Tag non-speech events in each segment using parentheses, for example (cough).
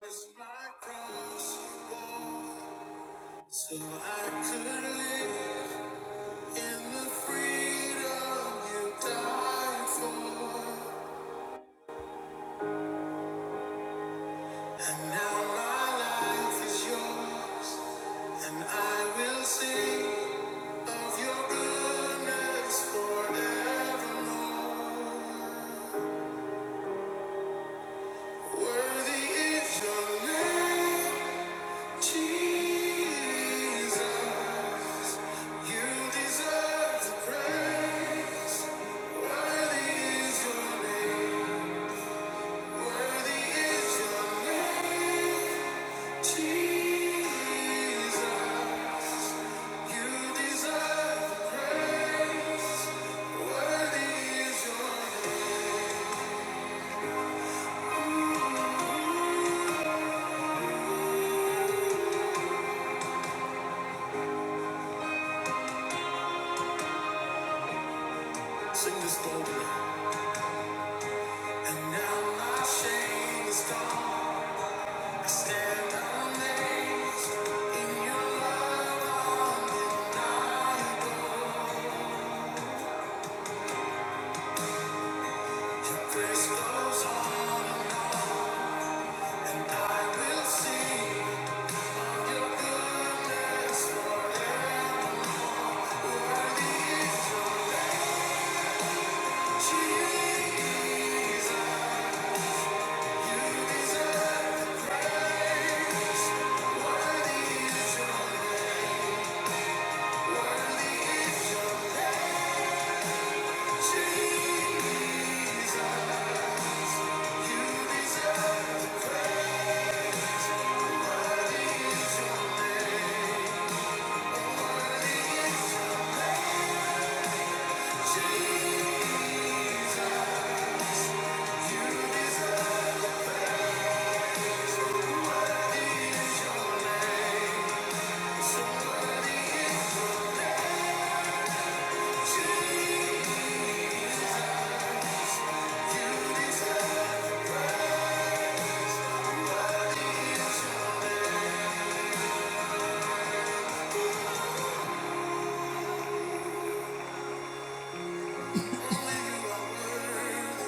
was my cross you bore, so I could live in the freedom you died for. And now my life is yours, and I will sing of your goodness forevermore. Worthy is your name, Jesus. You deserve the praise. Worthy is your name. Worthy is your name, Jesus. You deserve the praise. Worthy is your name. Sing this boldly. And now my shame is gone. I stand amazed in your love undeniable. Grace goes on, and I will sing. Only you are worthy.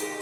Thank you.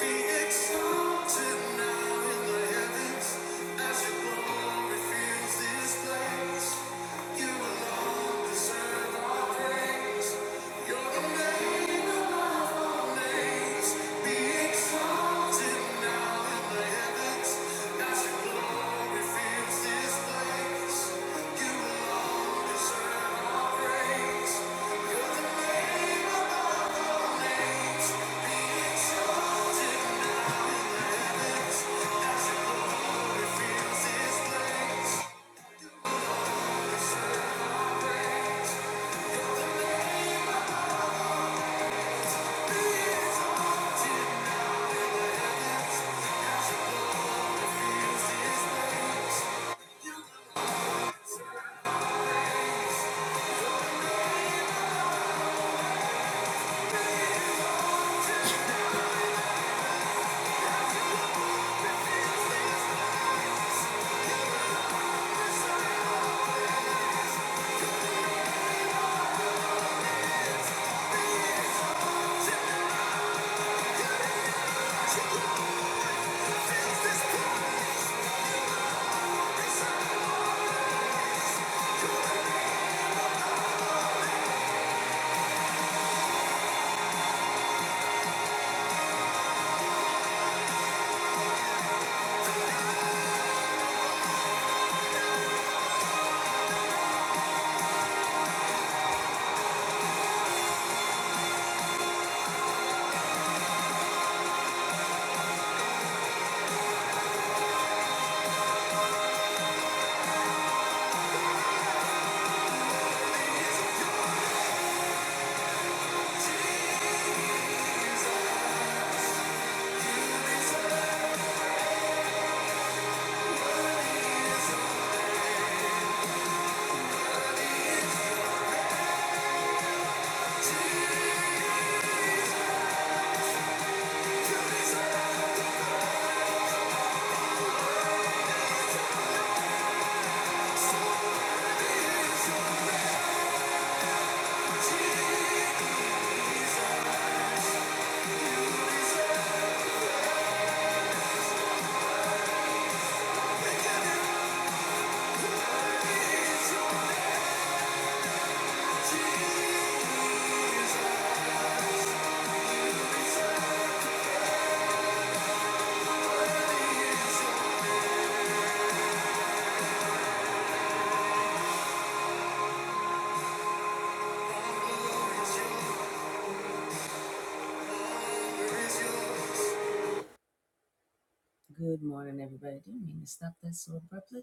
Good morning, everybody. Didn't mean to stop that so abruptly.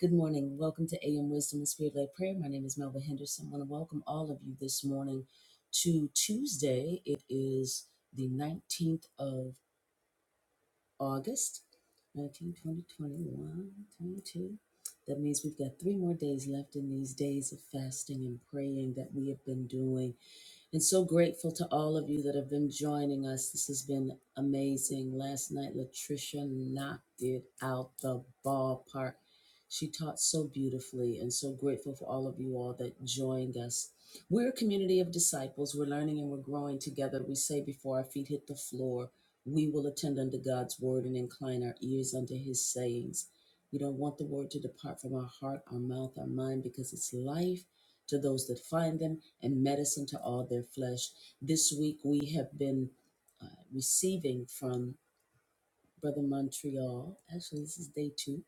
Good morning. Welcome to AM Wisdom and Spirit Led Prayer. My name is Melva Henderson. I want to welcome all of you this morning to Tuesday. It is the 19th of August, 19, twenty, 21, 22. That means we've got three more days left in these days of fasting and praying that we have been doing. and so grateful to all of you that have been joining us. This has been amazing. Last night, Latricia knocked it out the ballpark. She taught so beautifully, and so grateful for all of you all that joined us. We're a community of disciples. We're learning and we're growing together. We say before our feet hit the floor, we will attend unto God's word and incline our ears unto his sayings. We don't want the word to depart from our heart, our mouth, our mind, because it's life to those that find them, and medicine to all their flesh. This week we have been uh, receiving from Brother Montreal. Actually, this is day two.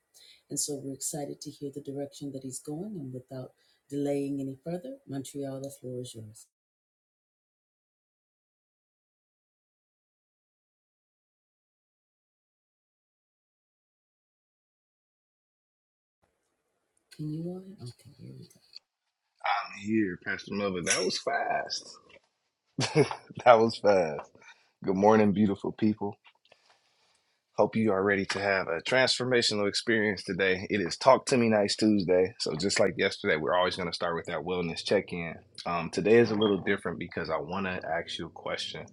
And so we're excited to hear the direction that he's going. And without delaying any further, Montreal, the floor is yours. Can you all? Okay, here we go. I'm here, Pastor Melvin. That was fast. That was fast. Good morning, beautiful people. Hope you are ready to have a transformational experience today. It is Talk to Me Nights Tuesday. So, just like yesterday, we're always going to start with that wellness check in. Um, today is a little different because I want to ask you a question,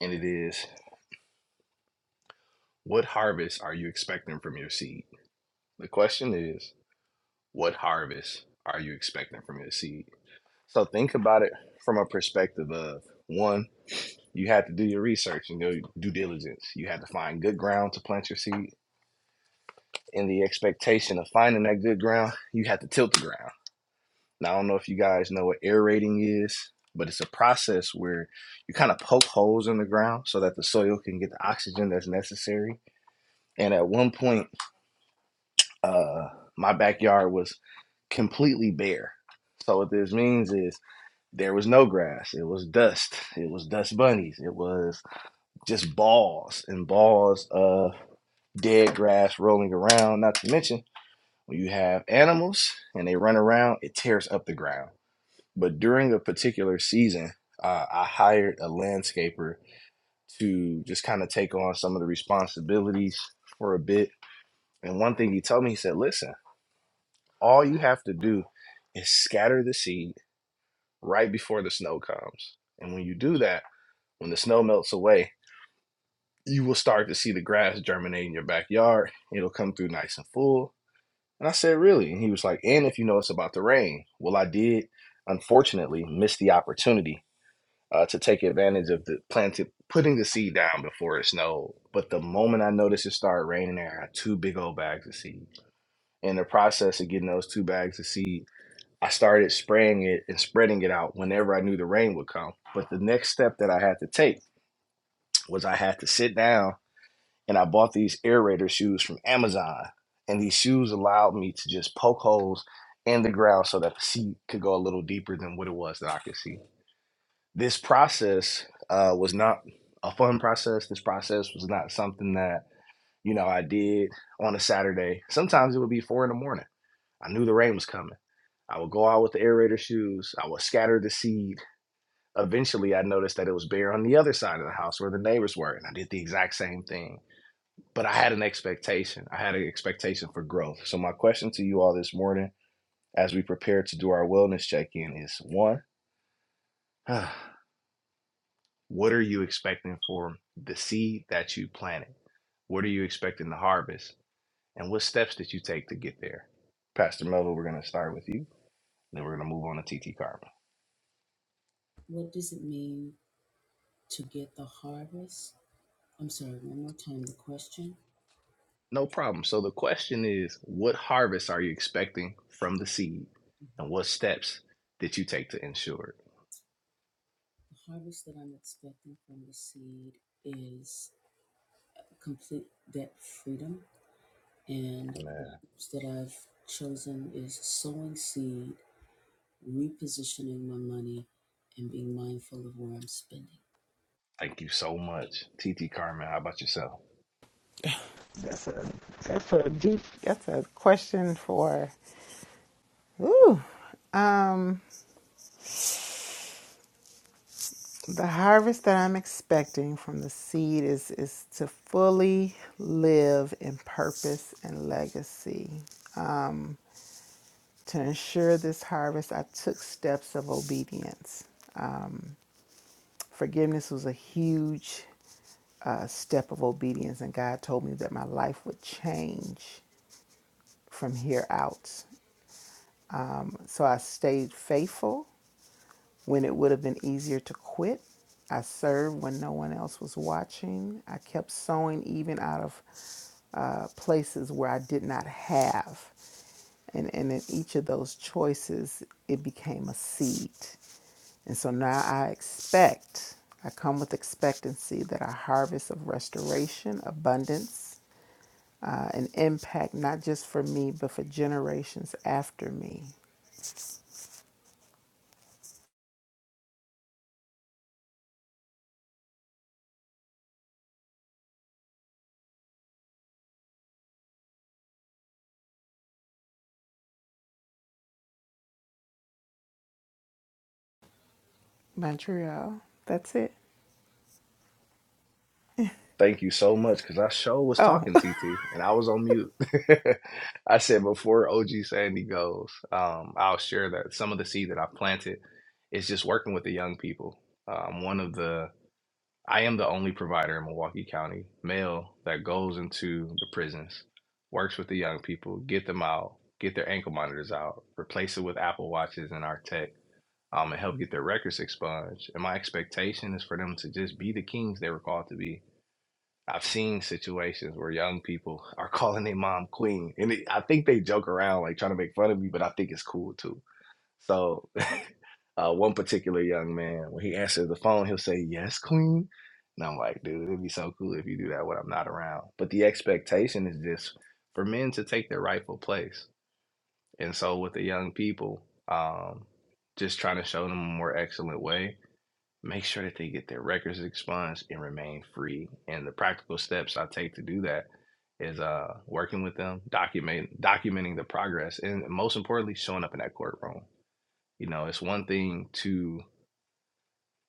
and it is What harvest are you expecting from your seed? The question is What harvest are you expecting from your seed? So, think about it from a perspective of one. You had to do your research and your due diligence. You had to find good ground to plant your seed. In the expectation of finding that good ground, you had to tilt the ground. Now, I don't know if you guys know what aerating is, but it's a process where you kind of poke holes in the ground so that the soil can get the oxygen that's necessary. And at one point, uh, my backyard was completely bare. So, what this means is there was no grass, it was dust, it was dust bunnies, it was just balls and balls. of dead grass rolling around. Not to mention, when you have animals and they run around, it tears up the ground. But during a particular season, uh, I hired a landscaper to just kind of take on some of the responsibilities for a bit. And one thing he told me, he said, listen, all you have to do is scatter the seed right before the snow comes. And when you do that, when the snow melts away, you will start to see the grass germinate in your backyard. It'll come through nice and full And I said, Really? And he was like, And if you know it's about to rain. Well, I did, unfortunately, miss the opportunity uh, to take advantage of the planted putting the seed down before it snowed. But the moment I noticed it started raining there, I had two big old bags of seed. In the process of getting those two bags of seed, I started spraying it and spreading it out whenever I knew the rain would come. But the next step that I had to take was I had to sit down and I bought these aerator shoes from Amazon. And these shoes allowed me to just poke holes in the ground so that the seed could go a little deeper than what it was that I could see. This process uh, was not a fun process. This process was not something that, you know, I did on a Saturday. Sometimes it would be four in the morning. I knew the rain was coming. I would go out with the aerator shoes. I would scatter the seed. Eventually, I noticed that it was bare on the other side of the house where the neighbors were. And I did the exact same thing but I had an expectation. I had an expectation for growth. So my question to you all this morning, as we prepare to do our wellness check-in, is one: (sighs) What are you expecting for the seed that you planted? What are you expecting to harvest, and what steps did you take to get there? Pastor Melville, we're going to start with you, then we're going to move on to TT Karma. What does it mean to get the harvest? I'm sorry, one more time the question. No problem. So the question is: What harvest are you expecting from the seed, and what steps did you take to ensure The harvest that I'm expecting from the seed is complete debt freedom And it? the Amen. tips that I've chosen is sowing seed, repositioning my money, and being mindful of where I'm spending. Thank you so much, TT Carmen. How about yourself? That's a that's a deep that's a question for um the harvest that I'm expecting from the seed is is to fully live in purpose and legacy. To ensure this harvest, I took steps of obedience. Forgiveness was a huge uh, step of obedience, and God told me that my life would change from here out. Um, so I stayed faithful When it would have been easier to quit, I served when no one else was watching. I kept sewing even out of uh, places where I did not have. And, and in each of those choices, it became a seed. And so now I expect, I come with expectancy that a harvest of restoration, abundance, uh, an impact not just for me, but for generations after me. Montreal, that's it. Thank you so much because I show was Oh, talking TT and I was on mute. (laughs) I said before OG Sandy goes, um, I'll share that some of the seed that I've planted is just working with the young people. Um, one of the I am the only provider in Milwaukee County male that goes into the prisons, works with the young people, get them out, get their ankle monitors out, replace it with Apple watches and our tech um, and help get their records expunged. And my expectation is for them to just be the kings they were called to be. I've seen situations where young people (laughs) are calling their mom queen, and it, I think they joke around like trying to make fun of me, but I think it's cool too. So, (laughs) uh, one particular young man, when he answers the phone, he'll say, "Yes, queen," and I'm like, "Dude, it'd be so cool if you do that when I'm not around." But the expectation is just for men to take their rightful place and so with the young people, um, just trying to show them a more excellent way, make sure that they get their records expunged and remain free. And the practical steps I take to do that is uh, working with them, document documenting the progress, and most importantly, showing up in that courtroom. You know, it's one thing to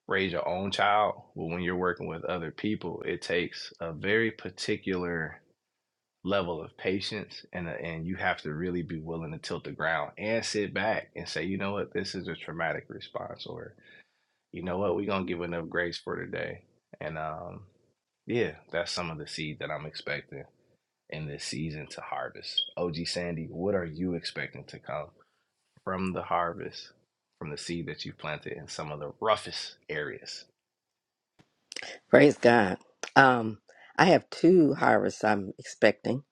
raise your own child, but when you're working with other people, it takes a very particular level of patience and uh, and you have to really be willing to tilt the ground and sit back and say you know what this is a traumatic response or you know what we're gonna give enough grace for today and um yeah that's some of the seed that i'm expecting in this season to harvest og sandy what are you expecting to come from the harvest from the seed that you planted in some of the roughest areas Praise God. Um, I have two harvests I'm expecting.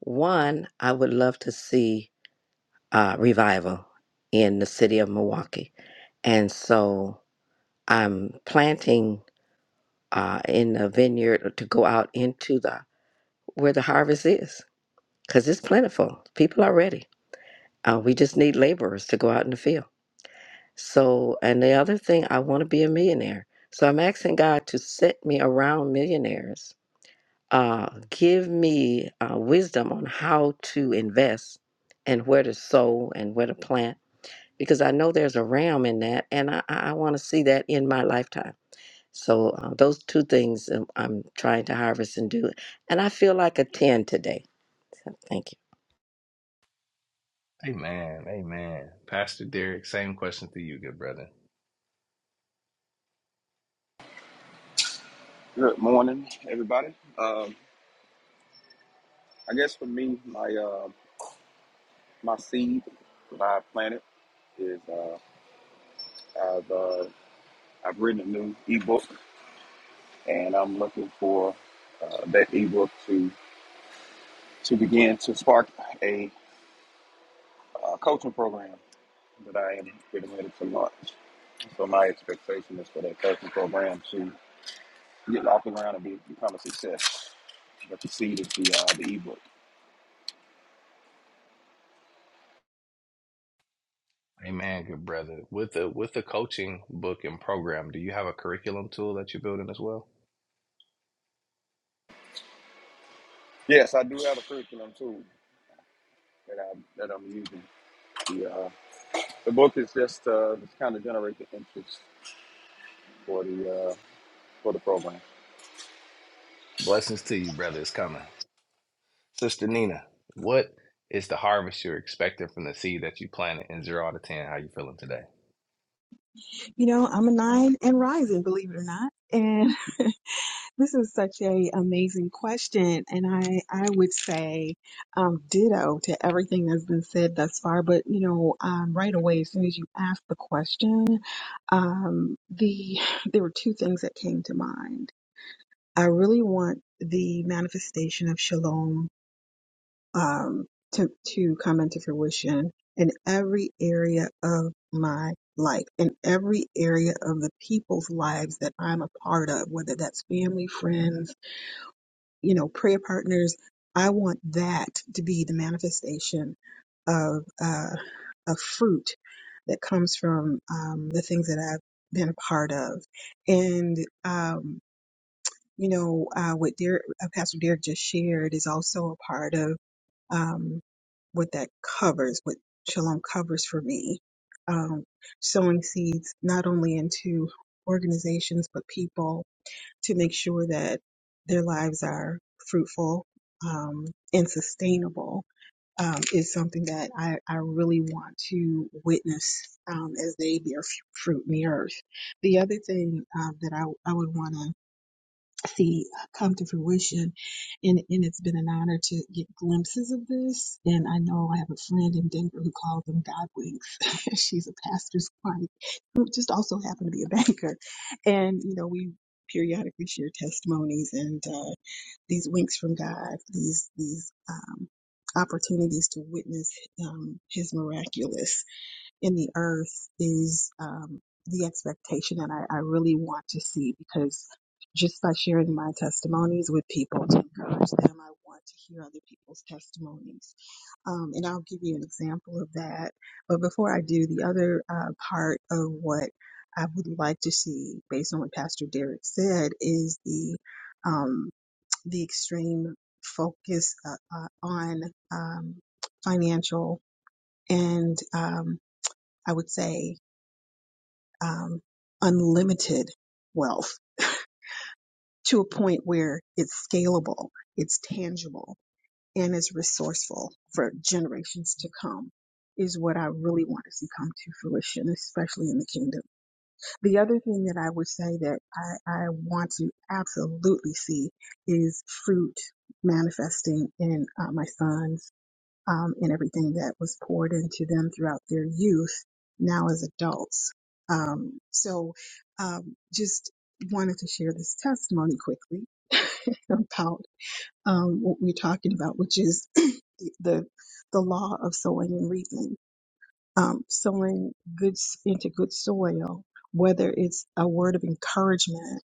One, I would love to see uh, revival in the city of Milwaukee. And so I'm planting uh, in the vineyard to go out into the where the harvest is because it's plentiful. People are ready. Uh, we just need laborers to go out in the field. So, and the other thing, I want to be a millionaire. So I'm asking God to set me around millionaires uh, give me uh, wisdom on how to invest and where to sow and where to plant because I know there's a realm in that and I, I want to see that in my lifetime. So uh, those two things um, I'm trying to harvest and do. And I feel like a 10 today. So thank you. amen amen pastor derek same question to you good brother Good morning, everybody. Um, I guess for me, my uh, my seed that I planted is uh, I've uh, I've written a new ebook, and I'm looking for uh, that ebook to to begin to spark a uh, coaching program that I am getting ready to launch. So my expectation is for that coaching program to get off the ground and be, become a success. But the seed is the uh, the ebook. Amen, good brother. With the with the coaching book and program, do you have a curriculum tool that you're building as well? Yes, I do have a curriculum too that I that I'm using. The book is just uh, just kind of generate the interest for the uh, for the program. Blessings to you, brother. It's coming. Sister Nina, what is the harvest you're expecting from the seed that you planted in zero out of ten? How you feeling today? You know, I'm a nine and rising, believe it or not. And (laughs) this is such a amazing question. And I, I would say, um, ditto to everything that's been said thus far. But, you know, um, right away, as soon as you asked the question, um, the, (sighs) there were two things that came to mind. I really want the manifestation of shalom um, to, to come into fruition in every area of my life, in every area of the people's lives that I'm a part of, whether that's family, friends, you know, prayer partners. I want that to be the manifestation of uh, a fruit that comes from um, the things that I've been a part of. And, um, you know, uh, what Derek, uh, Pastor Derek just shared is also a part of um, what that covers, what Shalom covers for me. Um, sowing seeds not only into organizations but people to make sure that their lives are fruitful um, and sustainable um, is something that I, I really want to witness um, as they bear f- fruit in the earth. The other thing um, that I, I would want to see uh, come to fruition. And, and it's been an honor to get glimpses of this. And I know I have a friend in Denver who calls them God winks. (laughs) She's a pastor's wife who just also happened to be a banker. And, you know, we periodically share testimonies and uh, these winks from God, these, these, um, opportunities to witness um, his miraculous in the earth is um, the expectation that I, I really want to see because just by sharing my testimonies with people to encourage them, I want to hear other people's testimonies. Um, and I'll give you an example of that. But before I do, the other uh, part of what I would like to see, based on what Pastor Derek said, is the um, the extreme focus uh, uh, on um, financial and um, I would say um, unlimited wealth to a point where it's scalable, it's tangible, and is resourceful for generations to come is what I really want to see come to fruition, especially in the kingdom. The other thing that I would say that I, I want to absolutely see is fruit manifesting in uh, my sons um, and everything that was poured into them throughout their youth now as adults. Um, so um, just wanted to share this testimony quickly (laughs) about um, what we're talking about, which is (clears throat) the the law of sowing and reaping. Um, sowing good s- into good soil, whether it's a word of encouragement,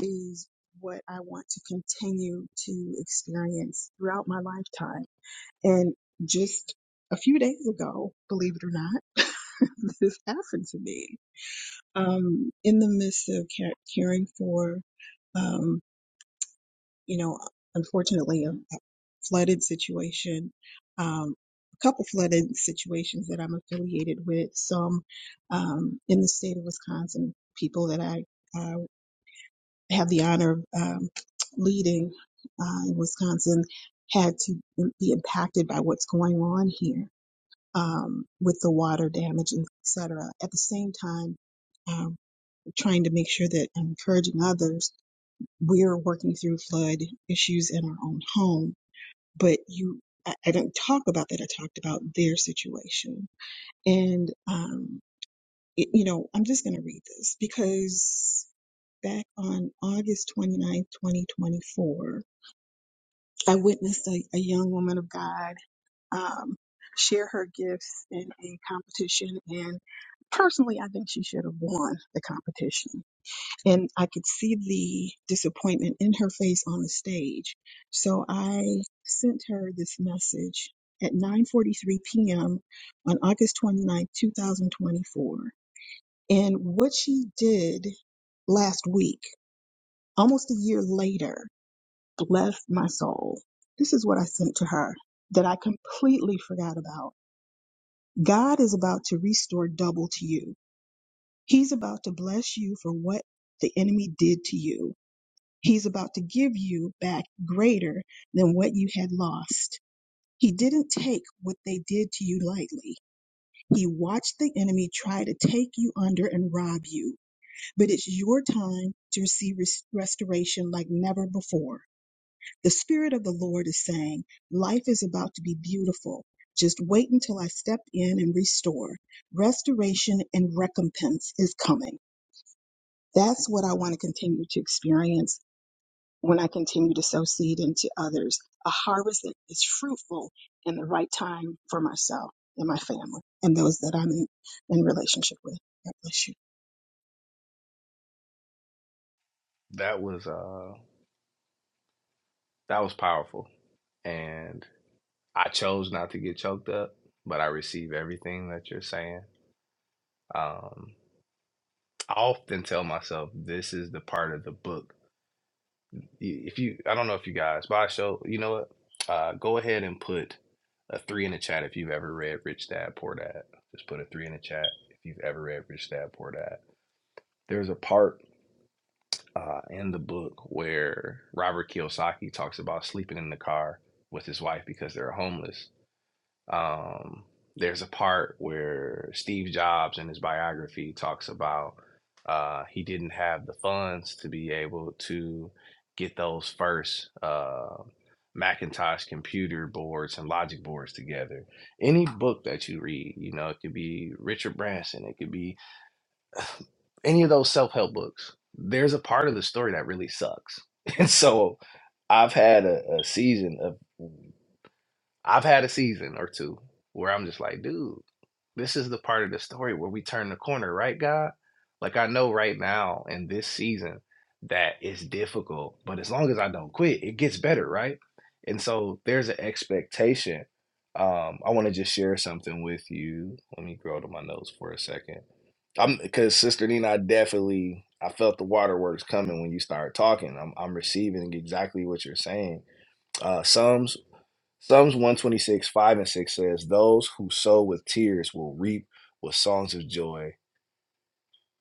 is what I want to continue to experience throughout my lifetime and just a few days ago, believe it or not, (laughs) this happened to me. Um, in the midst of ca- caring for, um, you know, unfortunately, a a flooded situation, um, a couple flooded situations that I'm affiliated with, some um, in the state of Wisconsin, people that I uh, have the honor of um, leading uh, in Wisconsin had to be impacted by what's going on here um, with the water damage, and et cetera. At the same time, um, trying to make sure that I'm encouraging others, we're working through flood issues in our own home, but you, I, I didn't talk about that. I talked about their situation. And, um, it, you know, I'm just going to read this because back on August 29th, 2024, I witnessed a, a young woman of God um, share her gifts in a competition. And personally, I think she should have won the competition. And I could see the disappointment in her face on the stage. So I sent her this message at 9:43 p.m. on August 29, 2024. And what she did last week, almost a year later, blessed my soul. This is what I sent to her that I completely forgot about. God is about to restore double to you. He's about to bless you for what the enemy did to you. He's about to give you back greater than what you had lost. He didn't take what they did to you lightly. He watched the enemy try to take you under and rob you. But it's your time to receive res- restoration like never before. The Spirit of the Lord is saying, Life is about to be beautiful. Just wait until I step in and restore. Restoration and recompense is coming. That's what I want to continue to experience when I continue to sow seed into others a harvest that is fruitful in the right time for myself and my family and those that I'm in, in relationship with. God bless you. That was uh that was powerful. And I chose not to get choked up, but I receive everything that you're saying. Um I often tell myself this is the part of the book if you I don't know if you guys, but I show you know what? Uh go ahead and put a three in the chat if you've ever read Rich Dad Poor Dad. Just put a three in the chat if you've ever read Rich Dad Poor Dad. There's a part uh, in the book where Robert Kiyosaki talks about sleeping in the car with his wife because they're homeless. Um, there's a part where Steve Jobs in his biography talks about uh, he didn't have the funds to be able to get those first uh, Macintosh computer boards and logic boards together. Any book that you read, you know, it could be Richard Branson, it could be any of those self help books. There's a part of the story that really sucks. (laughs) And so I've had a, a season of, I've had a season or two where I'm just like, dude this is the part of the story where we turn the corner, right, God? Like I know right now in this season that it's difficult, but as long as I don't quit, it gets better, right? And so there's an expectation. Um, I want to just share something with you. Let me grow to my notes for a second. I'm because Sister Nina, I definitely I felt the waterworks coming when you started talking. I'm I'm receiving exactly what you're saying. Uh, Psalms Psalms 126, 5 and 6 says, Those who sow with tears will reap with songs of joy.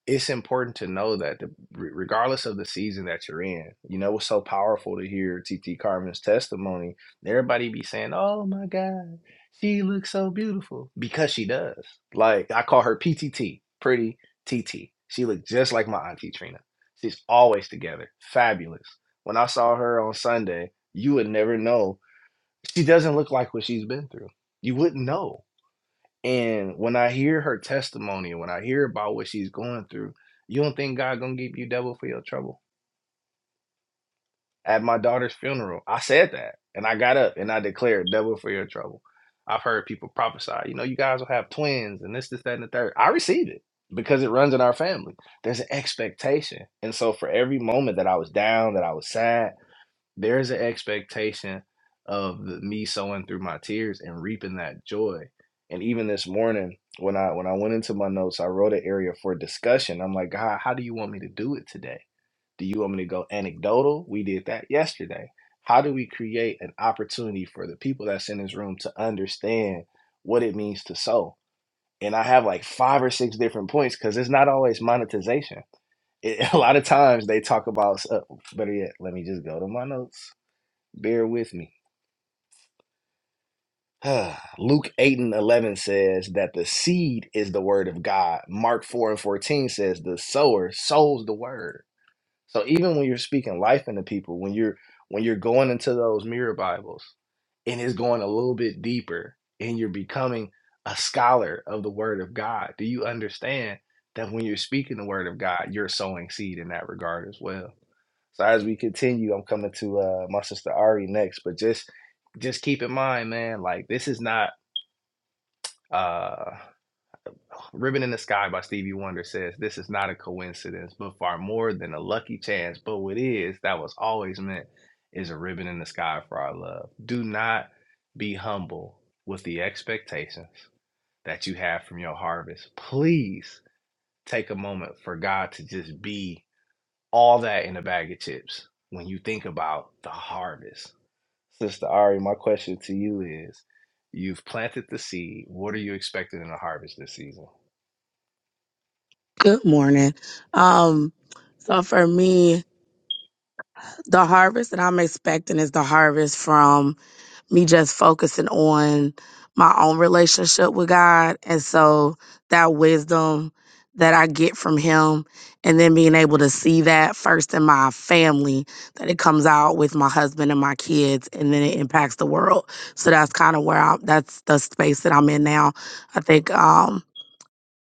It's important to know that the, re- regardless of the season that you're in, you know, it's so powerful to hear T T Carmen's testimony. Everybody be saying, Oh my God, she looks so beautiful because she does. Like, I call her PTT, pretty T T. She looked just like my Auntie Trina. She's always together, fabulous. When I saw her on Sunday, you would never know she doesn't look like what she's been through. You wouldn't know. And when I hear her testimony, and when I hear about what she's going through, you don't think God gonna give you double for your trouble? At my daughter's funeral, I said that, and I got up and I declared double for your trouble. I've heard people prophesy, you know, you guys will have twins and this, this, that, and the third. I received it because it runs in our family. There's an expectation, and so for every moment that I was down, that I was sad, there's an expectation of me sowing through my tears and reaping that joy. And even this morning, when I when I went into my notes, I wrote an area for discussion. I'm like, God, how do you want me to do it today? Do you want me to go anecdotal? We did that yesterday. How do we create an opportunity for the people that's in this room to understand what it means to sow? And I have like five or six different points because it's not always monetization. It, (laughs) a lot of times they talk about, uh, better yet, let me just go to my notes Bear with me. (sighs) Luke 8 and 11 says that the seed is the word of God. Mark 4 and 14 says the sower sows the word. So even when you're speaking life into people, when you're when you're going into those mirror Bibles and it's going a little bit deeper and you're becoming a scholar of the word of God, do you understand that when you're speaking the word of God, you're sowing seed in that regard as well? So as we continue, I'm coming to uh, my sister Ari next, but just just keep in mind, man, like this is not uh Ribbon in the Sky by Stevie Wonder says this is not a coincidence, but far more than a lucky chance. But what is that was always meant is a ribbon in the sky for our love. Do not be humble with the expectations that you have from your harvest. Please take a moment for God to just be all that in a bag of chips when you think about the harvest Sister Ari, my question to you is you've planted the seed. What are you expecting in the harvest this season? Good morning. Um, so for me, the harvest that I'm expecting is the harvest from me just focusing on my own relationship with God. And so that wisdom that I get from Him, and then being able to see that first in my family, that it comes out with my husband and my kids, and then it impacts the world. So that's kind of where I'm, that's the space that I'm in now. I think, um,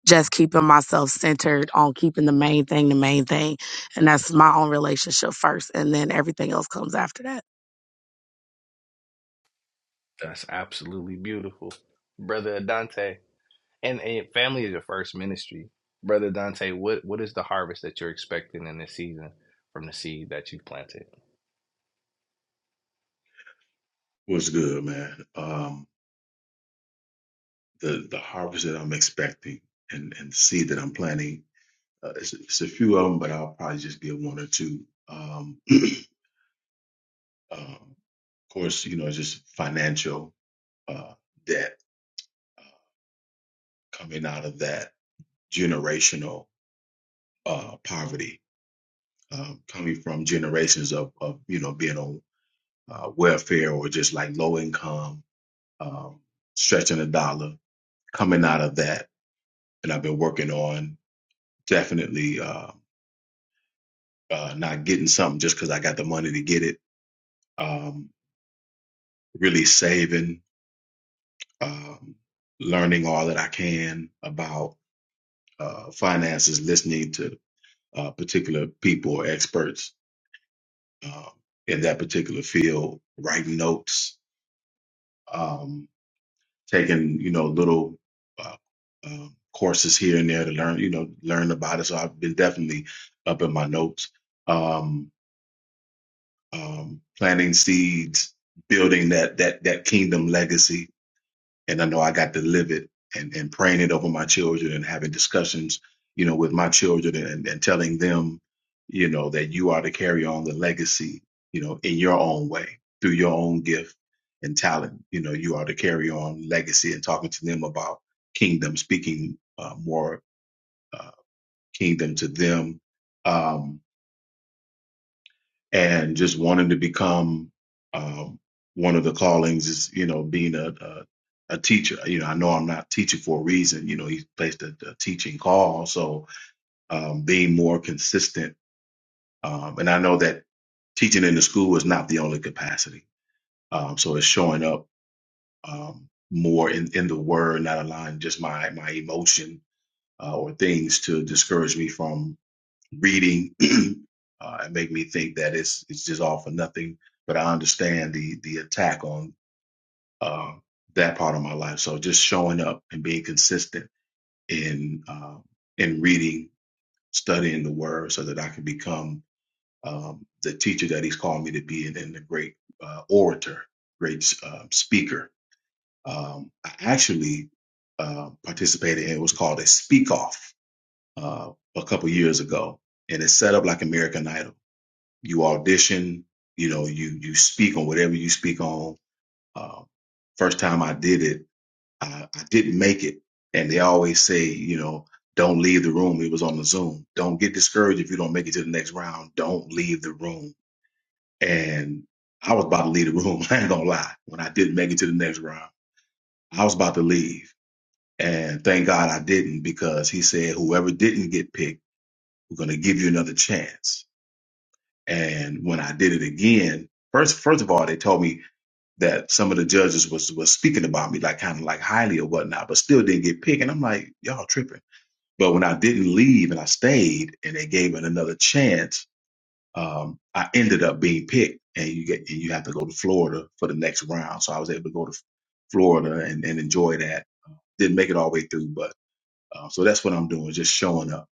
just keeping myself centered on keeping the main thing the main thing. And that's my own relationship first. And then everything else comes after that. That's absolutely beautiful. Brother Dante, and, and family is your first ministry. Brother Dante, what, what is the harvest that you're expecting in this season from the seed that you've planted? What's good, man? Um, the the harvest that I'm expecting and and the seed that I'm planting, uh, it's, it's a few of them, but I'll probably just give one or two. Um, (clears throat) um, of course, you know, just financial uh, debt uh, coming out of that generational uh, poverty, uh, coming from generations of of you know being on uh, welfare or just like low income, um, stretching a dollar, coming out of that, and I've been working on. definitely uh, uh, not getting something just because I got the money to get it. Um, really saving, um, learning all that I can about uh, finances, listening to uh, particular people or experts um, in that particular field, writing notes, um, taking you know little uh, um courses here and there to learn you know learn about it. So I've been definitely up in my notes. Um, um, planting seeds, building that that that kingdom legacy. And I know I got to live it and, and praying it over my children and having discussions, you know, with my children and, and telling them, you know, that you are to carry on the legacy, you know, in your own way, through your own gift and talent. You know, you are to carry on legacy and talking to them about kingdom, speaking uh, more uh, kingdom to them. Um, and just wanting to become um, one of the callings is you know being a, a a teacher you know i know i'm not teaching for a reason you know he's placed a, a teaching call so um, being more consistent um, and i know that teaching in the school is not the only capacity um, so it's showing up um, more in, in the word not allowing just my my emotion uh, or things to discourage me from reading (clears throat) uh, and make me think that it's it's just all for nothing. But I understand the the attack on uh, that part of my life. So just showing up and being consistent in uh, in reading, studying the Word, so that I can become um, the teacher that He's called me to be, and then the great uh, orator, great uh, speaker. Um, I actually uh, participated in what's called a speak off uh, a couple years ago, and it's set up like American Idol you audition, you know, you you speak on whatever you speak on. Uh, first time I did it, I, I didn't make it, and they always say, you know, don't leave the room. It was on the Zoom. Don't get discouraged if you don't make it to the next round. Don't leave the room. And I was about to leave the room. (laughs) I ain't gonna lie. When I didn't make it to the next round, I was about to leave. And thank God I didn't because he said, whoever didn't get picked, we're gonna give you another chance And when I did it again, first first of all, they told me that some of the judges was was speaking about me, like kind of like highly or whatnot, but still didn't get picked. And I'm like, y'all tripping. But when I didn't leave and I stayed, and they gave it another chance, um, I ended up being picked, and you get and you have to go to Florida for the next round. So I was able to go to Florida and, and enjoy that. Didn't make it all the way through, but uh, so that's what I'm doing, just showing up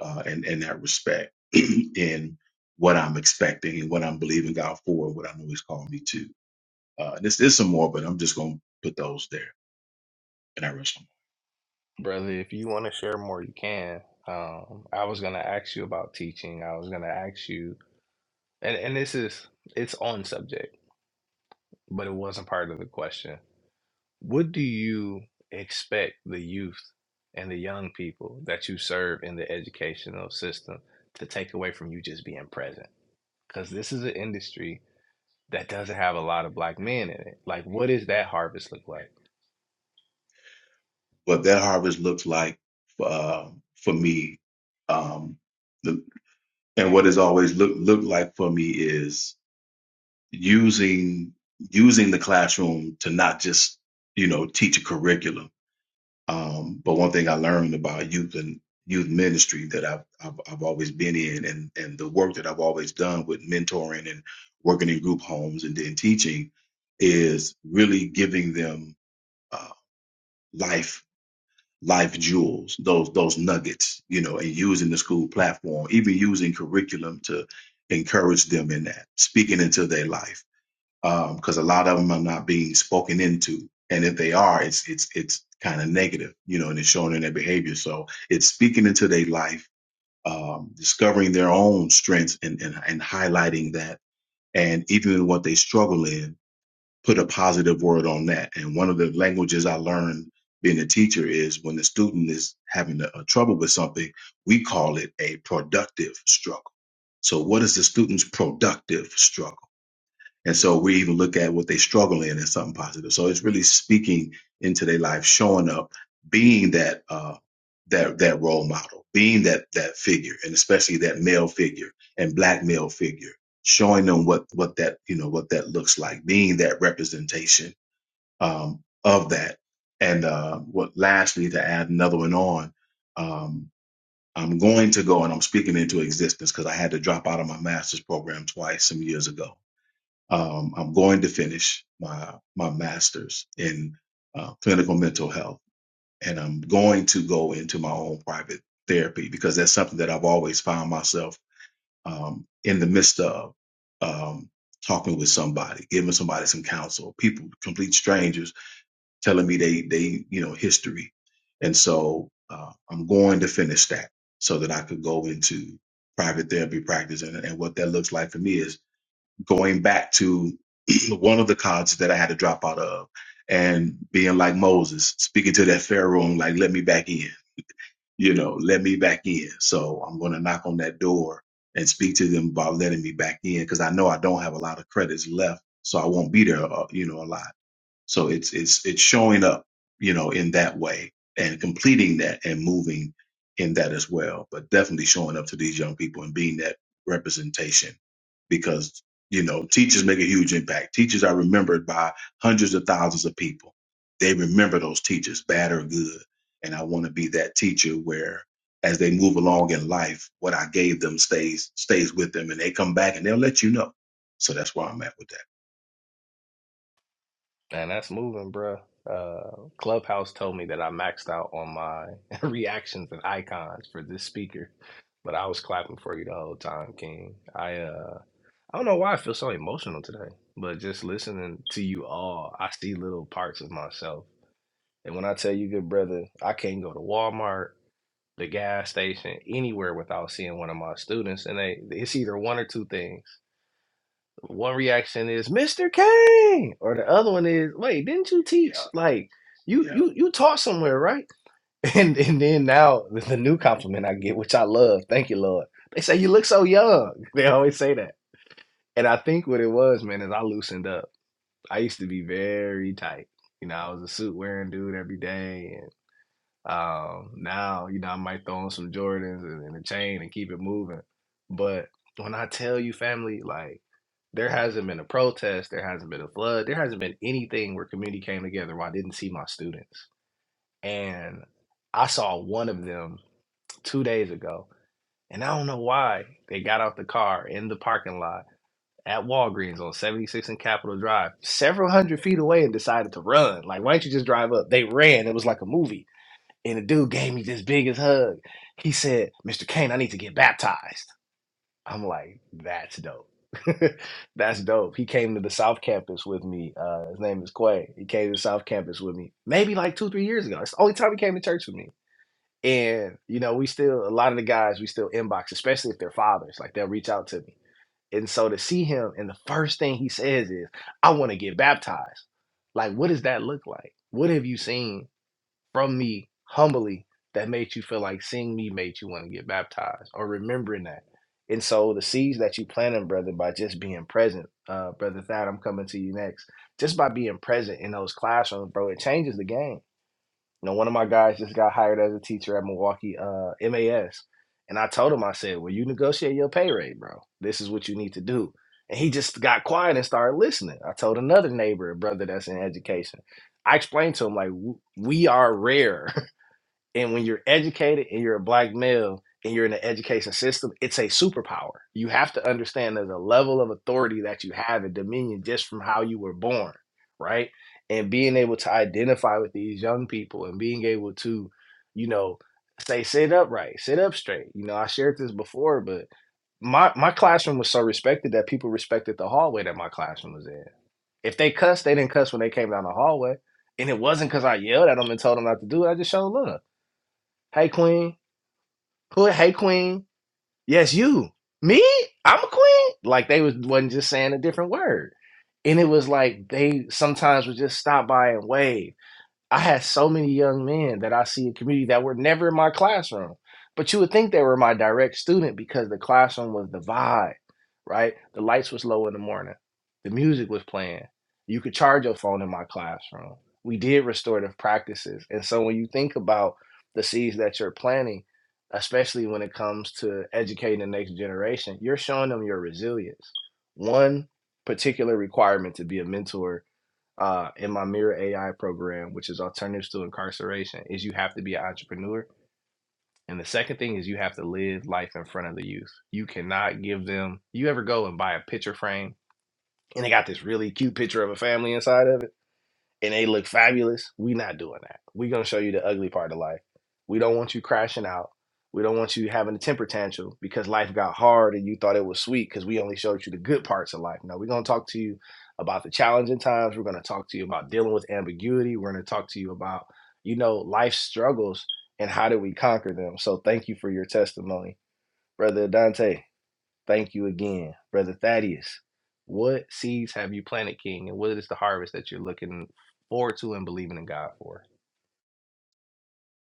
uh, in, in that respect (clears throat) in what I'm expecting and what I'm believing God for and what I know He's called me to. Uh, this is some more, but I'm just going to put those there and I rest them. Brother, if you want to share more, you can. Um, I was going to ask you about teaching. I was going to ask you, and, and this is, it's on subject, but it wasn't part of the question What do you expect the youth and the young people that you serve in the educational system to take away from you just being present? Because this is an industry that doesn't have a lot of black men in it. Like, what does that harvest look like? What that harvest looks like uh, for me, um, the, and what has always looked looked like for me is using using the classroom to not just you know teach a curriculum Um, but one thing I learned about youth and youth ministry that I've, I've I've always been in, and and the work that I've always done with mentoring and working in group homes and then teaching, is really giving them uh, life life jewels, those those nuggets, you know, and using the school platform, even using curriculum to encourage them in that, speaking into their life because a lot of them are not being spoken into, and if they are, it's it's it's kind of negative, you know, and it's shown in their behavior. So it's speaking into their life, um, discovering their own strengths, and, and and highlighting that, and even in what they struggle in, put a positive word on that. And one of the languages I learned being a teacher is when the student is having a, a trouble with something, we call it a productive struggle. So what is the student's productive struggle? And so we even look at what they struggle in as something positive. So it's really speaking into their life, showing up, being that uh, that that role model, being that that figure, and especially that male figure and black male figure, showing them what what that you know what that looks like, being that representation um, of that. And uh, what lastly to add another one on, um, I'm going to go and I'm speaking into existence because I had to drop out of my master's program twice some years ago um, I'm going to finish my my master's in uh, clinical mental health, and I'm going to go into my own private therapy because that's something that I've always found myself um, in the midst of um, talking with somebody, giving somebody some counsel. People, complete strangers, telling me they they you know history, and so uh, I'm going to finish that so that I could go into private therapy practice, and, and what that looks like for me is going back to (clears throat) one of the colleges that I had to drop out of and being like Moses, speaking to that Pharaoh and like, let me back in, you know, let me back in. So I'm going to knock on that door and speak to them about letting me back in because I know I don't have a lot of credits left. So I won't be there, uh, you know, a lot. So it's it's it's showing up, you know, in that way and completing that and moving in that as well. But definitely showing up to these young people and being that representation because you know teachers make a huge impact. Teachers are remembered by hundreds of thousands of people. They remember those teachers, bad or good. And I want to be that teacher where as they move along in life, what I gave them stays stays with them and they come back and they'll let you know. So that's where I'm at with that. And that's moving, bro. Uh, Clubhouse told me that I maxed out on my (laughs) reactions and icons for this speaker, but I was clapping for you the whole time, King. I uh I don't know why I feel so emotional today, but just listening to you all, I see little parts of myself. And when I tell you, good brother, I can't go to Walmart, the gas station, anywhere without seeing one of my students. And they, it's either one or two things. One reaction is Mr. Kane, or the other one is, wait, didn't you teach? Yeah. Like you, yeah. you, you taught somewhere, right? (laughs) And and then now the the new compliment I get, which I love, thank you, Lord. They say you look so young. (laughs) They always say that. And I think what it was, man, is I loosened up. I used to be very tight. You know, I was a suit wearing dude every day, and um, now you know I might throw on some Jordans and, and a chain and keep it moving. But when I tell you, family, like there hasn't been a protest, there hasn't been a flood, there hasn't been anything where community came together where I didn't see my students. And I saw one of them two days ago, and I don't know why they got out the car in the parking lot at Walgreens on 76 and Capitol Drive, several hundred feet away, and decided to run. Like, why don't you just drive up? They ran. It was like a movie. And the dude gave me this biggest hug. He said, Mr. Kane, I need to get baptized. I'm like, that's dope. (laughs) that's dope. He came to the South Campus with me. Uh, his name is Quay. He came to the South Campus with me maybe like two, three years ago. It's the only time he came to church with me. And, you know, we still, a lot of the guys, we still inbox, especially if they're fathers. Like, they'll reach out to me and so to see him, and the first thing he says is, I want to get baptized. Like, what does that look like? What have you seen from me humbly that made you feel like seeing me made you want to get baptized or remembering that? And so the seeds that you planted, brother, by just being present, uh, brother Thad, I'm coming to you next. Just by being present in those classrooms, bro, it changes the game you know, one of my guys just got hired as a teacher at Milwaukee uh, MAS, and I told him, I said, "Well, you negotiate your pay rate, bro. This is what you need to do." And he just got quiet and started listening. I told another neighbor, a brother that's in education, I explained to him like, w- "We are rare." And when you're educated and you're a black male and you're in the education system, it's a superpower. You have to understand there's a level of authority that you have and dominion just from how you were born, right? And being able to identify with these young people and being able to, you know, say sit upright, sit up straight. You know, I shared this before, but my my classroom was so respected that people respected the hallway that my classroom was in. If they cussed, they didn't cuss when they came down the hallway. And it wasn't because I yelled at them and told them not to do it. I just showed love Hey Queen. Who hey Queen? Yes, you. Me? I'm a queen. Like they was wasn't just saying a different word. And it was like they sometimes would just stop by and wave. I had so many young men that I see in community that were never in my classroom. But you would think they were my direct student because the classroom was the vibe, right? The lights was low in the morning. The music was playing. You could charge your phone in my classroom. We did restorative practices. And so when you think about the seeds that you're planting, especially when it comes to educating the next generation, you're showing them your resilience. One particular requirement to be a mentor uh, in my Mirror AI program, which is alternatives to incarceration, is you have to be an entrepreneur. And the second thing is you have to live life in front of the youth. You cannot give them. You ever go and buy a picture frame and they got this really cute picture of a family inside of it? and they look fabulous, we are not doing that. we are gonna show you the ugly part of life. We don't want you crashing out. We don't want you having a temper tantrum because life got hard and you thought it was sweet because we only showed you the good parts of life. No, we're gonna talk to you about the challenging times. We're gonna talk to you about dealing with ambiguity. We're gonna talk to you about, you know, life struggles and how do we conquer them. So thank you for your testimony, Brother Dante. Thank you again, Brother Thaddeus. What seeds have you planted, King, and what is the harvest that you're looking forward to and believing in God for?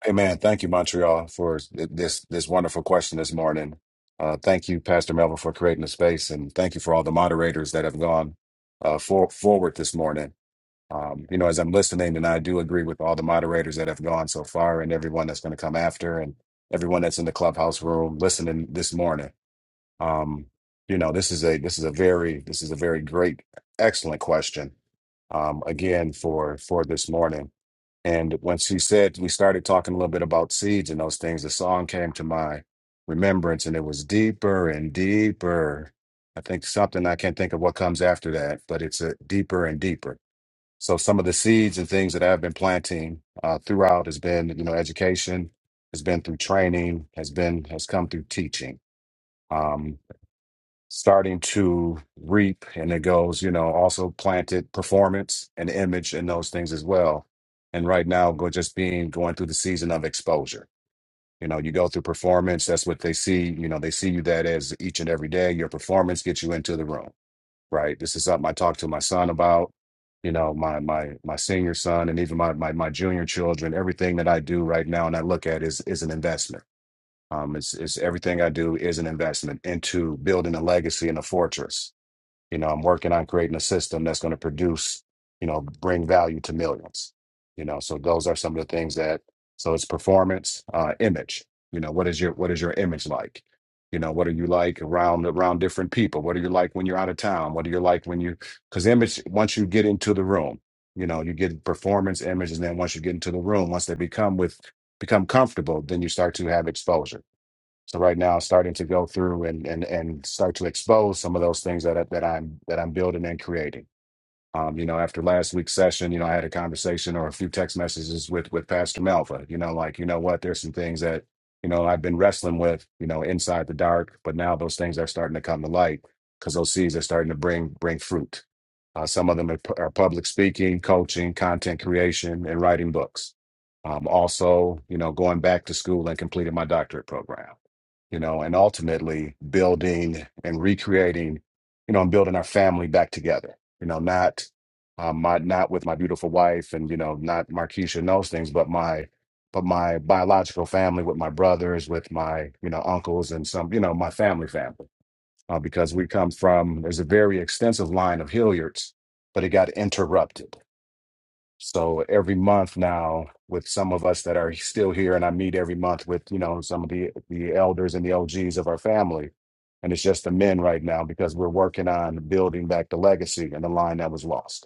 Hey man, thank you, Montreal, for th- this this wonderful question this morning. Uh, thank you, Pastor Melvin, for creating the space, and thank you for all the moderators that have gone uh, for, forward this morning. Um, you know, as I'm listening, and I do agree with all the moderators that have gone so far, and everyone that's going to come after, and everyone that's in the clubhouse room listening this morning. Um, you know, this is a this is a very this is a very great, excellent question. Um, again, for for this morning. And when she said, we started talking a little bit about seeds and those things, the song came to my remembrance and it was deeper and deeper. I think something I can't think of what comes after that, but it's a deeper and deeper. So some of the seeds and things that I've been planting uh, throughout has been, you know, education, has been through training, has been has come through teaching. Um, starting to reap and it goes you know also planted performance and image and those things as well and right now go just being going through the season of exposure you know you go through performance that's what they see you know they see you that as each and every day your performance gets you into the room right this is something i talked to my son about you know my my my senior son and even my my, my junior children everything that i do right now and i look at is is an investment um, it's, it's everything I do is an investment into building a legacy and a fortress you know, I'm working on creating a system that's going to produce, you know, bring value to millions. You know, so those are some of the things that. So it's performance, uh, image. You know, what is your what is your image like? You know, what are you like around around different people? What are you like when you're out of town? What are you like when you? Because image, once you get into the room, you know, you get performance image, and then once you get into the room, once they become with become comfortable, then you start to have exposure so right now, I'm starting to go through and and and start to expose some of those things that I- that I'm that I'm building and creating. Um, you know, after last week's session, you know, I had a conversation or a few text messages with with Pastor Malva. You know, like you know what, there's some things that you know I've been wrestling with, you know, inside the dark, but now those things are starting to come to light because those seeds are starting to bring bring fruit. Uh, some of them are, pu- are public speaking, coaching, content creation, and writing books. Um, also, you know, going back to school and completing my doctorate program. You know, and ultimately building and recreating, you know, and building our family back together you know, not um my not with my beautiful wife and, you know, not Marquisha and those things, but my but my biological family with my brothers, with my, you know, uncles and some, you know, my family family. Uh, because we come from there's a very extensive line of Hilliards, but it got interrupted. So every month now, with some of us that are still here, and I meet every month with, you know, some of the the elders and the OGs of our family and it's just the men right now because we're working on building back the legacy and the line that was lost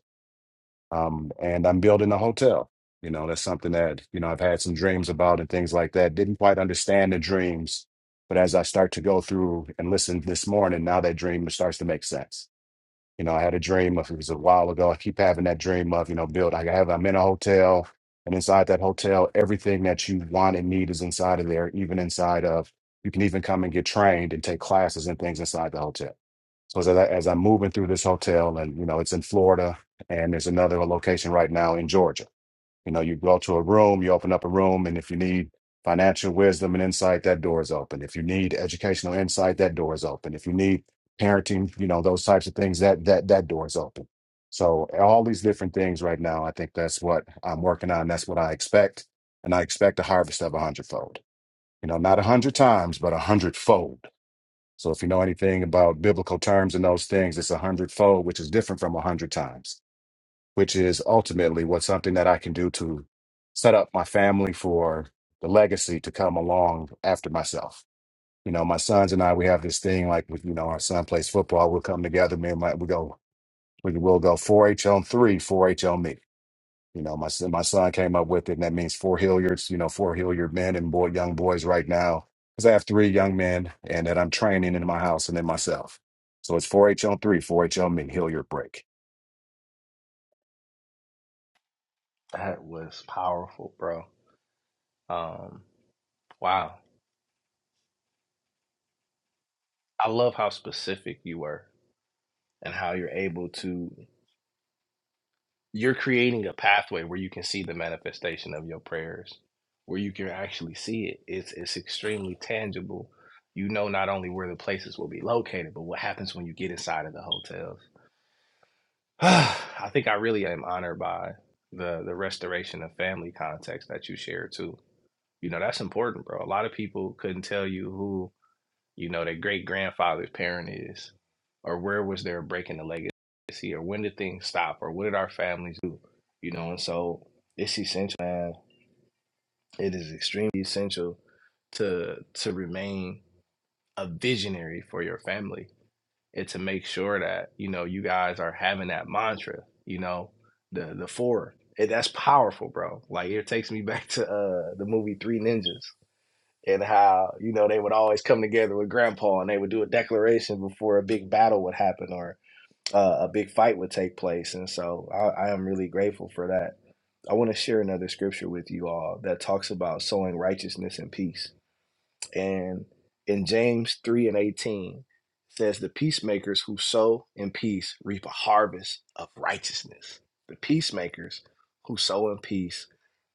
um, and I'm building a hotel. You know, that's something that you know I've had some dreams about and things like that. Didn't quite understand the dreams, but as I start to go through and listen this morning, now that dream starts to make sense. You know, I had a dream of it was a while ago. I keep having that dream of you know build. I have I'm in a hotel, and inside that hotel, everything that you want and need is inside of there. Even inside of you can even come and get trained and take classes and things inside the hotel so as I, as I'm moving through this hotel, and you know, it's in Florida, and there's another location right now in Georgia. You know, you go to a room, you open up a room, and if you need financial wisdom and insight, that door is open. If you need educational insight, that door is open. If you need parenting, you know, those types of things, that that that door is open. So all these different things right now, I think that's what I'm working on. That's what I expect, and I expect a harvest of a hundredfold. You know, not a hundred times, but a hundredfold so if you know anything about biblical terms and those things, it's a hundredfold, which is different from a hundred times, which is ultimately what's something that I can do to set up my family for the legacy to come along after myself. You know, my sons and I, we have this thing like with, you know, our son plays football. We'll come together, me and my, we go, we will go 4-H on three, 4-H on me. You know, my son, my son came up with it, and that means four Hilliards. You know, four Hilliard men and boy, young boys right now, because I have three young men, and that I'm training in my house and in myself. So it's 4H on three, 4H on me, Hilliard break. That was powerful, bro. Um, wow. I love how specific you were and how you're able to, you're creating a pathway where you can see the manifestation of your prayers, where you can actually see it. It's, it's extremely tangible. You know not only where the places will be located, but what happens when you get inside of the hotels (sighs) I think I really am honored by the the restoration of family context that you shared too. You know, that's important, bro. A lot of people couldn't tell you who, you know, their great grandfather's parent is, or where was their break in the legacy, or when did things stop, or what did our families do? You know, and so it's essential, man. It is extremely essential to to remain a visionary for your family and to make sure that you know you guys are having that mantra you know the the four and that's powerful bro like it takes me (laughs) back to uh the movie three ninjas and how you know they would always come together with grandpa and they would do a declaration before a big battle would happen or uh, a big fight would take place and so I, I am really grateful for that i want to share another scripture with you all that talks about sowing righteousness and peace and in James 3 and 18 it says, The peacemakers who sow in peace reap a harvest of righteousness. The peacemakers who sow in peace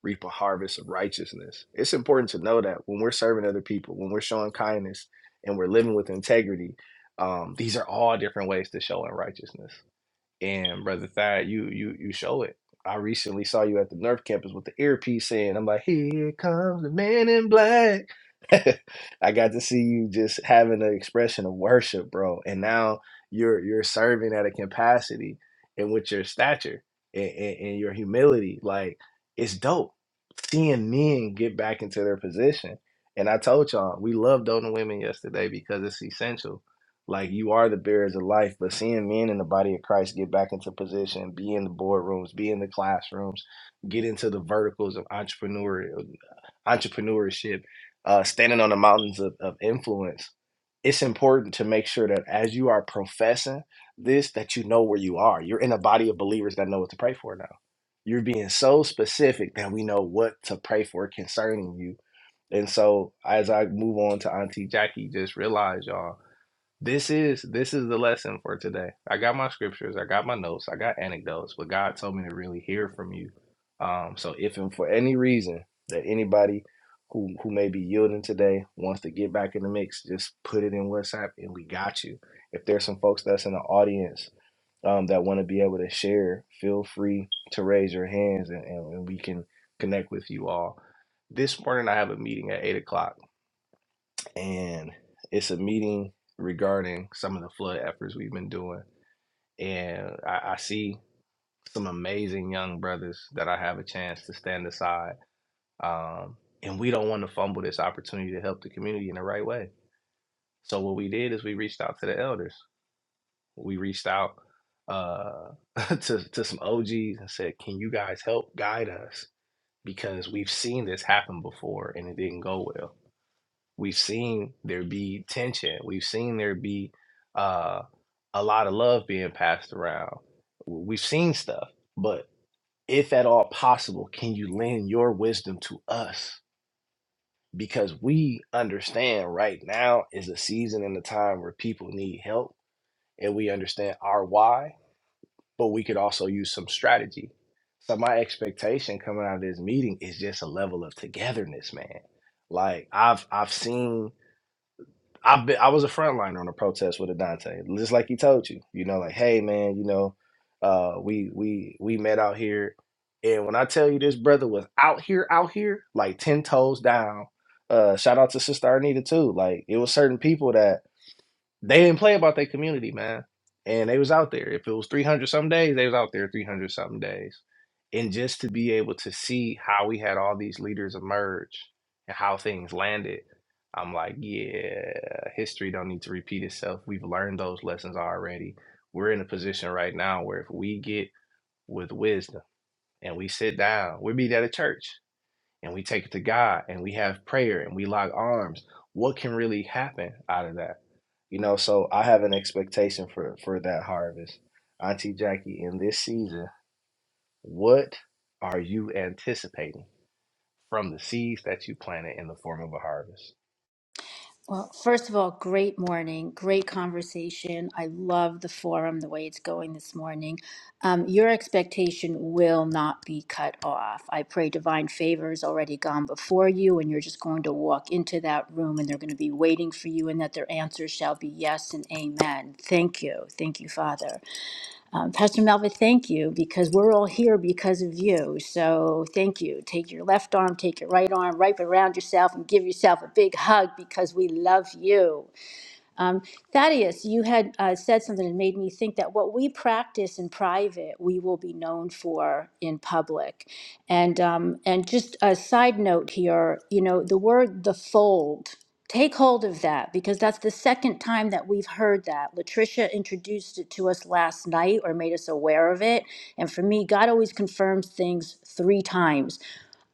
reap a harvest of righteousness. It's important to know that when we're serving other people, when we're showing kindness and we're living with integrity, um, these are all different ways to show in righteousness. And brother Thad, you you you show it. I recently saw you at the Nerf campus with the earpiece in. I'm like, here comes the man in black. (laughs) I got to see you just having an expression of worship, bro. And now you're you're serving at a capacity and with your stature and, and, and your humility. Like it's dope seeing men get back into their position. And I told y'all, we love doting women yesterday because it's essential like you are the bearers of life, but seeing men in the body of Christ get back into position, be in the boardrooms, be in the classrooms, get into the verticals of entrepreneurial entrepreneurship, uh, standing on the mountains of, of influence. It's important to make sure that as you are professing this, that you know where you are. You're in a body of believers that know what to pray for now. You're being so specific that we know what to pray for concerning you. And so as I move on to Auntie Jackie, just realize y'all this is this is the lesson for today. I got my scriptures, I got my notes, I got anecdotes, but God told me to really hear from you. Um, so if and for any reason that anybody who who may be yielding today wants to get back in the mix, just put it in WhatsApp and we got you. If there's some folks that's in the audience um, that want to be able to share, feel free to raise your hands and, and, and we can connect with you all. This morning I have a meeting at eight o'clock and it's a meeting regarding some of the flood efforts we've been doing. And I, I see some amazing young brothers that I have a chance to stand aside. Um, and we don't want to fumble this opportunity to help the community in the right way. So what we did is we reached out to the elders. We reached out uh, (laughs) to to some OGs and said, "Can you guys help guide us?" Because we've seen this happen before and it didn't go well We've seen there be tension. We've seen there be uh, a lot of love being passed around. We've seen stuff, but if at all possible, can you lend your wisdom to us? Because we understand right now is a season and a time where people need help, and we understand our why, but we could also use some strategy. So, my expectation coming out of this meeting is just a level of togetherness, man. Like, I've, I've seen I've been, I was a frontliner on a protest with Adante, just like he told you. You know, like, hey man, you know, uh, we we we met out here, and when I tell you this brother was out here, out here, like ten toes down. Uh, shout out to Sister Arnita too. Like, it was certain people that they didn't play about their community, man. And they was out there. If it was 300 some days, they was out there 300 some days. And just to be able to see how we had all these leaders emerge and how things landed, I'm like, yeah, history don't need to repeat itself. We've learned those lessons already. We're in a position right now where if we get with wisdom and we sit down, we'll be at a church and we take it to God and we have prayer and we lock arms, what can really happen out of that? You know, so I have an expectation for for that harvest. Auntie Jackie, in this season, what are you anticipating from the seeds that you planted in the form of a harvest? Well, first of all, great morning, great conversation. I love the forum, the way it's going this morning. Um, your expectation will not be cut off. I pray divine favor has already gone before you, and you're just going to walk into that room, and they're going to be waiting for you, and that their answers shall be yes and amen. Thank you. Thank you, Father. Um, Pastor Melva, thank you because we're all here because of you. So thank you. Take your left arm, take your right arm, wrap it around yourself, and give yourself a big hug because we love you. Um, Thaddeus, you had uh, said something that made me think that what we practice in private, we will be known for in public. And um, and just a side note here, you know, the word the fold. Take hold of that because that's the second time that we've heard that. Latricia introduced it to us last night or made us aware of it. And for me, God always confirms things three times.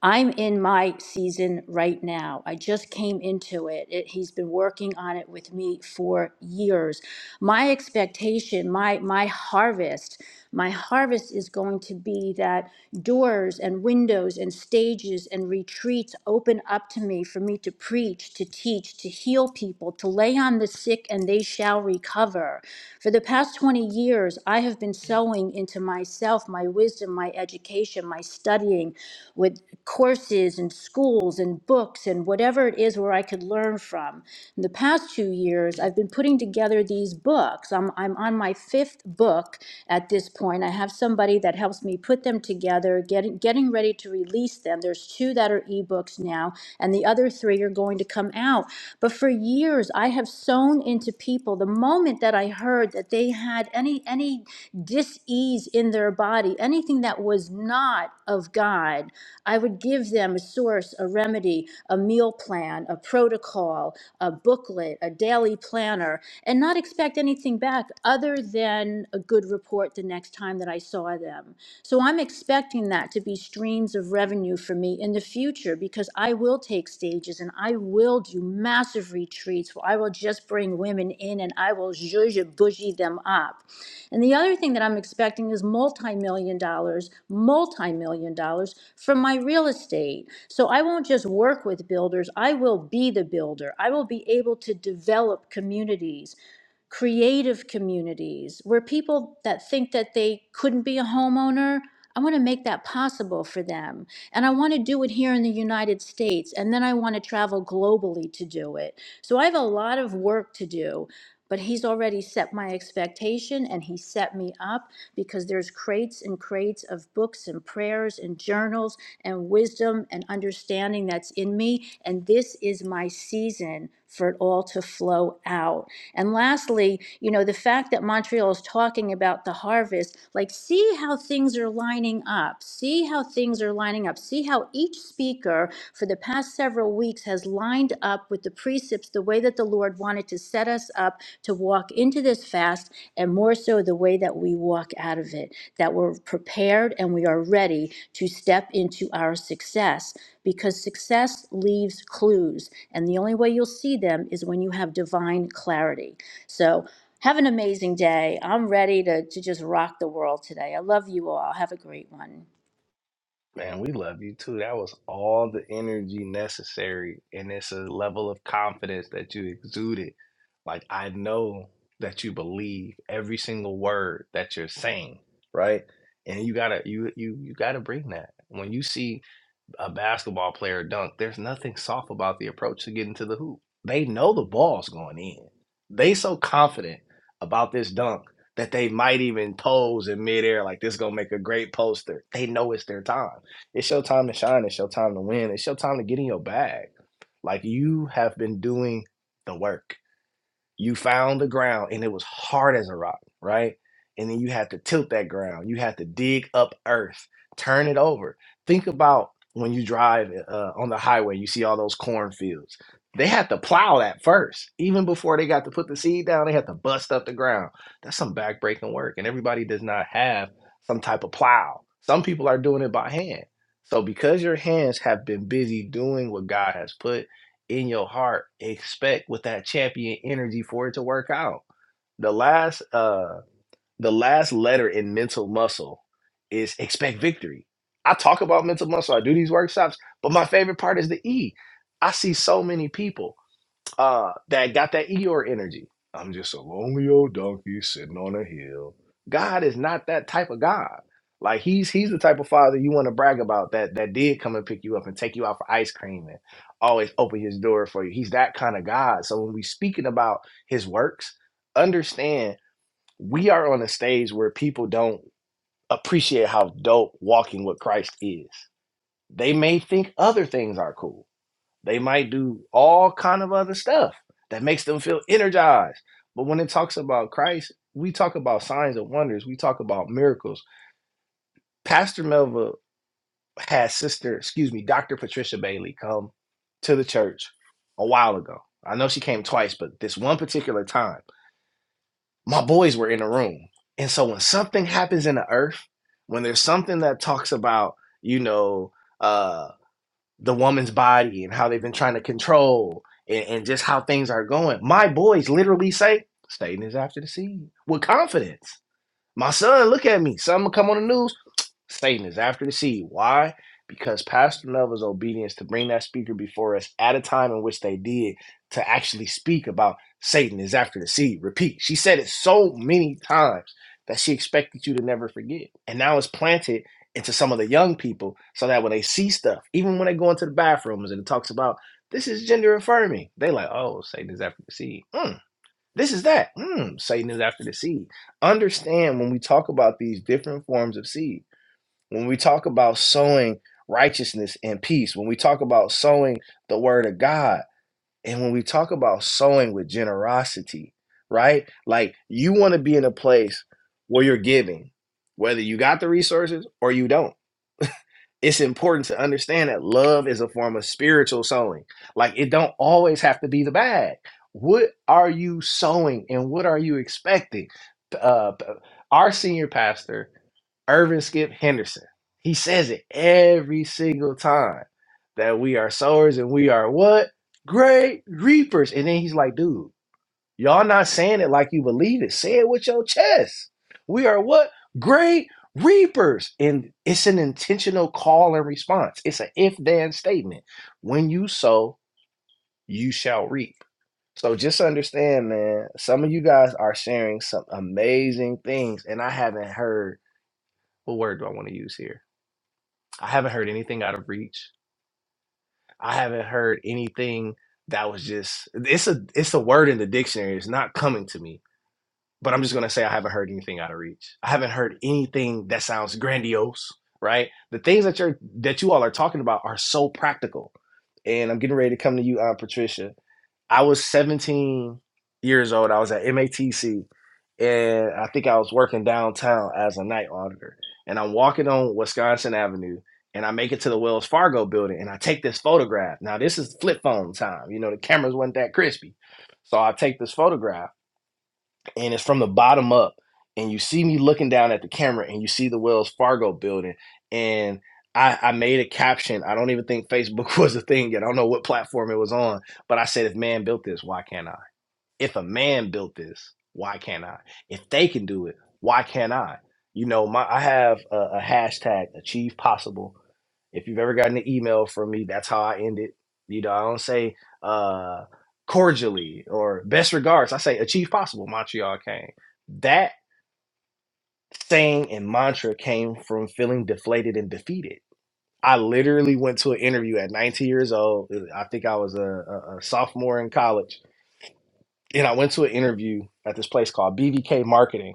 I'm in my season right now. I just came into it. it. He's been working on it with me for years. My expectation, my my harvest, my harvest is going to be that doors and windows and stages and retreats open up to me for me to preach, to teach, to heal people, to lay on the sick and they shall recover. For the past 20 years, I have been sowing into myself, my wisdom, my education education, my studying with courses and schools and books and whatever it is where I could learn from. In the past two years, I've been putting together these books. I'm, I'm on my fifth book at this point. I have somebody that helps me put them together, getting, getting ready to release them. There's two that are ebooks now, and the other three are going to come out. But for years, I have sown into people the moment that I heard that they had any, any dis ease disease in their body, anything that was not of God, I would give them a source, a remedy, a meal plan, a protocol, a booklet, a daily planner, and not expect anything back other than a good report the next time that I saw them. So I'm expecting that to be streams of revenue for me in the future because I will take stages and I will do massive retreats where I will just bring women in and I will zhuzh bougie them up. And the other thing that I'm expecting is multi-million dollars, multi-million dollars from my real estate. So I won't just work with builders, I will be the builder. I will be able to develop communities creative communities where people that think that they couldn't be a homeowner I want to make that possible for them. And I want to do it here in the United States. And then I want to travel globally to do it. So I have a lot of work to do but he's already set my expectation and he set me up because there's crates and crates of books and prayers and journals and wisdom and understanding that's in me and this is my season for it all to flow out and lastly you know the fact that montreal is talking about the harvest like see how things are lining up see how things are lining up see how each speaker for the past several weeks has lined up with the precepts the way that the lord wanted to set us up to walk into this fast and more so the way that we walk out of it, that we're prepared and we are ready to step into our success because success leaves clues. And the only way you'll see them is when you have divine clarity. So, have an amazing day. I'm ready to, to just rock the world today. I love you all. Have a great one. Man, we love you too. That was all the energy necessary. And it's a level of confidence that you exuded. Like, I know that you believe every single word that you're saying, right? And you gotta you you you gotta bring that. When you see a basketball player dunk, there's nothing soft about the approach to getting to the hoop. They know the ball's going in. They so confident about this dunk that they might even pose in midair like this gonna make a great poster. They know it's their time. It's your time to shine. It's your time to win. It's your time to get in your bag. Like you have been doing the work you found the ground and it was hard as a rock, right? And then you had to tilt that ground. You had to dig up earth, turn it over. Think about when you drive uh, on the highway, you see all those cornfields. They had to plow that first. Even before they got to put the seed down, they had to bust up the ground. That's some backbreaking work. And everybody does not have some type of plow. Some people are doing it by hand. So because your hands have been busy doing what God has put in your heart expect with that champion energy for it to work out the last uh the last letter in mental muscle is expect victory i talk about mental muscle i do these workshops but my favorite part is the e i see so many people uh, that got that Eeyore energy. I'm just a lonely old donkey sitting on a hill. God is not that type of God. Like he's he's the type of father you want to brag about that that did come and pick you up and take you out for ice cream and always open his door for you. He's that kind of God. So when we speaking about his works, understand we are on a stage where people don't appreciate how dope walking with Christ is. They may think other things are cool they might do all kind of other stuff that makes them feel energized. But when it talks about Christ, we talk about signs and wonders. We talk about miracles. Pastor Melva had sister, excuse me, Dr. Patricia Bailey come to the church a while ago. I know she came twice, but this one particular time, my boys were in the room. And so when something happens in the earth, when there's something that talks about, you know, uh. the woman's body and how they've been trying to control and, and just how things are going. My boys literally say Satan is after the seed with confidence. My son, look at me. Something will come on the news. Satan is after the seed. Why? Because Pastor Melvin's obedience to bring that speaker before us at a time in which they did to actually speak about Satan is after the seed. Repeat. She said it so many times that she expected you to never forget. And now it's planted into some of the young people so that when they see stuff, even when they go into the bathrooms and it talks about this is gender affirming, they like, oh, Satan is after the seed. Mm, this is that. Mm, Satan is after the seed. Understand when we talk about these different forms of seed. When we talk about sowing righteousness and peace, when we talk about sowing the word of God, and when we talk about sowing with generosity, right? Like you want to be in a place where you're giving, whether you got the resources or you don't it's important to understand that love is a form of spiritual sowing. Like it don't always have to be the bag. What are you sowing and what are you expecting? Uh, our senior pastor, Irvin Skip Henderson, he says it every single time that we are sowers and we are what? Great reapers. And then he's like, dude, Y'all not saying it like you believe it. Say it with your chest. We are what? Great reapers. And it's an intentional call and response. It's an if then statement. When you sow, you shall reap. So just understand, man, some of you guys are sharing some amazing things. And I haven't heard what word do I want to use here? I haven't heard anything out of reach. I haven't heard anything that was just it's a it's a word in the dictionary. It's not coming to me but I'm just gonna say I haven't heard anything out of reach. I haven't heard anything that sounds grandiose, right? The things that you're that you all are talking about are so practical. And I'm getting ready to come to you, Aunt Patricia. I was 17 years old. I was at MATC, and I think I was working downtown as a night auditor. And I'm walking on Wisconsin Avenue, and I make it to the Wells Fargo building, and I take this photograph. Now this is flip phone time. You know the cameras were not that crispy, so I take this photograph and it's from the bottom up and you see me looking down at the camera and you see the wells fargo building and I, I made a caption i don't even think facebook (laughs) was a thing yet i don't know what platform it was on but i said if man built this why can't i if a man built this, why can't I? If they can do it, why can't I? You know, my I have a, a hashtag achieve possible. If you've ever gotten an email from me, that's how I end it. You know, I don't say uh cordially or best regards. I say achieve possible, Montreal came. That saying and mantra came from feeling deflated and defeated. I literally went to an interview at 19 years old. I think I was a, a a sophomore in college and I went to an interview at this place called BVK Marketing.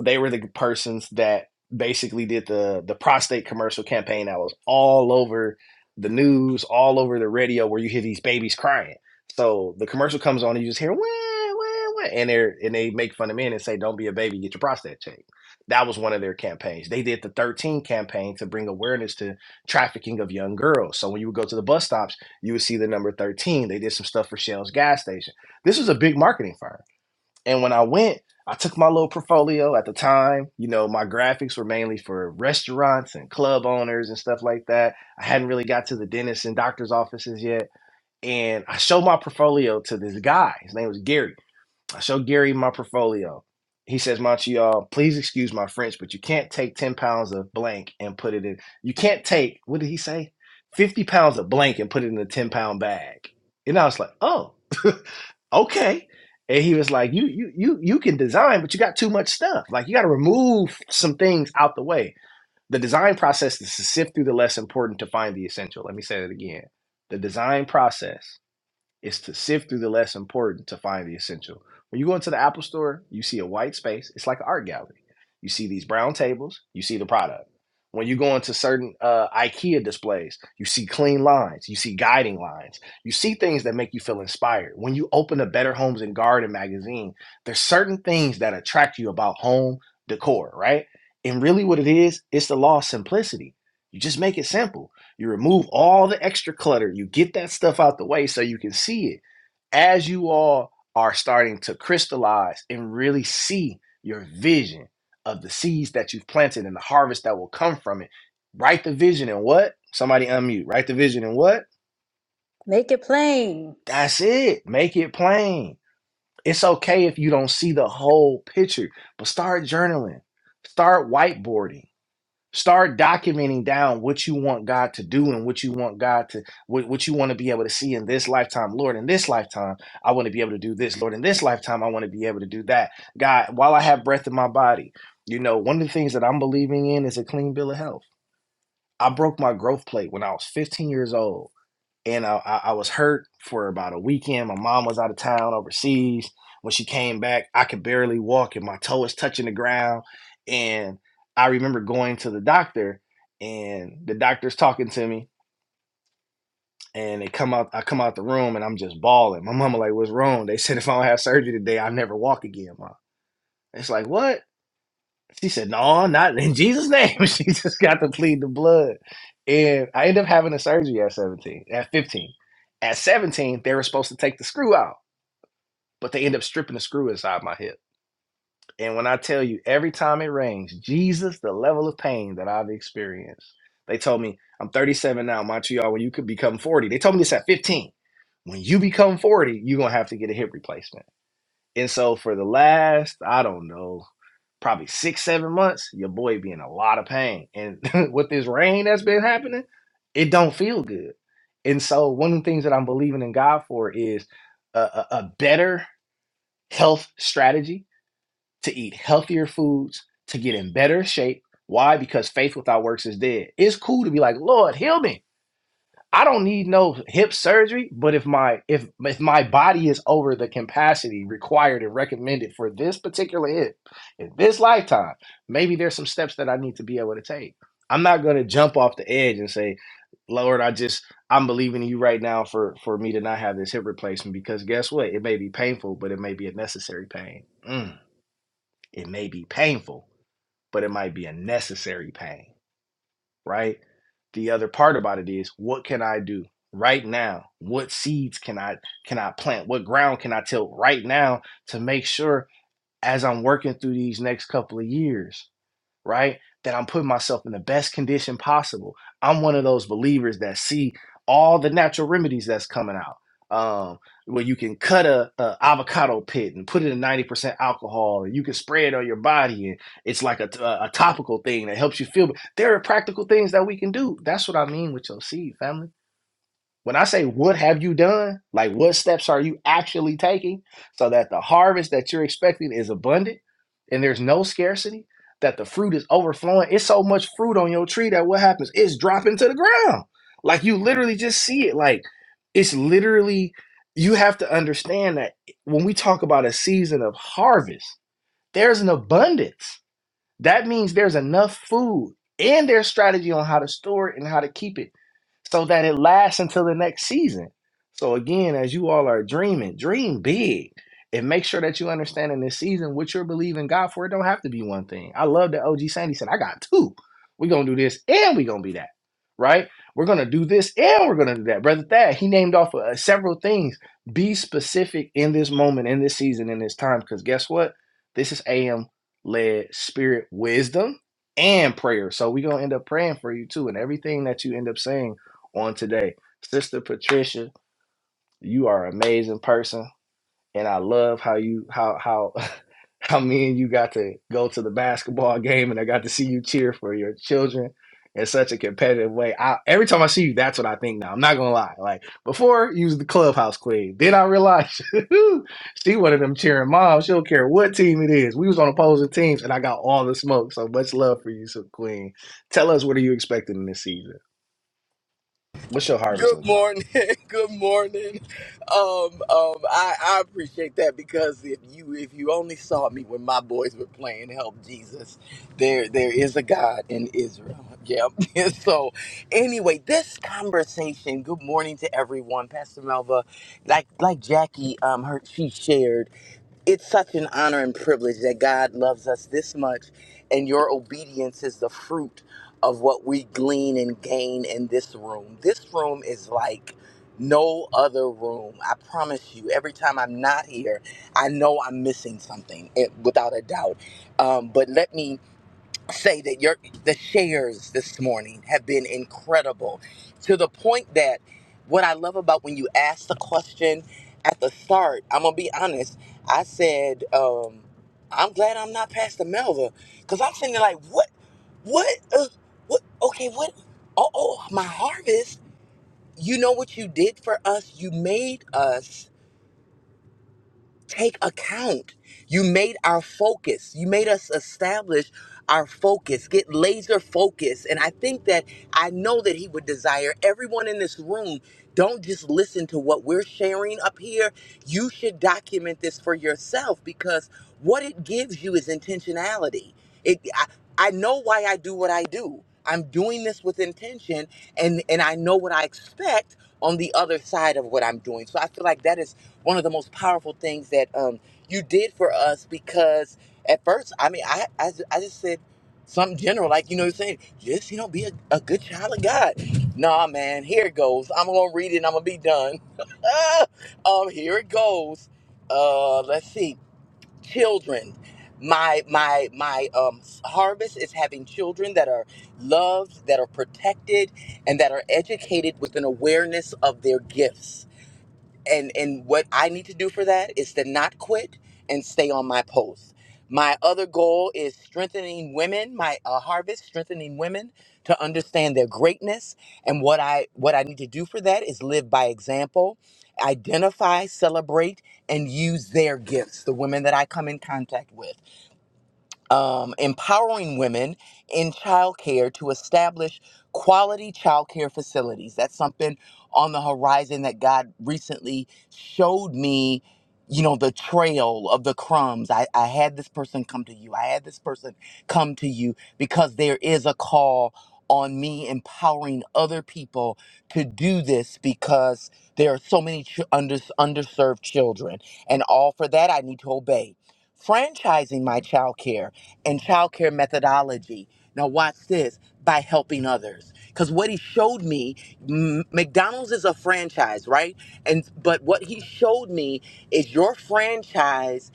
They were the persons that basically did the the prostate commercial campaign that was all over the news, all over the radio, where you hear these babies crying. So the commercial comes on, and you just hear wah, wah, wah, and they and they make fun of men and say, "Don't be a baby, get your prostate checked." That was one of their campaigns. They did the 13 campaign to bring awareness to trafficking of young girls. So when you would go to the bus stops, you would see the number 13. They did some stuff for Shell's gas station this was a big marketing firm. And when I went, I took my little portfolio at the time. You know, my graphics were mainly for restaurants and club owners and stuff like that. I hadn't really got to the dentist and doctor's offices yet. And I showed my portfolio to this guy. His name was Gary. I showed Gary my portfolio. He says, Montreal, please excuse my French, but you can't take 10 pounds of blank and put it in. You can't take, what did he say? 50 pounds of blank and put it in a 10 pound bag. And I was like, oh. (laughs) okay. And he was like, you you you you can design, but you got too much stuff. Like you got to remove some things out the way. The design process is to sift through the less important to find the essential. Let me say that again. The design process is to sift through the less important to find the essential. When you go into the Apple store, you see a white space. It's like an art gallery. You see these brown tables, you see the product. When you go into certain uh, IKEA displays, you see clean lines, you see guiding lines, you see things that make you feel inspired. When you open a Better Homes and Garden magazine, there's certain things that attract you about home decor, right? And really, what it is, it's the law of simplicity. You just make it simple you remove all the extra clutter. You get that stuff out the way so you can see it as you all are starting to crystallize and really see your vision of the seeds that you've planted and the harvest that will come from it. Write the vision and what? Somebody unmute. Write the vision and what? Make it plain. That's it. Make it plain. It's okay if you don't see the whole picture, but start journaling. Start whiteboarding start documenting down what you want god to do and what you want god to what, what you want to be able to see in this lifetime lord in this lifetime i want to be able to do this lord in this lifetime i want to be able to do that god while i have breath in my body you know one of the things that i'm believing in is a clean bill of health i broke my growth plate when i was 15 years old and I, I I was hurt for about a weekend. My mom was out of town overseas. When she came back, I could barely walk, and my toe was touching the ground. And I remember going to the doctor, and the doctor's talking to me, and they come out. I come out the room, and I'm just bawling. My mama like, "What's wrong?" They said, "If I don't have surgery today, I never walk again, mom." It's like what? She said, No, not in Jesus' name. (laughs) she just got to plead the blood. And I ended up having a surgery at 17, at 15. At 17, they were supposed to take the screw out, but they end up stripping the screw inside my hip. And when I tell you, every time it rains, Jesus, the level of pain that I've experienced. They told me, I'm 37 now, Montreal, when you could become 40. They told me this at 15. When you become 40, you're going to have to get a hip replacement. And so for the last, I don't know, probably six, seven months, your boy be in a lot of pain. And (laughs) with this rain that's been happening, it don't feel good. And so one of the things that I'm believing in God for is a, a, a better health strategy to eat healthier foods, to get in better shape. Why? Because faith without works is dead. It's cool to be like, Lord, heal me. I don't need no hip surgery, but if my if if my body is over the capacity required and recommended for this particular hip in this lifetime, maybe there's some steps that I need to be able to take. I'm not gonna jump off the edge and say, Lord, I just I'm believing in you right now for for me to not have this hip replacement because guess what? It may be painful, but it may be a necessary pain. Mm, it may be painful, but it might be a necessary pain right? The other part about it is what can I do right now? What seeds can I can I plant? What ground can I till right now to make sure as I'm working through these next couple of years right? That I'm putting myself in the best condition possible. I'm one of those believers that see all the natural remedies that's coming out. Um, where you can cut a, a avocado pit and put it in 90% alcohol, and you can spray it on your body, and it's like a a topical thing that helps you feel. There are practical things that we can do. That's what I mean with your seed, family when I say what have you done, like what steps are you actually taking so that the harvest that you're expecting is abundant and there's no scarcity, that the fruit is overflowing. It's so much fruit on your tree that what happens? It's dropping to the ground. Like you literally just see it. Like it's literally, you have to understand that when we talk about a season of harvest, there's an abundance that means there's enough food and their strategy on how to store it and how to keep it so that it lasts until the next season. So again, as you all are dreaming, dream big and make sure that you understand in this season what you're believing God for. It don't have to be one thing. I love that OG Sandy said, I got two. We're gonna do this and we're gonna be that. Right? We're gonna do this and we're gonna do that. Brother Thad, he named off uh, several things. Be specific in this moment, in this season, in this time, because guess what? This is AM led spirit wisdom and prayer. So we're gonna end up praying for you too, and everything that you end up saying on today. Sister Patricia, you are an amazing person and I love how you how how (laughs) how me and you got to go to the basketball game and I got to see you cheer for your children in such a competitive way. I every time I see you, that's what I think now. I'm not gonna lie. Like before, you was the clubhouse queen. Then I realized (laughs) she one of them cheering moms. She don't care what team it is. We was on opposing teams and I got all the smoke. So much love for you, so queen. Tell us what are you expecting in this season? What's your harvest Good look like? morning. (laughs) Good morning. Um, um, I, I appreciate that because if you if you only saw me when my boys were playing Help Jesus, there there is a God in Israel. Yep. (laughs) so anyway, this conversation, good morning to everyone. Pastor Melva, like like Jackie, um her she shared it's such an honor and privilege that God loves us this much, and your obedience is the fruit of what we glean and gain in this room. This room is like no other room. I promise you, every time I'm not here, I know I'm missing something, it, without a doubt. Um, but let me say that your the shares this morning have been incredible to the point that what I love about when you ask the question at the start, I'm gonna be honest. I said, um, I'm glad I'm not Pastor Melva, cause I'm sitting there like, what, what, uh, what? Okay, what? Oh, oh, my harvest. You know what you did for us? You made us take account. You made our focus. You made us establish our focus, get laser focus. And I think that I know that He would desire everyone in this room. Don't just listen to what we're sharing up here. You should document this for yourself because what it gives you is intentionality. It, I, I know why I do what I do. I'm doing this with intention, and and I know what I expect on the other side of what I'm doing. So I feel like that is one of the most powerful things that um, you did for us because at first, I mean, I, I, I just said something general, like, you know what I'm saying? Just, you know, be a, a good child of God. Nah, man, here it goes. I'm going to read it and I'm going to be done. (laughs) um, here it goes. Uh, let's see. Children. My my my um, harvest is having children that are loved, that are protected, and that are educated with an awareness of their gifts and and what I need to do for that is to not quit and stay on my post. My other goal is strengthening women, my uh, harvest, strengthening women to understand their greatness and what I what I need to do for that is live by example, identify, celebrate and use their gifts, the women that I come in contact with um, empowering women in childcare to establish quality childcare facilities. That's something on the horizon that God recently showed me. You know, the trail of the crumbs. I, I had this person come to you. I had this person come to you because there is a call on me empowering other people to do this because there are so many ch- under, underserved children. And all for that, I need to obey. Franchising my childcare and childcare methodology. Now, watch this by helping others. Because what he showed me, M- McDonald's is a franchise, right? And but what he showed me is your franchise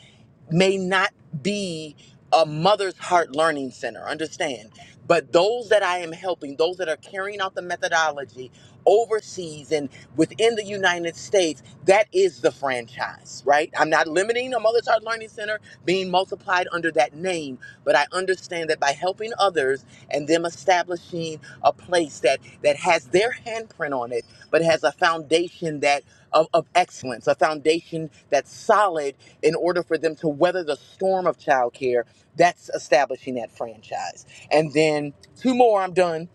may not be a mother's heart learning center. Understand? But those that I am helping, those that are carrying out the methodology overseas and within the United States, that is the franchise, right? I'm not limiting a mother's heart learning center being multiplied under that name. But I understand that by helping others and them establishing a place that that has their handprint on it, but has a foundation that of, of excellence, a foundation that's solid in order for them to weather the storm of childcare. That's establishing that franchise. And then two more, I'm done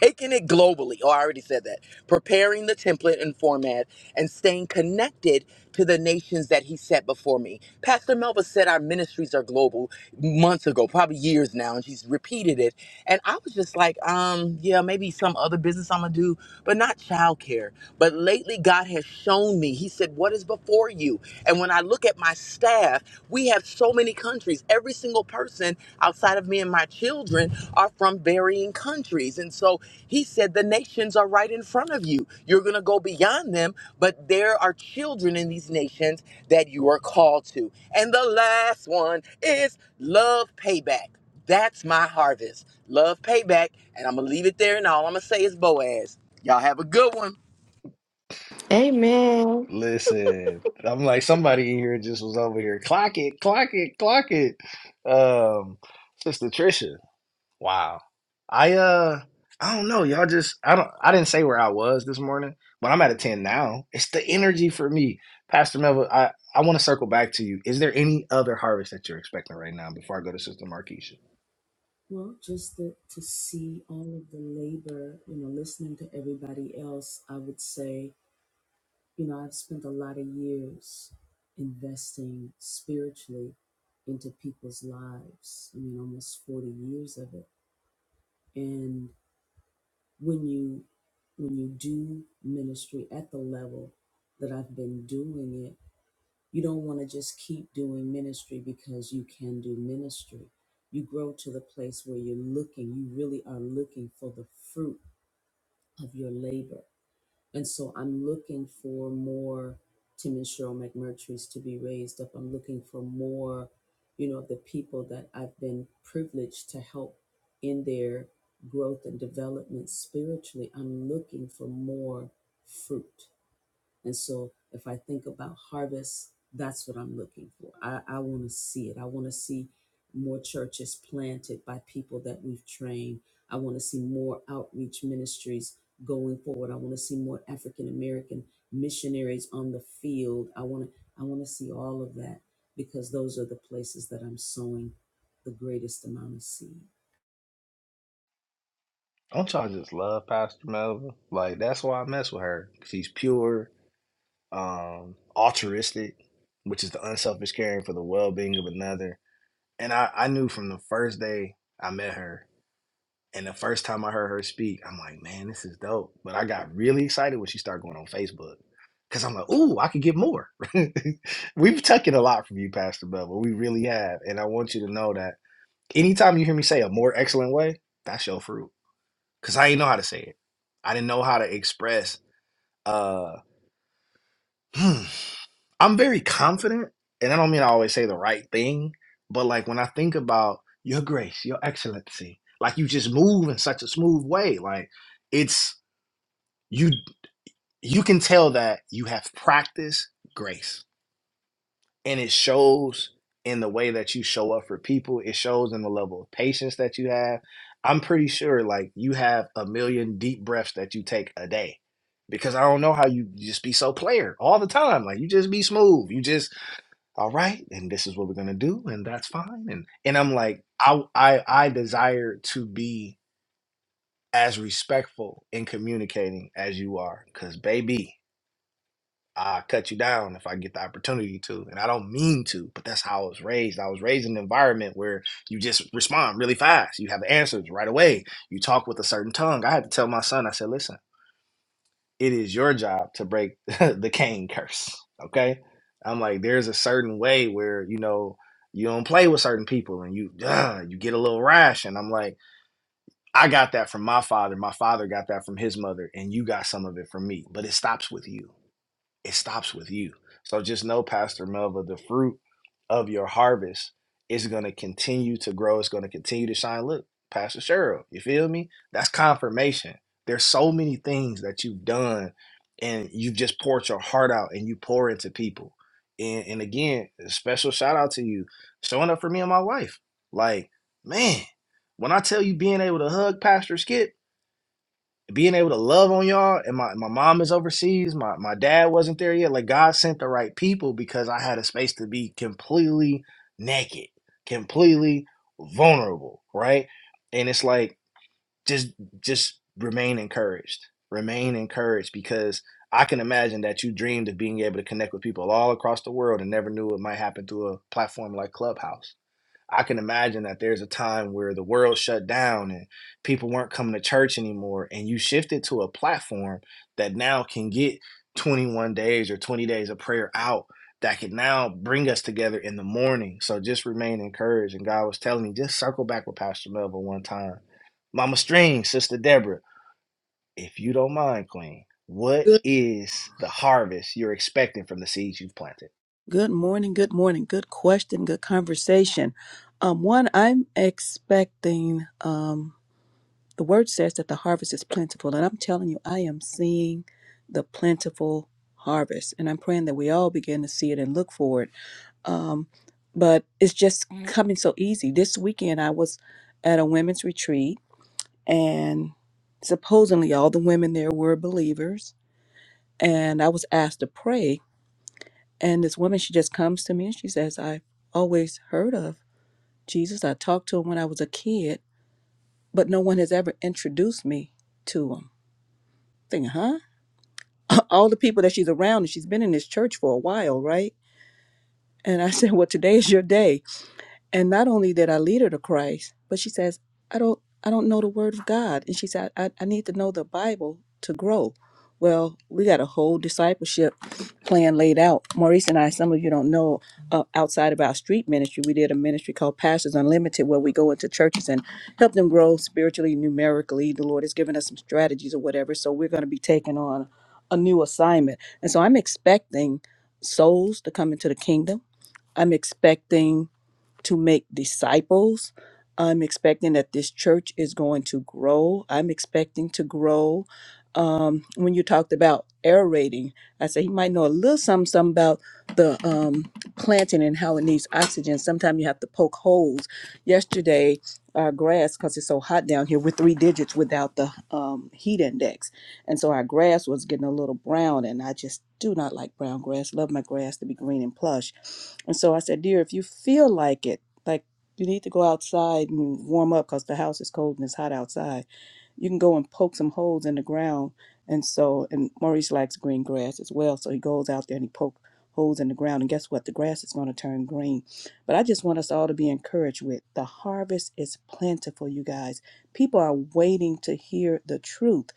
taking it globally. Oh, I already said that. Preparing the template and format and staying connected to the nations that he set before me. Pastor Melva said our ministries are global months ago, probably years now, and she's repeated it. And I was just like, um, yeah, maybe some other business I'm gonna do, but not childcare. But lately, God has shown me, He said, what is before you? And when I look at my staff, we have have so many countries. Every single person outside of me and my children are from varying countries. And so he said, the nations are right in front of you. You're going to go beyond them, but there are children in these nations that you are called to. And the last one is love payback. That's my harvest. Love payback. And I'm going to leave it there. And all I'm going to say is Boaz. Y'all have a good one. Amen. Listen, I'm like somebody in here just was over here. Clock it, clock it, clock it. Um, Sister Trisha. Wow. I uh I don't know. Y'all just I don't I didn't say where I was this morning, but I'm at a 10 now. It's the energy for me. Pastor Melvin, I, I want to circle back to you. Is there any other harvest that you're expecting right now before I go to Sister Marquisha? Well, just the, to see all of the labor, you know, listening to everybody else, I would say, you know, I've spent a lot of years investing spiritually into people's lives. I mean, almost 40 years of it. and. when you when you do ministry at the level that I've been doing it, you don't want to just keep doing ministry because you can do ministry. You grow to the place where you're looking, you really are looking for the fruit of your labor. And so I'm looking for more Tim and Cheryl McMurtry's to be raised up. I'm looking for more, you know, of the people that I've been privileged to help in their growth and development spiritually. I'm looking for more fruit. And so if I think about harvest, that's what I'm looking for. I, I want to see it. I want to see more churches planted by people that we've trained. I want to see more outreach ministries going forward. I want to see more African American missionaries on the field. I want to I want to see all of that because those are the places that I'm sowing the greatest amount of seed. Don't y'all just love Pastor Melvin? Like that's why I mess with her. She's pure. um, altruistic, which is the unselfish caring for the well being of another. And I, I knew from the first day I met her and the first time I heard her speak, I'm like, man, this is dope. But I got really excited when she started going on Facebook. Cause I'm like, ooh, I could get more. (laughs) We've taken a lot from you, Pastor Bevel. We really have. And I want you to know that anytime you hear me say a more excellent way, that's your fruit. Cause I didn't know how to say it. I didn't know how to express uh hmm, I'm very confident, and I don't mean I always say the right thing, but like when I think about your grace, your excellency, like you just move in such a smooth way. Like it's you you can tell that you have practiced grace. And it shows in the way that you show up for people. It shows in the level of patience that you have. I'm pretty sure like you have a million deep breaths that you take a day. Because I don't know how you you just be so player all the time. Like you just be smooth. You just all right and this is what we're going to do and that's fine and and i'm like i i i desire to be as respectful in communicating as you are cuz baby I cut you down if I get the opportunity to, and I don't mean to, but that's how I was raised. I was raised in an environment where you just respond really fast. You have answers right away. You talk with a certain tongue. I had to tell my son, I said, listen it is your job to break (laughs) the Cain curse. Okay. I'm like, there's a certain way where, you know, you don't play with certain people and you uh, you get a little rash. And I'm like, I got that from my father. My father got that from his mother, and you got some of it from me. But it stops with you it stops with you. So just know, Pastor Melva, the fruit of your harvest is going to continue to grow. It's going to continue to shine. Look, Pastor Cheryl, you feel me? That's confirmation. There's so many things that you've done and you've just poured your heart out and you pour into people. And, and again, a special shout out to you showing up for me and my wife. Like, man, when I tell you being able to hug Pastor Skip, being able to love on y'all and my, my mom is overseas my, my dad wasn't there yet like god sent the right people because i had a space to be completely naked completely vulnerable right and it's like just just remain encouraged remain encouraged because i can imagine that you dreamed of being able to connect with people all across the world and never knew it might happen through a platform like clubhouse I can imagine that there's a time where the world shut down and people weren't coming to church anymore, and you shifted to a platform that now can get 21 days or 20 days of prayer out that can now bring us together in the morning. So just remain encouraged. And God was telling me, just circle back with Pastor Melville one time. Mama String, Sister Deborah, if you don't mind, Queen, what Good, is the harvest you're expecting from the seeds you've planted? good morning. Good morning. Good question. Good conversation. Um, one, I'm expecting. Um, the word says that the harvest is plentiful, and I'm telling you, I am seeing the plentiful harvest, and I'm praying that we all begin to see it and look for it. Um, but it's just Mhm. coming so easy. This weekend, I was at a women's retreat, and supposedly all the women there were believers, and I was asked to pray And this woman, she just comes to me and she says, I've always heard of Jesus. I talked to him when I was a kid, but no one has ever introduced me to him. Thinking, huh? (laughs) All the people that she's around, and she's been in this church for a while, right? And I said, Well, today is your day. And not only did I lead her to Christ, but she says, I don't I don't know the word of God. And she said, I, I need to know the Bible to grow. Well, we got a whole discipleship plan laid out. Maurice and I, some of you don't know, uh, outside of our street ministry, we did a ministry called Pastors Unlimited where we go into churches and help them grow spiritually, numerically. The Lord has given us some strategies or whatever. So we're going to be taking on a new assignment. And so I'm expecting souls to come into the kingdom. I'm expecting to make disciples. I'm expecting that this church is going to grow. I'm expecting to grow. Um, when you talked about aerating, I said he might know a little something, something about the um, planting and how it needs oxygen. Sometimes you have to poke holes. Yesterday, our grass, because it's so hot down here, we're three digits without the um, heat index and so our grass was getting a little brown, and I just do not like brown grass. Love my grass to be green and plush. And so I said, Dear, if you feel like it, like you need to go outside and warm up because the house is cold and it's hot outside you can go and poke some holes in the ground. And so, and Maurice likes green grass as well. So he goes out there and he pokes holes in the ground. And guess what? The grass is going to turn green. But I just want us all to be encouraged with the harvest is plentiful, you guys. People are waiting to hear the truth.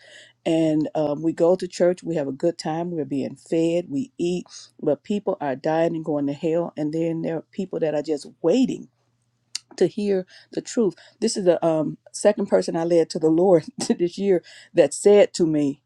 And um, we go to church, we have a good time, we're being fed, we eat, but people are dying and going to hell. And then there are people that are just waiting to hear the truth. This is the um, second person I led to the Lord (laughs) this year that said to me,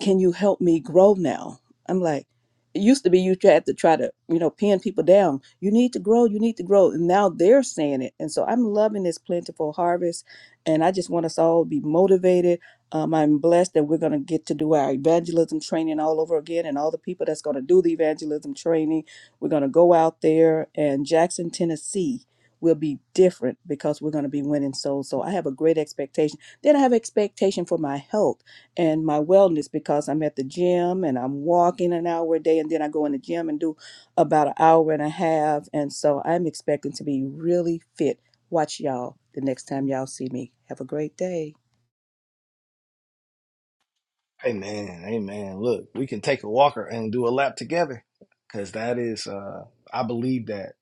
can you help me grow now? I'm like, it used to be you had to try to, you know, pin people down. You need to grow, you need to grow. And now they're saying it. And so I'm loving this plentiful harvest. And I just want us all to be motivated. Um, I'm blessed that we're going to get to do our evangelism training all over again. And all the people that's going to do the evangelism training, we're going to go out there and Jackson, Tennessee will be different because we're going to be winning souls. So I have a great expectation. Then I have expectation for my health and my wellness because I'm at the gym and I'm walking an hour a day and then I go in the gym and do about an hour and a half. And so I'm expecting to be really fit. Watch y'all the next time y'all see me. Have a great day. Amen. Amen. Look, we can take a walker and do a lap together because that is, uh, I believe that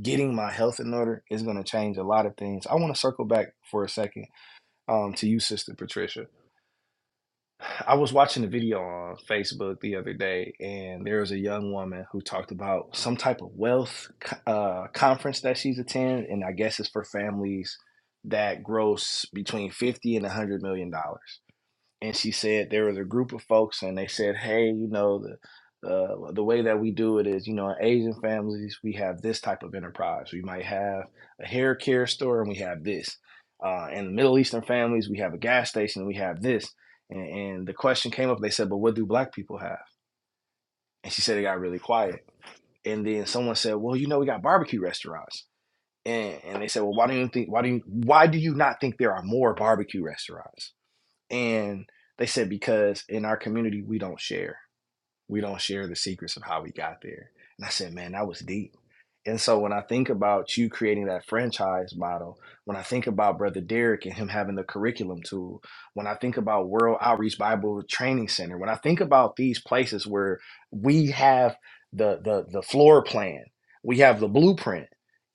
getting my health in order is going to change a lot of things. I want to circle back for a second um, to you, Sister Patricia. I was watching a video on Facebook the other day, and there was a young woman who talked about some type of wealth co- uh, conference that she's attended, and I guess it's for families that gross between 50 and 100 million dollars and she said there was a group of folks and they said hey you know the uh, the way that we do it is you know in asian families we have this type of enterprise we might have a hair care store and we have this uh, in the middle eastern families we have a gas station and we have this and, and the question came up they said but what do black people have and she said it got really quiet and then someone said well you know we got barbecue restaurants and, and they said well why do you think why do you why do you not think there are more barbecue restaurants and they said, because in our community, we don't share. We don't share the secrets of how we got there. And I said, man, that was deep and so when I think about you creating that franchise model, when I think about Brother Derek and him having the curriculum tool, when I think about World Outreach Bible Training Center, when I think about these places where we have the the the floor plan, we have the blueprint,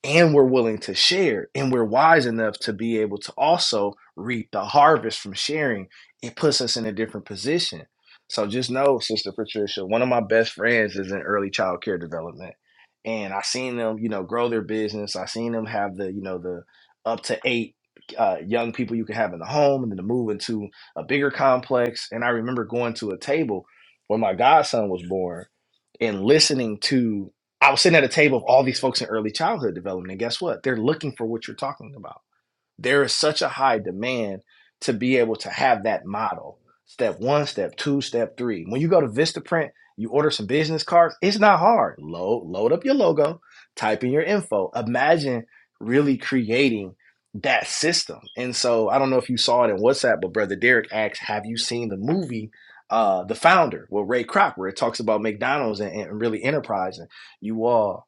and we're willing to share and we're wise enough to be able to also reap the harvest from sharing, it puts us in a different position. So just know, Sister Patricia, one of my best friends is in early child care development and I seen them, you know, grow their business. I seen them have the, you know, the up to eight uh, young people you can have in the home, and then to move into a bigger complex. And I remember going to a table where my godson was born, and listening to. I was sitting at a table of all these folks in early childhood development, and guess what? They're looking for what you're talking about there is such a high demand to be able to have that model. Step one, step two, step three. When you go to Vistaprint, you order some business cards. It's not hard. Load, load up your logo, type in your info. Imagine really creating that system. And so I don't know if you saw it in WhatsApp, but Brother Derek asked, Have you seen the movie? Uh, the founder, with Ray Kroc, where it talks about McDonald's and, and really enterprising. You all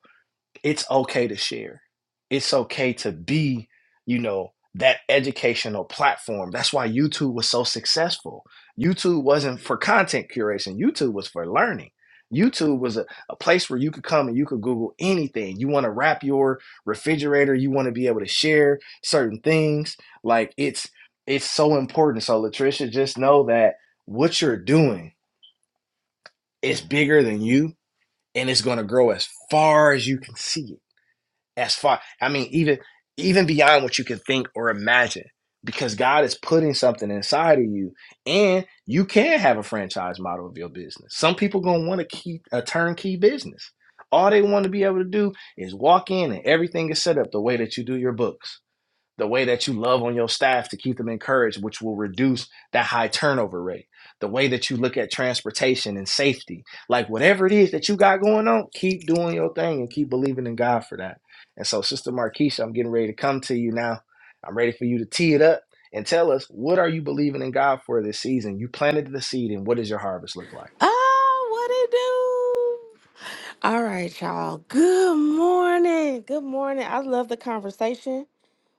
it's okay to share. It's okay to be, you know, that educational platform. That's why YouTube was so successful. YouTube wasn't for content curation, YouTube was for learning. YouTube was a, a place where you could come and you could Google anything. You want to wrap your refrigerator, you want to be able to share certain things. Like it's it's so important. So Latricia, just know that what you're doing is bigger than you and it's gonna grow as far as you can see it as far i mean even even beyond what you can think or imagine because god is putting something inside of you and you can have a franchise model of your business some people gonna want to keep a turnkey business all they want to be able to do is walk in and everything is set up the way that you do your books the way that you love on your staff to keep them encouraged, which will reduce that high turnover rate, the way that you look at transportation and safety, like whatever it is that you got going on, keep doing your thing and keep believing in God for that. And so, Sister Marquisha, I'm getting ready to come to you now. I'm ready for you to tee it up and tell us what are you believing in God for this season? You planted the seed, and what does your harvest look like? Oh, what it do? All right, y'all. Good morning. Good morning. I love the conversation.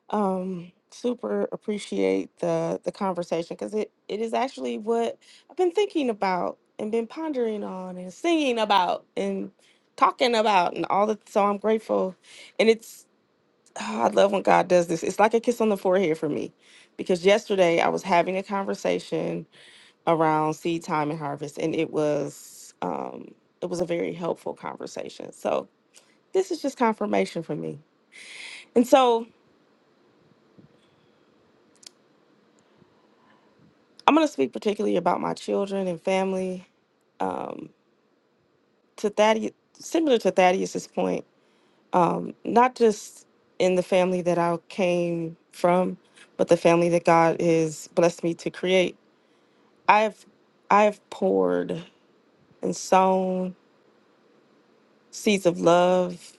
Um, super appreciate the the conversation because it it is actually what I've been thinking about and been pondering on and singing about and talking about and all that. So I'm grateful, and it's oh, I love when God does this. It's like a kiss on the forehead for me, because yesterday I was having a conversation around seed time and harvest, and it was um, it was a very helpful conversation. So this is just confirmation for me. And so I'm going to speak particularly about my children and family. Um, to Thaddeus, similar to Thaddeus's point, um, not just in the family that I came from, but the family that God has blessed me to create. I've I've poured and sown seeds of love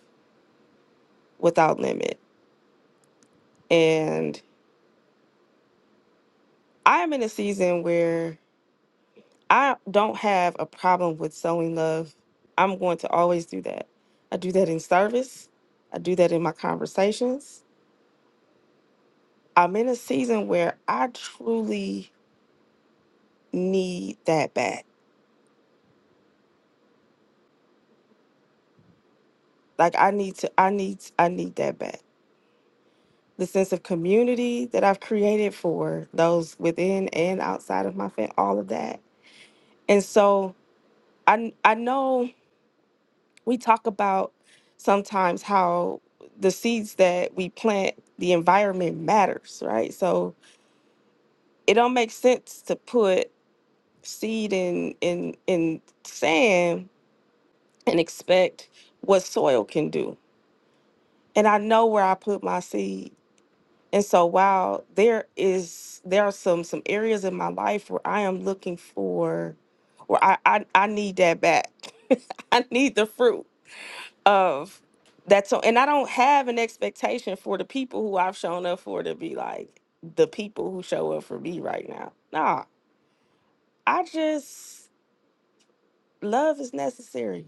without limit, and I'm in a season where I don't have a problem with sowing love. I'm going to always do that. I do that in service, I do that in my conversations. I'm in a season where I truly need that back. Like I need to I need I need that back. The sense of community that I've created for those within and outside of my family, all of that. And so I I know we talk about sometimes how the seeds that we plant the environment matters right so it don't make sense to put seed in in in sand and expect what soil can do and i know where i put my seed and so while there is there are some some areas in my life where i am looking for where i i, I need that back (laughs) i need the fruit of that's so and I don't have an expectation for the people who I've shown up for to be like the people who show up for me right now. Nah, I just love is necessary.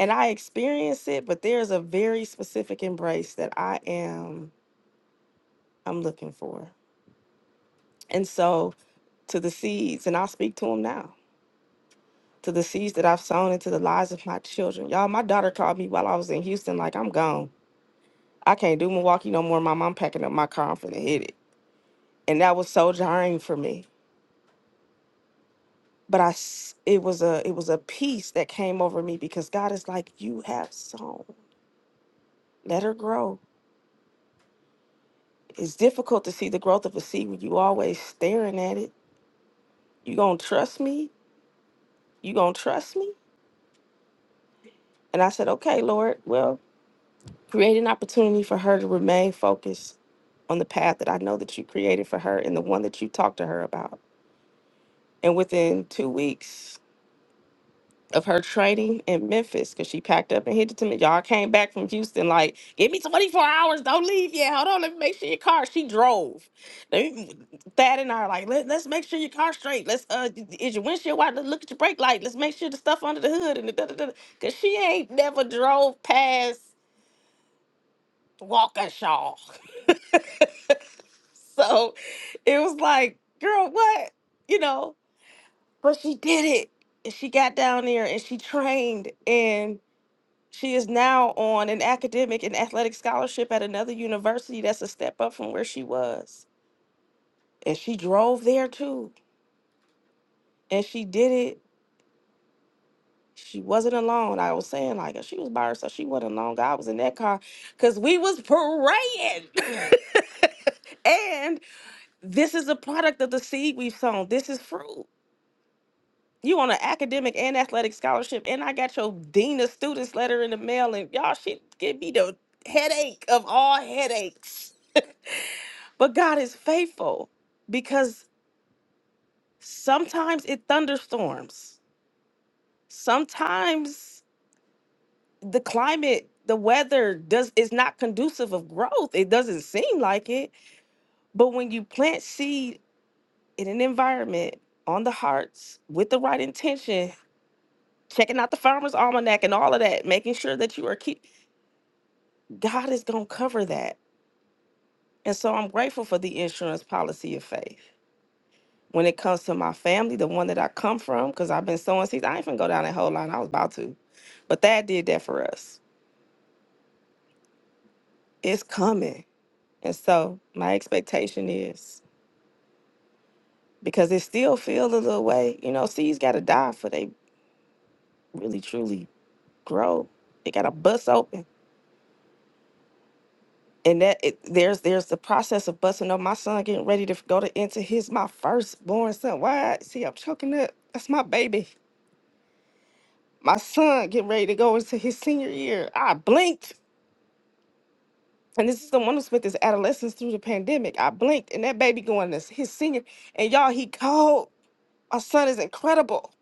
And I experience it, but there's a very specific embrace that I am I'm looking for. And so to the seeds, and I'll speak to them now. To the seeds that I've sown into the lives of my children. Y'all, my daughter called me while I was in Houston, like, I'm gone. I can't do Milwaukee no more. Mom, I'm packing up my car. I'm finna hit it. and that was so jarring for me but i s- it was a it was a peace that came over me because god is like you have sown let her grow it's difficult to see the growth of a seed when you always staring at it you gonna trust me you gonna trust me and i said okay lord well create an opportunity for her to remain focused on the path that i know that you created for her and the one that you talked to her about and within two weeks of her training in Memphis because she packed up and hit it to me. Y'all came back from Houston, like, give me 24 hours. Don't leave yet. Hold on. Let me make sure your car. She drove. Let me- Thad and I are like, Let, let's make sure your car's straight. Let's, uh, is your windshield wide? Let's look at your brake light. Let's make sure the stuff under the hood and the da da da. Because she ain't never drove past Waukesha. (laughs) so it was like, girl, what? You know, but she did it. And she got down there and she trained. She is now on an academic and athletic scholarship at another university that's a step up from where she was. And she drove there too. And she did it. She wasn't alone. I was saying, like, she was by herself. She wasn't alone. God was in that car because we was praying. (laughs) and this is a product of the seed we've sown. This is fruit. You on an academic and athletic scholarship. And I got your dean of students letter in the mail. And y'all, shit, give me the headache of all headaches. (laughs) But God is faithful because sometimes it thunderstorms. Sometimes the climate, the weather does is not conducive of growth. It doesn't seem like it, but when you plant seed in an environment on the hearts with the right intention, checking out the farmer's almanac and all of that, making sure that you are keep God is going to cover that. And so I'm grateful for the insurance policy of faith. When it comes to my family, the one that I come from, because I've been sowing seeds, I ain't finna go down that whole line. I was about to. But that did that for us. It's coming. And so my expectation is because it still feels a little way, you know, seeds gotta die for they really truly grow. They gotta bust open. And that it, there's there's the process of busting up. My son getting ready to go to into his my firstborn son. Why? See, I'm choking up. That's my baby. My son getting ready to go into his senior year. I blinked. And this is the one who spent his adolescence through the pandemic. I blinked, and that baby going to his senior. And y'all, he called. Our son is incredible,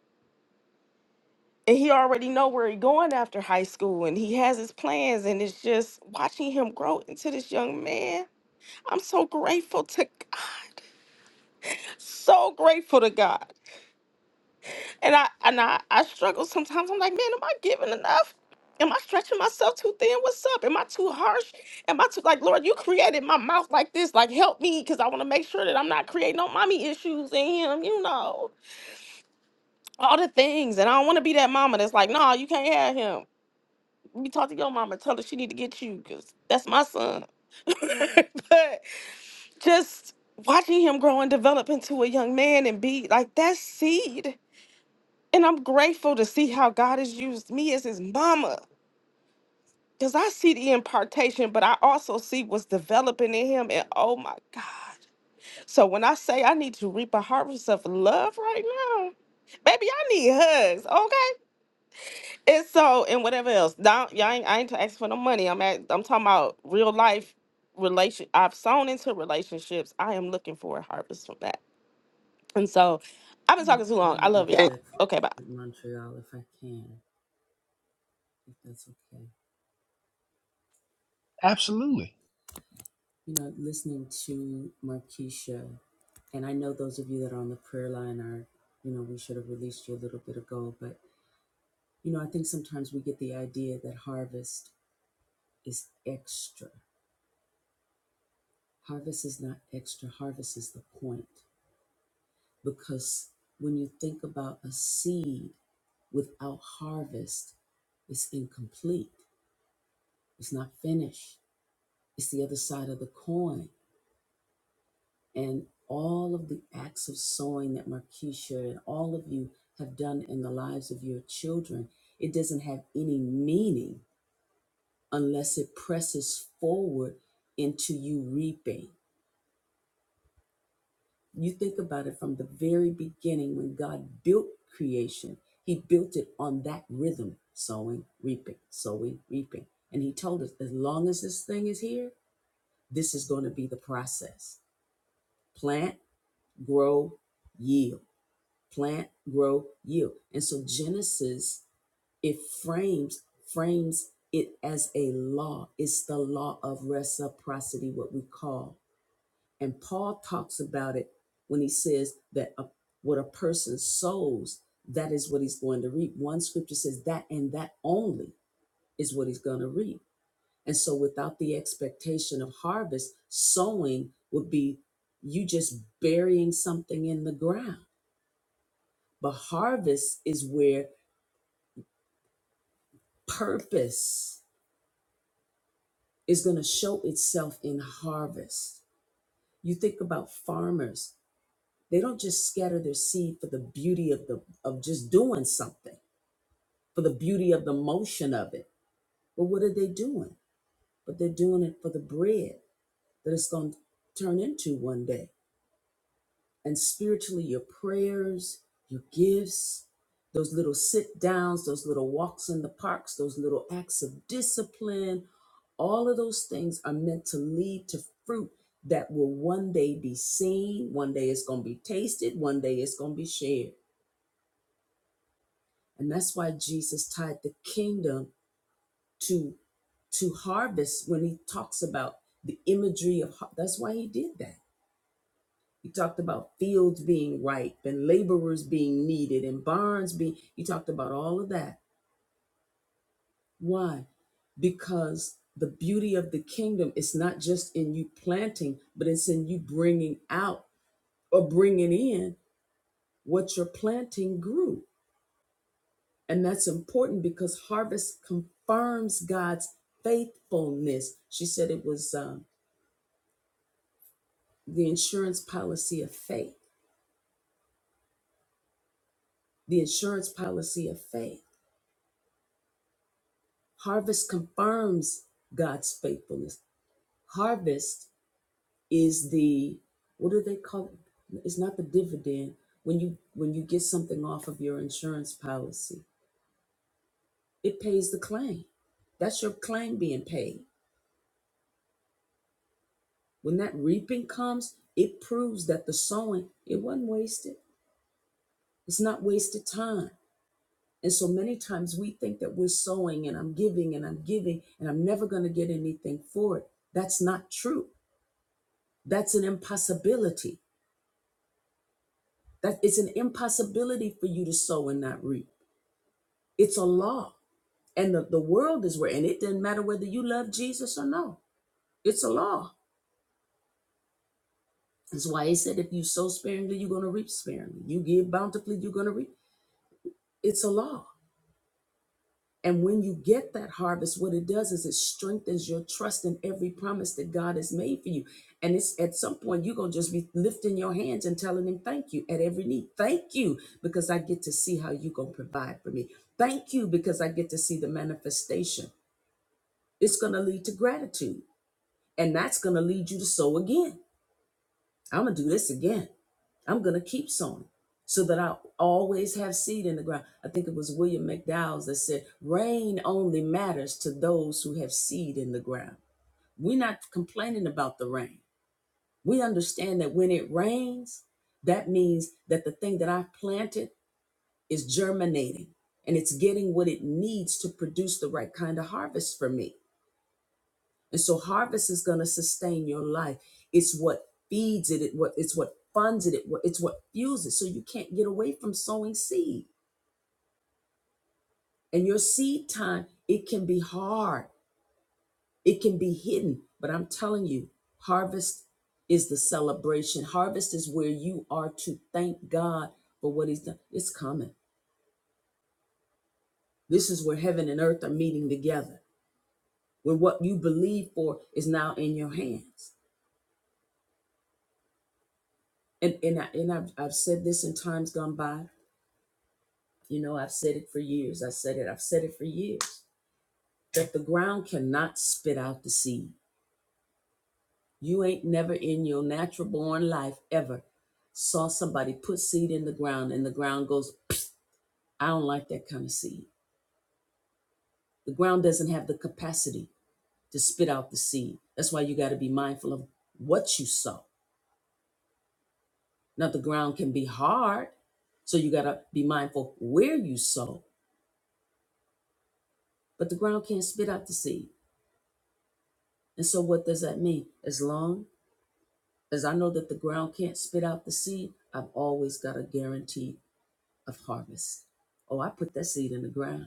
and he already know where he going after high school, and he has his plans. And it's just watching him grow into this young man. I'm so grateful to God, so grateful to God. And I and I, I struggle sometimes. I'm like, man, am I giving enough? Am I stretching myself too thin? What's up? Am I too harsh? Am I too like Lord? You created my mouth like this. Like help me, because I want to make sure that I'm not creating no mommy issues in him. You know all the things, and I don't want to be that mama that's like, no, nah, you can't have him. You talk to your mama, tell her she need to get you, because that's my son. (laughs) but just watching him grow and develop into a young man and be like that seed And I'm grateful to see how God has used me as his mama. Because I see the impartation, but I also see what's developing in him. And oh my God. So when I say I need to reap a harvest of love right now, baby, I need hugs, okay? And so, and whatever else. Now, y'all ain't, I ain't asking for no money. I'm at, I'm talking about real life relation. I've sown into relationships. I am looking for a harvest from that. And so I've been talking too I long. want I to love (laughs) y'all. interject Okay, bye. for Montreal if I can, if that's okay. Absolutely. You know, listening to Markeisha, and I know those of you that are on the prayer line are, you know, we should have released you a little bit ago, but, you know, I think sometimes we get the idea that harvest is extra. Harvest is not extra, harvest is the point. Because when you think about a seed without harvest, it's incomplete, it's not finished, it's the other side of the coin. and all of the acts of sowing that Markeisha and all of you have done in the lives of your children, it doesn't have any meaning unless it presses forward into you reaping. You think about it from the very beginning when God built creation, He built it on that rhythm sowing, reaping, sowing, reaping. And He told us as long as this thing is here, this is going to be the process plant, grow, yield plant, grow, yield. And so Genesis, it frames frames it as a law. It's the law of reciprocity, what we call. And Paul talks about it when he says that a, what a person sows, that is what he's going to reap. One scripture says that and that only is what he's going to reap. And so without the expectation of harvest, sowing would be you just burying something in the ground. But harvest is where purpose is going to show itself in harvest. You think about farmers, they don't just scatter their seed for the beauty of the of just doing something, for the beauty of the motion of it. But what are they doing? But they're doing it for the bread that it's going to turn into one day. and spiritually your prayers, your gifts, those little sit downs, those little walks in the parks, those little acts of discipline, all of those things are meant to lead to fruit that will one day be seen, one day it's going to be tasted, one day it's going to be shared. And that's why Jesus tied the kingdom to to harvest when he talks about the imagery of har- that's why he did that You talked about fields being ripe and laborers being needed and barns being, you talked about all of that. Why? Because the beauty of the kingdom is not just in you planting, but it's in you bringing out or bringing in what your planting grew. And that's important because harvest confirms God's faithfulness. She said it was um, the insurance policy of faith, the insurance policy of faith Harvest confirms God's faithfulness. Harvest is the what do they call it? It's not the dividend when you when you get something off of your insurance policy. It pays the claim. That's your claim being paid. When that reaping comes, it proves that the sowing it wasn't wasted. It's not wasted time. And so many times we think that we're sowing and I'm giving and I'm giving and I'm never going to get anything for it. That's not true. That's an impossibility That it's an impossibility for you to sow and not reap. It's a law. And the, the world is where, and it doesn't matter whether you love Jesus or no. It's a law. That's why he said if you sow sparingly, you're gonna reap sparingly. You give bountifully, you're gonna reap. It's a law. And when you get that harvest, what it does is it strengthens your trust in every promise that God has made for you. And it's at some point you're gonna just be lifting your hands and telling him thank you at every need. Thank you because I get to see how you're gonna provide for me. Thank you because I get to see the manifestation. It's gonna lead to gratitude, and that's gonna lead you to sow again. I'm gonna do this again. I'm gonna keep sowing so that I always have seed in the ground. I think it was William McDowell that said, rain only matters to those who have seed in the ground. We're not complaining about the rain. We understand that when it rains, that means that the thing that I've planted is germinating and it's getting what it needs to produce the right kind of harvest for me. And so harvest is going to sustain your life. It's what feeds it, it what it's what funds it, it what- it's what fuels it. So you can't get away from sowing seed. And your seed time, it can be hard. It can be hidden, but I'm telling you, harvest is the celebration. Harvest is where you are to thank God for what he's done. It's coming. This is where heaven and earth are meeting together. Where what you believe for is now in your hands. And and I, and I've, I've said this in times gone by You know, I've said it for years. I said it, I've said it for years that the ground cannot spit out the seed. You ain't never in your natural born life ever saw somebody put seed in the ground and the ground goes, I don't like that kind of seed. The ground doesn't have the capacity to spit out the seed. That's why you got to be mindful of what you sow. Now, the ground can be hard, so you got to be mindful where you sow, but the ground can't spit out the seed. And so, what does that mean? As long As I know that the ground can't spit out the seed, I've always got a guarantee of harvest. Oh, I put that seed in the ground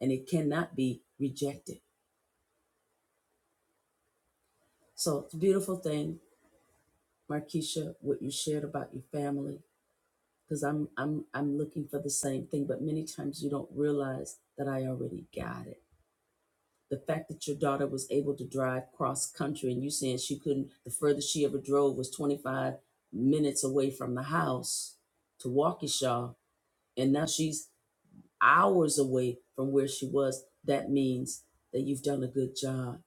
and it cannot be rejected. So it's a beautiful thing, Markeisha, what you shared about your family, because I'm I'm I'm looking for the same thing, but many times you don't realize that I already got it. The fact that your daughter was able to drive cross country and you saying she couldn't the furthest she ever drove was 25 minutes away from the house to Waukesha and now she's hours away from where she was, that means that you've done a good job.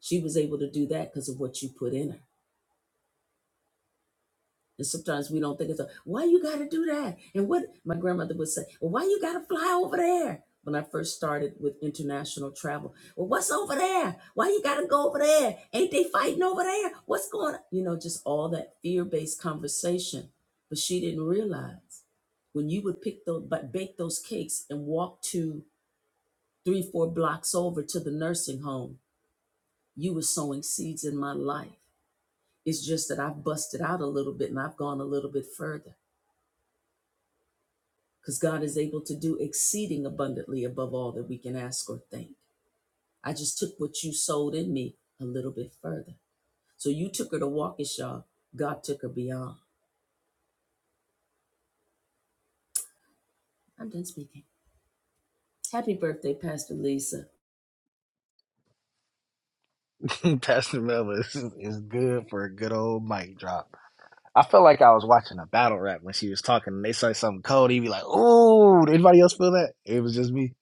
She was able to do that because of what you put in her. And sometimes we don't think it's a, why you got to do that? And what my grandmother would say, well, why you got to fly over there? When I first started with international travel, well, what's over there? Why you got to go over there? Ain't they fighting over there? What's going on? You know, just all that fear based conversation. But she didn't realize when you would pick those, but bake those cakes and walk to three, four blocks over to the nursing home. You were sowing seeds in my life. It's just that I've busted out a little bit and I've gone a little bit further because God is able to do exceeding abundantly above all that we can ask or think. I just took what you sowed in me a little bit further. So you took her to Waukesha, God took her beyond. I'm done speaking. Happy birthday, Pastor Lisa. (laughs) Pastor Melvin, is, is good for a good old mic drop. I felt like I was watching a battle rap when she was talking and they said something cold. He'd be like, Ooh, did anybody else feel that? It was just me.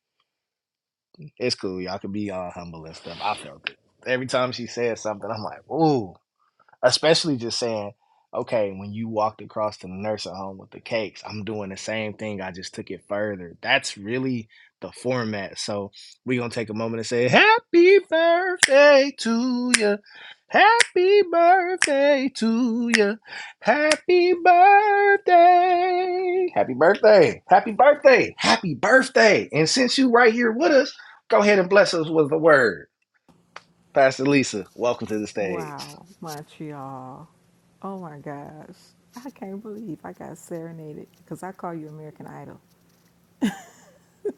It's cool. Y'all can be all humble and stuff. I felt it. Every time she said something, I'm like, Ooh especially just saying, okay, when you walked across to the nursing home with the cakes, I'm doing the same thing. I just took it further. That's really the format. So we're gonna take a moment and say, Happy birthday to you. Happy birthday to you. Happy birthday. Happy birthday. Happy birthday. Happy birthday. And since you right here with us, go ahead and bless us with a word. Pastor Lisa, welcome to the stage. Wow, Montreal. Oh my gosh. I can't believe I got serenaded because I call you American Idol.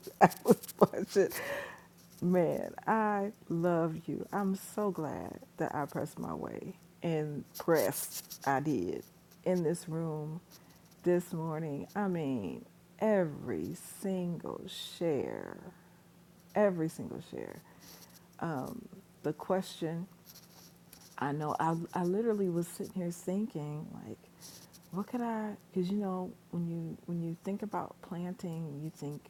(laughs) I was watching. Man, I love you. I'm so glad that I pressed my way and pressed. I did in this room this morning. I mean, every single share, every single share. The question I know I, I literally was sitting here thinking like what could I cuz you know when you when you think about planting you think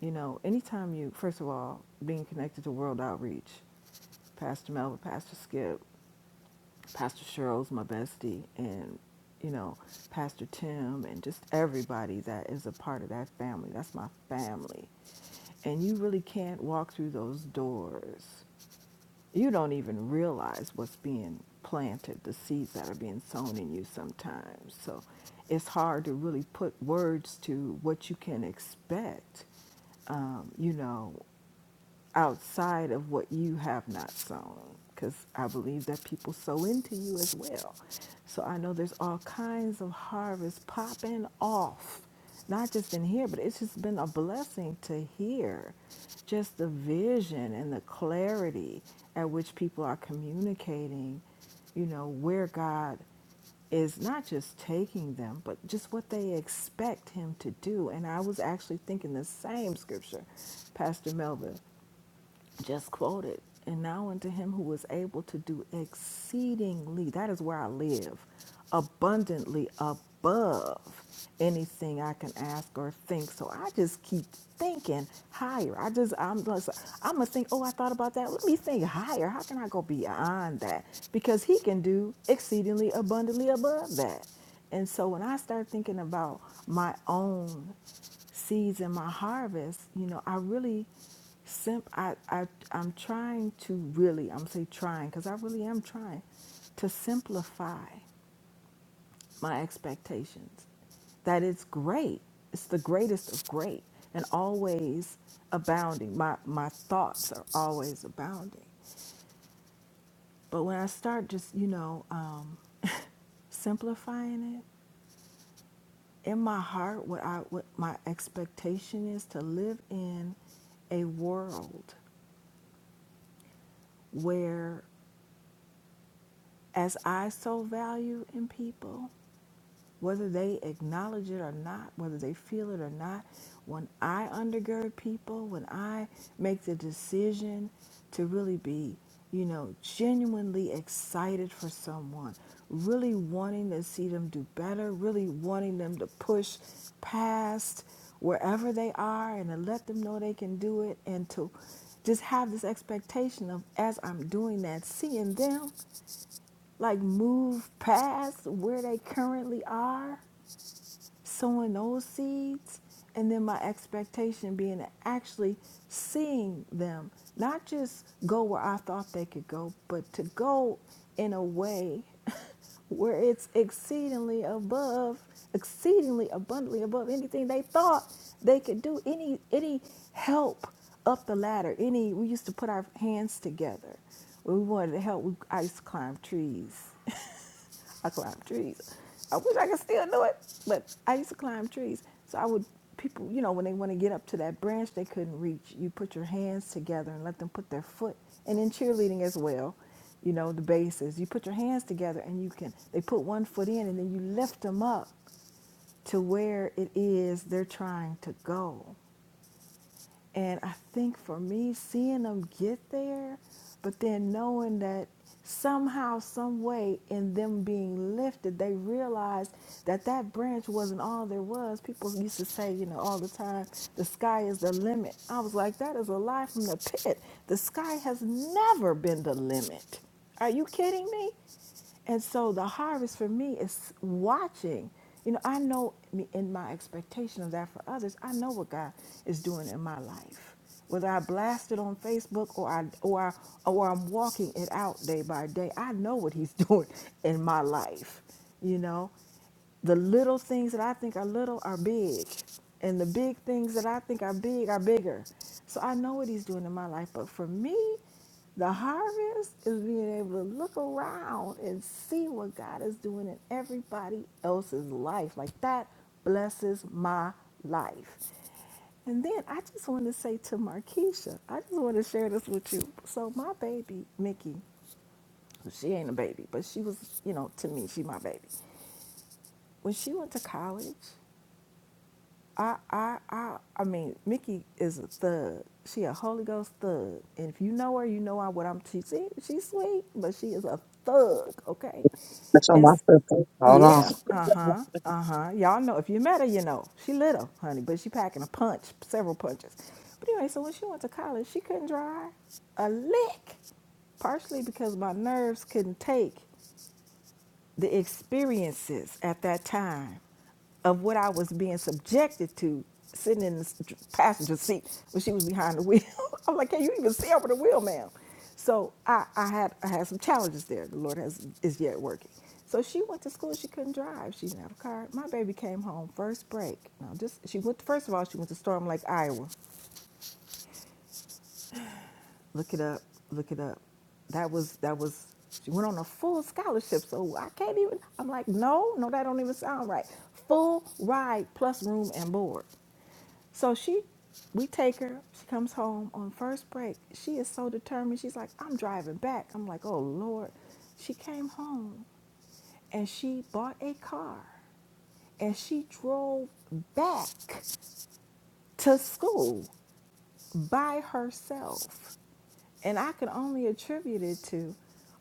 you know anytime you first of all being connected to world outreach Pastor Melvin Pastor Skip Pastor Cheryl's my bestie and you know Pastor Tim and just everybody that is a part of that family that's my family and you really can't walk through those doors you don't even realize what's being planted, the seeds that are being sown in you sometimes. So it's hard to really put words to what you can expect, um, you know, outside of what you have not sown because I believe that people sow into you as well. So I know there's all kinds of harvest popping off, not just in here, but it's just been a blessing to hear just the vision and the clarity at which people are communicating, you know, where God is not just taking them, but just what they expect him to do. And I was actually thinking the same scripture, Pastor Melvin just quoted, and now unto him who was able to do exceedingly, that is where I live, abundantly above anything I can ask or think. So I just keep thinking higher. I just, I'm just, I'm gonna think, oh, I thought about that. Let me think higher. How can I go beyond that? Because he can do exceedingly abundantly above that. And so when I start thinking about my own seeds and my harvest, you know, I really Simp. I, I, I'm trying to really, I'm say trying, because I really am trying to simplify my expectations. That it's great. It's the greatest of great and always abounding. My, my thoughts are always abounding. But when I start just, you know, um, simplifying it, in my heart, what, I, what my expectation is to live in a world where. as I so value in people, whether they acknowledge it or not, whether they feel it or not, when I undergird people, when I make the decision to really be, you know, genuinely excited for someone, really wanting to see them do better, really wanting them to push past wherever they are and to let them know they can do it and to just have this expectation of as I'm doing that, seeing them like move past where they currently are sowing those seeds and then my expectation being to actually seeing them not just go where i thought they could go but to go in a way (laughs) where it's exceedingly above exceedingly abundantly above anything they thought they could do any any help up the ladder any we used to put our hands together when we wanted to help we, i used to climb trees (laughs) I climbed trees. I wish I could still do it, but I used to climb trees. So I would people, you know, when they want to get up to that branch they couldn't reach, you put your hands together and let them put their foot. And in cheerleading as well, you know, the bases, you put your hands together and you can. They put one foot in and then you lift them up to where it is they're trying to go. And I think for me, seeing them get there, but then knowing that somehow, some way, in them being lifted, they realized that that branch wasn't all there was. People used to say, you know, all the time, the sky is the limit. I was like, that is a lie from the pit. The sky has never been the limit. Are you kidding me? And so the harvest for me is watching. You know, I know me- in my expectation of that for others, I know what God is doing in my life. Whether I blast it on Facebook or I or I, or I'm walking it out day by day, I know what He's (laughs) doing in my life. You know, the little things that I think are little are big, and the big things that I think are big are bigger. So I know what He's doing in my life. But for me, the harvest is being able to look around and see what God is doing in everybody else's life. Like that blesses my life. And then I just want to say to Markeisha, I just want to share this with you. So my baby, Mickey, she ain't a baby, but she was, you know, to me, she my baby when she went to college, I I I I mean, Mickey is a thug. She a Holy Ghost thug. And if you know her, you know I what I'm she she- she's sweet, but she is a thug, okay? That's on And my s- sister. Hold on. yeah, uh-huh, uh-huh. Y'all know if you met her, you know. She little, honey, but she packing a punch, several punches. But anyway, so when she went to college, she couldn't drive a lick. Partially because my nerves couldn't take the experiences at that time of what I was being subjected to sitting in the passenger seat when she was behind the wheel. (laughs) I'm like, can you even see over the wheel, ma'am? So I, I had I had some challenges there. The Lord has is yet working. So she went to school. She couldn't drive. She didn't have a car. My baby came home first break. Now, just she went. First of all, she went to Storm Lake, Iowa. Look it up. Look it up. That was that was she went on a full scholarship, so I can't even I'm like, no, no, that don't even sound right. Full ride plus room and board. So she we take her, she comes home on first break. She is so determined. She's like, I'm driving back. I'm like, oh Lord. She came home and she bought a car and she drove back to school by herself And I could only attribute it to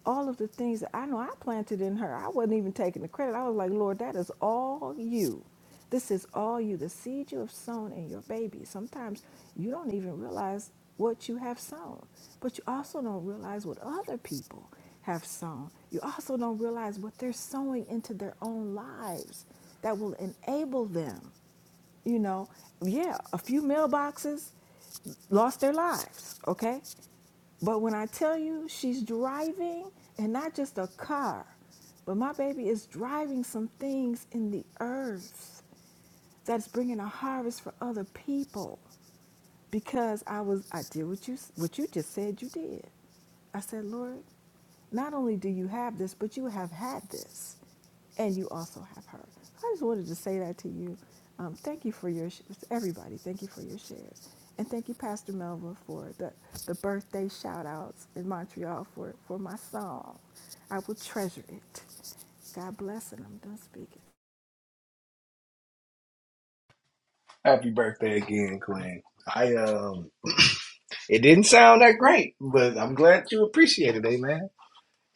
all of the things that I know I planted in her. I wasn't even taking the credit. I was like, Lord, that is all you. This is all you. The seed you have sown in your baby. Sometimes you don't even realize what you have sown, but you also don't realize what other people have sown. You also don't realize what they're sowing into their own lives that will enable them. You know, yeah, a few mailboxes lost their lives, okay? But when I tell you she's driving, and not just a car, but my baby is driving some things in the earth that's bringing a harvest for other people because I was I did what you what you just said you did. I said, Lord, not only do you have this, but you have had this, and you also have her. I just wanted to say that to you. Um, thank you for your sh- everybody. Thank you for your shares, and thank you, Pastor Melva, for the the birthday shout outs in Montreal for for my song. I will treasure it. God bless, and I'm done speaking. Happy birthday again, Queen. I um, (clears throat) it didn't sound that great, but I'm glad you appreciated it, man.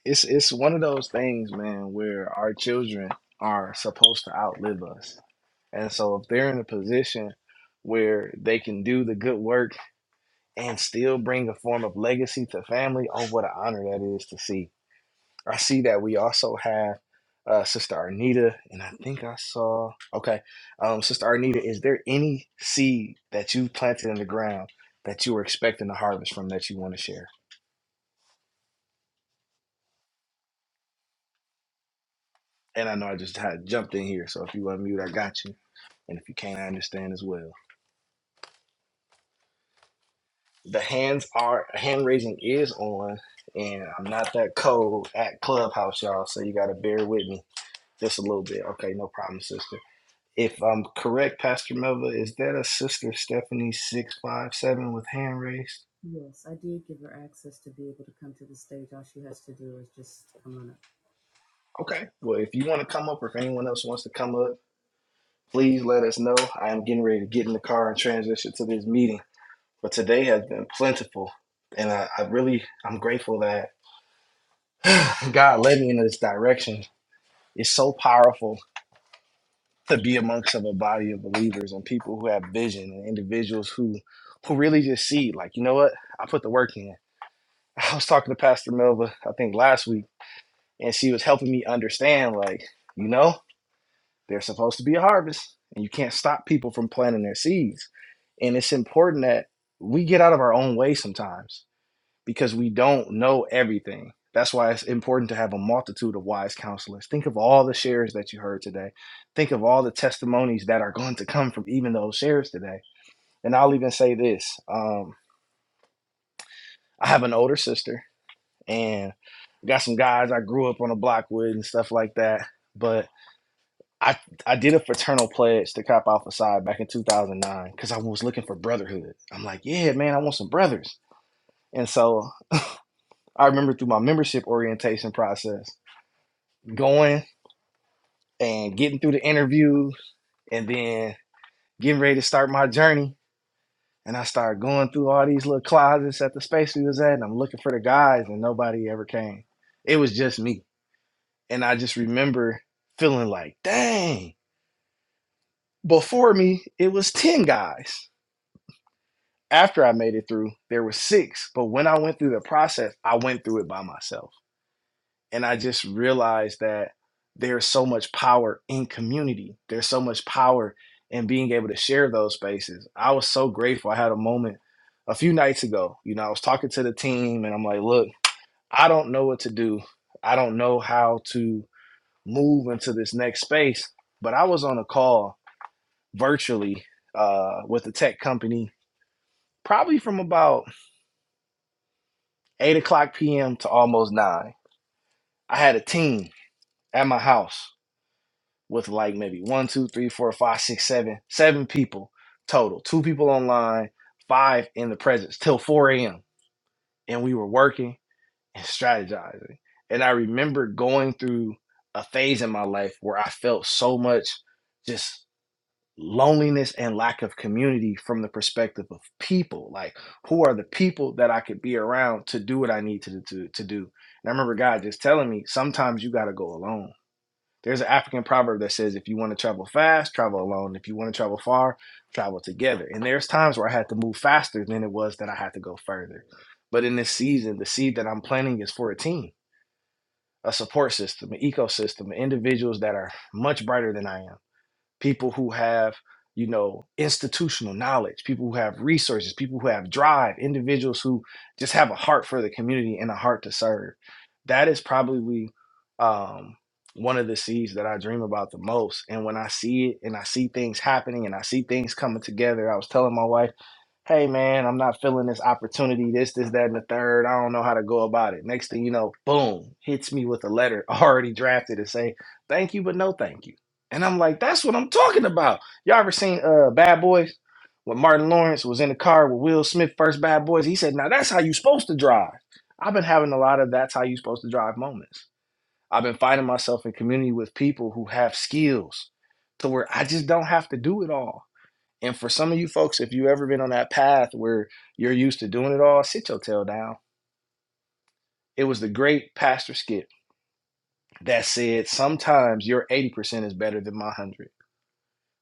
It's it's one of those things, man, where our children are supposed to outlive us, and so if they're in a position where they can do the good work and still bring a form of legacy to family, oh, what an honor that is to see. I see that we also have uh, Sister Arnita, and I think I saw. Okay, um, Sister Arnita, is there any seed that you planted in the ground that you were expecting to harvest from that you want to share? And I know I just had jumped in here, so if you unmute, I got you. And if you can't, I understand as well. The hands are hand raising is on, and I'm not that cold at Clubhouse, y'all. So you got to bear with me just a little bit. Okay, no problem, sister. If I'm correct, Pastor Melva, is that a sister Stephanie six five seven with hand raised? Yes, I did give her access to be able to come to the stage. All she has to do is just come on up. Okay. Well, if you want to come up, or if anyone else wants to come up, please let us know. I am getting ready to get in the car and transition to this meeting. But today has been plentiful, and I, I really I'm grateful that (sighs) God led me in this direction. It's so powerful to be amongst of a body of believers and people who have vision and individuals who who really just see like you know what I put the work in. I was talking to Pastor Melva, I think last week, and she was helping me understand, like, you know, there's supposed to be a harvest, and you can't stop people from planting their seeds. And it's important that we get out of our own way sometimes because we don't know everything. That's why it's important to have a multitude of wise counselors. Think of all the shares that you heard today. Think of all the testimonies that are going to come from even those shares today. And I'll even say this um, I have an older sister and got some guys I grew up on the block with and stuff like that. But I I did a fraternal pledge to Cop Alpha Psi back in 2009 because I was looking for brotherhood. I'm like, yeah, man, I want some brothers. And so I remember through my membership orientation process going and getting through the interviews and then getting ready to start my journey. And I started going through all these little closets at the space we was at, and I'm looking for the guys, and nobody ever came. It was just me And I just remember feeling like, dang, before me, it was 10 guys. After I made it through, there were six. But when I went through the process, I went through it by myself. And I just realized that there's so much power in community, there's so much power in being able to share those spaces. I was so grateful. I had a moment a few nights ago. You know, I was talking to the team and I'm like, look, I don't know what to do. I don't know how to move into this next space. But I was on a call virtually uh, with a tech company, probably from about eight o'clock p.m. to almost nine. I had a team at my house with like maybe one, two, three, four, five, six, seven, seven people total. Two people online, five in the presence till 4 a.m. And we were working and strategizing. And I remember going through a phase in my life where I felt so much just loneliness and lack of community from the perspective of people like who are the people that i could be around to do what i need to, to, to do and i remember god just telling me sometimes you got to go alone there's an african proverb that says if you want to travel fast travel alone if you want to travel far travel together and there's times where i had to move faster than it was that i had to go further but in this season the seed that i'm planting is for a team a support system an ecosystem individuals that are much brighter than i am people who have you know institutional knowledge people who have resources people who have drive individuals who just have a heart for the community and a heart to serve that is probably um, one of the seeds that i dream about the most and when i see it and i see things happening and i see things coming together i was telling my wife hey man, I'm not feeling this opportunity, this, this, that, and the third. I don't know how to go about it. Next thing you know, boom, hits me with a letter (laughs) already drafted and say, thank you, but no thank you. And I'm like, that's what I'm talking about. Y'all ever seen uh Bad Boys? When Martin Lawrence was in the car with Will Smith, first Bad Boys, he said, Now that's how you supposed to drive. I've been having a lot of that's how you supposed to drive moments. I've been finding myself in community with people who have skills to where I just don't have to do it all. And for some of you folks, if you've ever been on that path where you're used to doing it all, sit your tail down. It was the great Pastor Skip that said, sometimes your 80% is better than my 100.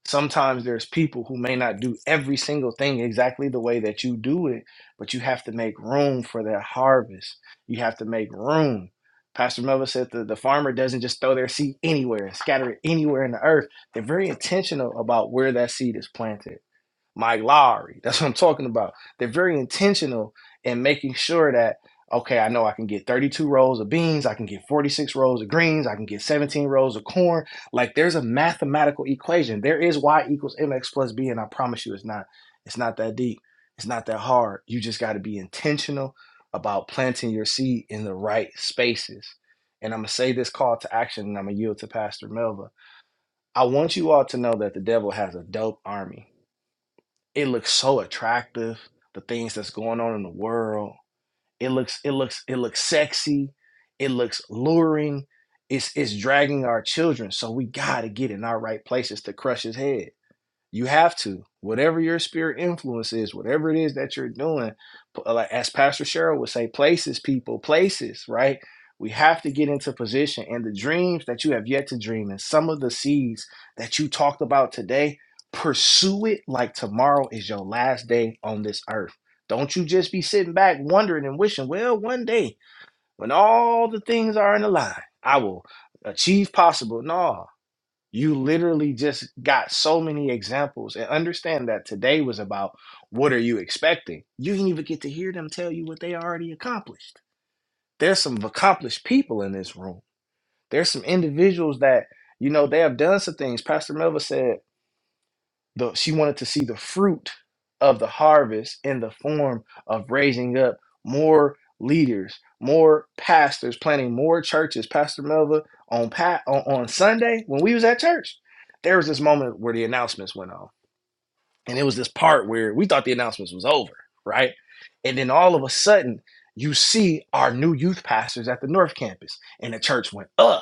Sometimes there's people who may not do every single thing exactly the way that you do it, but you have to make room for that harvest. You have to make room. Pastor Melvin said that the farmer doesn't just throw their seed anywhere and scatter it anywhere in the earth. They're very intentional about where that seed is planted Mike Lowry. That's what I'm talking about. They're very intentional in making sure that, okay, I know I can get 32 rows of beans, I can get 46 rows of greens, I can get 17 rows of corn. Like there's a mathematical equation. There is y equals mx plus b, and I promise you it's not, it's not that deep. It's not that hard. You just gotta be intentional about planting your seed in the right spaces. And I'm gonna say this call to action and I'm gonna yield to Pastor Melva. I want you all to know that the devil has a dope army it looks so attractive. The things that's going on in the world. It looks it looks it looks sexy. It looks luring. It's it's dragging our children. So we gotta get in our right places to crush his head. You have to, whatever your spirit influence is, whatever it is that you're doing, like as Pastor Cheryl would say, places, people, places, right? We have to get into position. And the dreams that you have yet to dream, and some of the seeds that you talked about today, pursue it like tomorrow is your last day on this earth. Don't you just be sitting back wondering and wishing, well, one day when all the things are in a line, I will achieve possible. No, you literally just got so many examples. And understand that today was about what are you expecting? You didn't even get to hear them tell you what they already accomplished. There's some accomplished people in this room. There's some individuals that, you know, they have done some things. Pastor Melva said the she wanted to see the fruit of the harvest in the form of raising up more leaders, more pastors, planting more churches. Pastor Melva on pat on, on Sunday when we was at church, there was this moment where the announcements went on, and it was this part where we thought the announcements was over, right? And then all of a sudden, you see our new youth pastors at the North Campus, and the church went up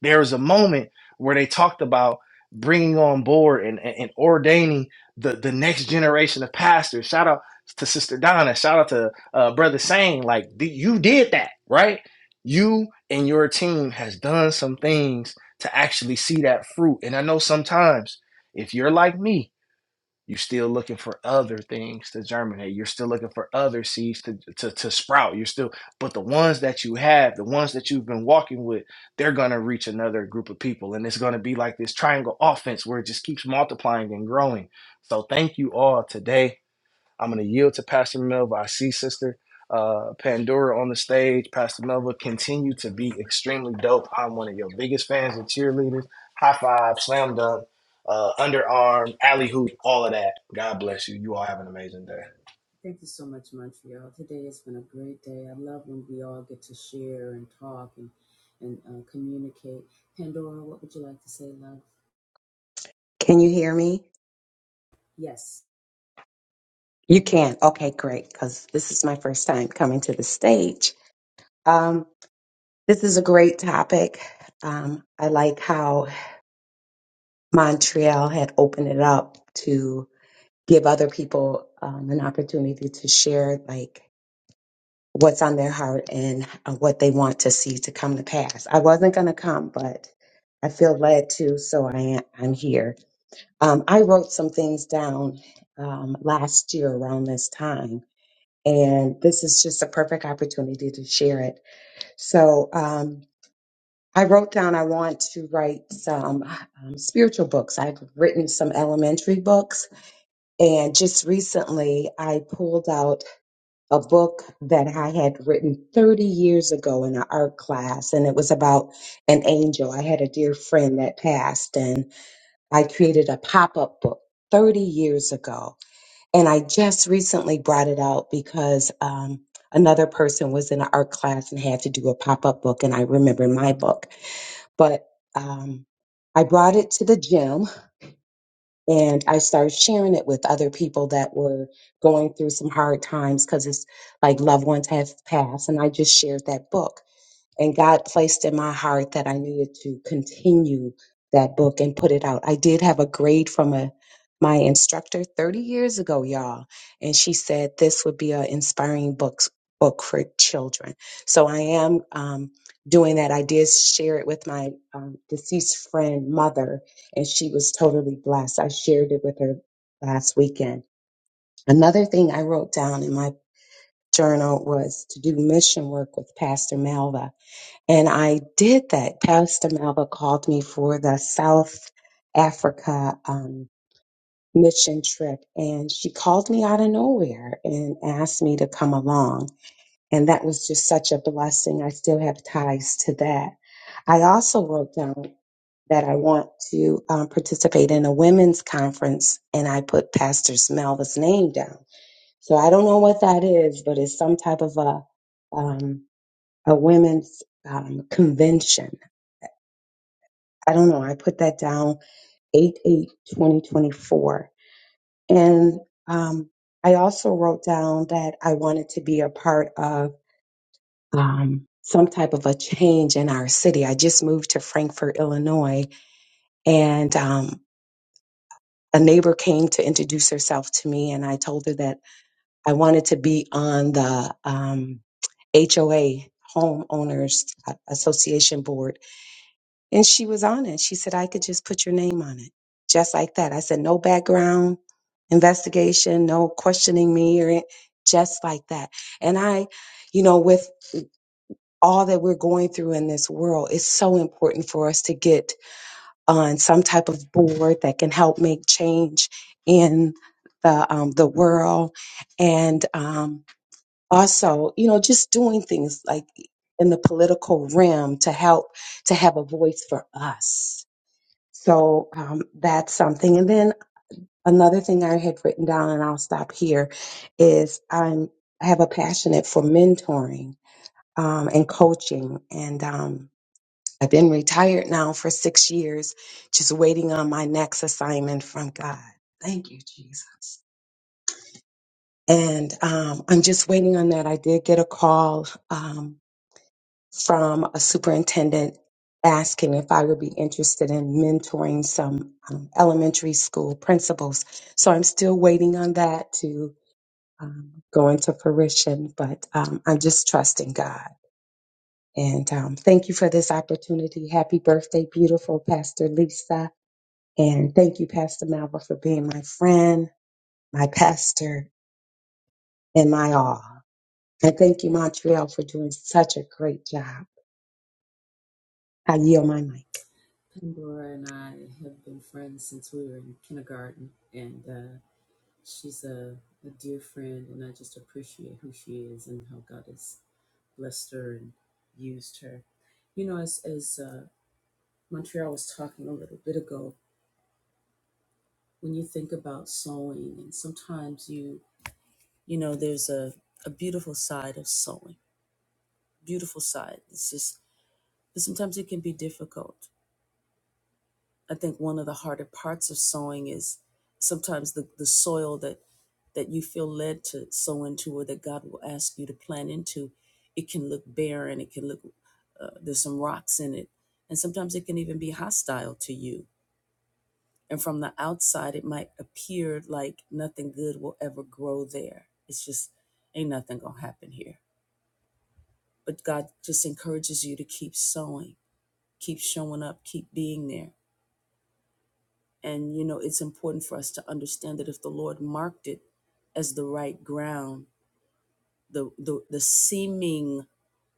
there was a moment where they talked about bringing on board and, and, and ordaining the, the next generation of pastors. Shout out to Sister Donna. Shout out to uh, Brother Sane. Like, you did that, right? You and your team has done some things to actually see that fruit. And I know sometimes if you're like me, you're still looking for other things to germinate. You're still looking for other seeds to, to, to sprout. You're still, but the ones that you have, the ones that you've been walking with, they're going to reach another group of people. And it's going to be like this triangle offense where it just keeps multiplying and growing. So thank you all today I'm going to yield to Pastor Melva. I see Sister uh, Pandora on the stage. Pastor Melva, continue to be extremely dope. I'm one of your biggest fans and cheerleaders. High five, slam dunk, uh, underarm, alley hoop, all of that. God bless you. You all have an amazing day. Thank you so much, Montreal. Today has been a great day. I love when we all get to share and talk and and uh, communicate. Pandora, what would you like to say, love? Can you hear me? Yes, You can. Okay, great. Because this is my first time coming to the stage. Um, this is a great topic. Um, I like how Montreal had opened it up to give other people um, an opportunity to share, like, what's on their heart and uh, what they want to see to come to pass. I wasn't going to come, but I feel led to, so I am, I'm here. Um, I wrote some things down um, last year around this time and this is just a perfect opportunity to share it. So, um, I wrote down I want to write some um, spiritual books. I've written some elementary books, and just recently I pulled out a book that I had written 30 years ago in an art class, and it was about an angel. I had a dear friend that passed, and I created a pop up book 30 years ago and I just recently brought it out because um, another person was in an art class and had to do a pop up book, and I remember my book. But um, I brought it to the gym and I started sharing it with other people that were going through some hard times because it's like loved ones have passed. And I just shared that book and God placed in my heart that I needed to continue that book and put it out. I did have a grade from a my instructor 30 years ago, y'all, and she said this would be an inspiring books book for children. So I am um, doing that. I did share it with my um, deceased friend mother, and she was totally blessed. I shared it with her last weekend. Another thing I wrote down in my journal was to do mission work with Pastor Malva and I did that. Pastor Malva called me for the South Africa um, mission trip, and she called me out of nowhere and asked me to come along. And that was just such a blessing. I still have ties to that. I also wrote down that I want to um, participate in a women's conference, and I put Pastor Malva's name down. So I don't know what that is, but it's some type of a um, a women's um, convention I don't know. I put that down 8 2024, And um, I also wrote down that I wanted to be a part of um, some type of a change in our city. I just moved to Frankfort, Illinois, and um, a neighbor came to introduce herself to me, and I told her that I wanted to be on the um, HOA, Homeowners Association Board And she was honest. She said, I could just put your name on it, just like that. I said, no background investigation, no questioning me or it, just like that. And I, you know, with all that we're going through in this world, it's so important for us to get on some type of board that can help make change in the um, the world, and um, also, you know, just doing things like in the political realm to help to have a voice for us so um, that's something. And then another thing I had written down, and I'll stop here, is I'm I have a passionate for mentoring um, and coaching, and um, I've been retired now for six years, just waiting on my next assignment from God. Thank you, Jesus. And um, I'm just waiting on that. I did get a call. Um, from a superintendent asking if I would be interested in mentoring some um, elementary school principals. So I'm still waiting on that to um, go into fruition, but um, I'm just trusting God. And um, thank you for this opportunity. Happy birthday, beautiful Pastor Lisa. And thank you, Pastor Malva, for being my friend, my pastor, and my all. And thank you, Montreal, for doing such a great job. I yield my mic. Pandora and I have been friends since we were in kindergarten, and uh, she's a, a dear friend, and I just appreciate who she is and how God has blessed her and used her. You know, as as uh, Montreal was talking a little bit ago, when you think about sewing, and sometimes you you know there's a a beautiful side of sewing, beautiful side. It's just, but sometimes it can be difficult. I think one of the harder parts of sowing is sometimes the, the soil that that you feel led to sow into or that God will ask you to plant into, it can look barren. It can look uh, there's some rocks in it, and sometimes it can even be hostile to you. And from the outside, it might appear like nothing good will ever grow there. It's just ain't nothing gonna happen here. But God just encourages you to keep sowing, keep showing up, keep being there And, you know, it's important for us to understand that if the Lord marked it as the right ground, the, the, the seeming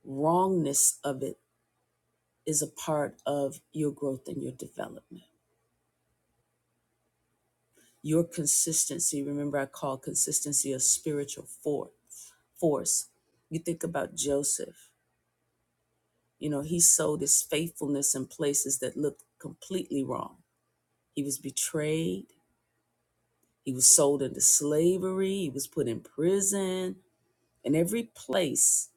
wrongness of it is a part of your growth and your development. Your consistency, remember, I call consistency a spiritual for, force. You think about Joseph, you know, he sowed his faithfulness in places that looked completely wrong. He was betrayed, he was sold into slavery, he was put in prison and every place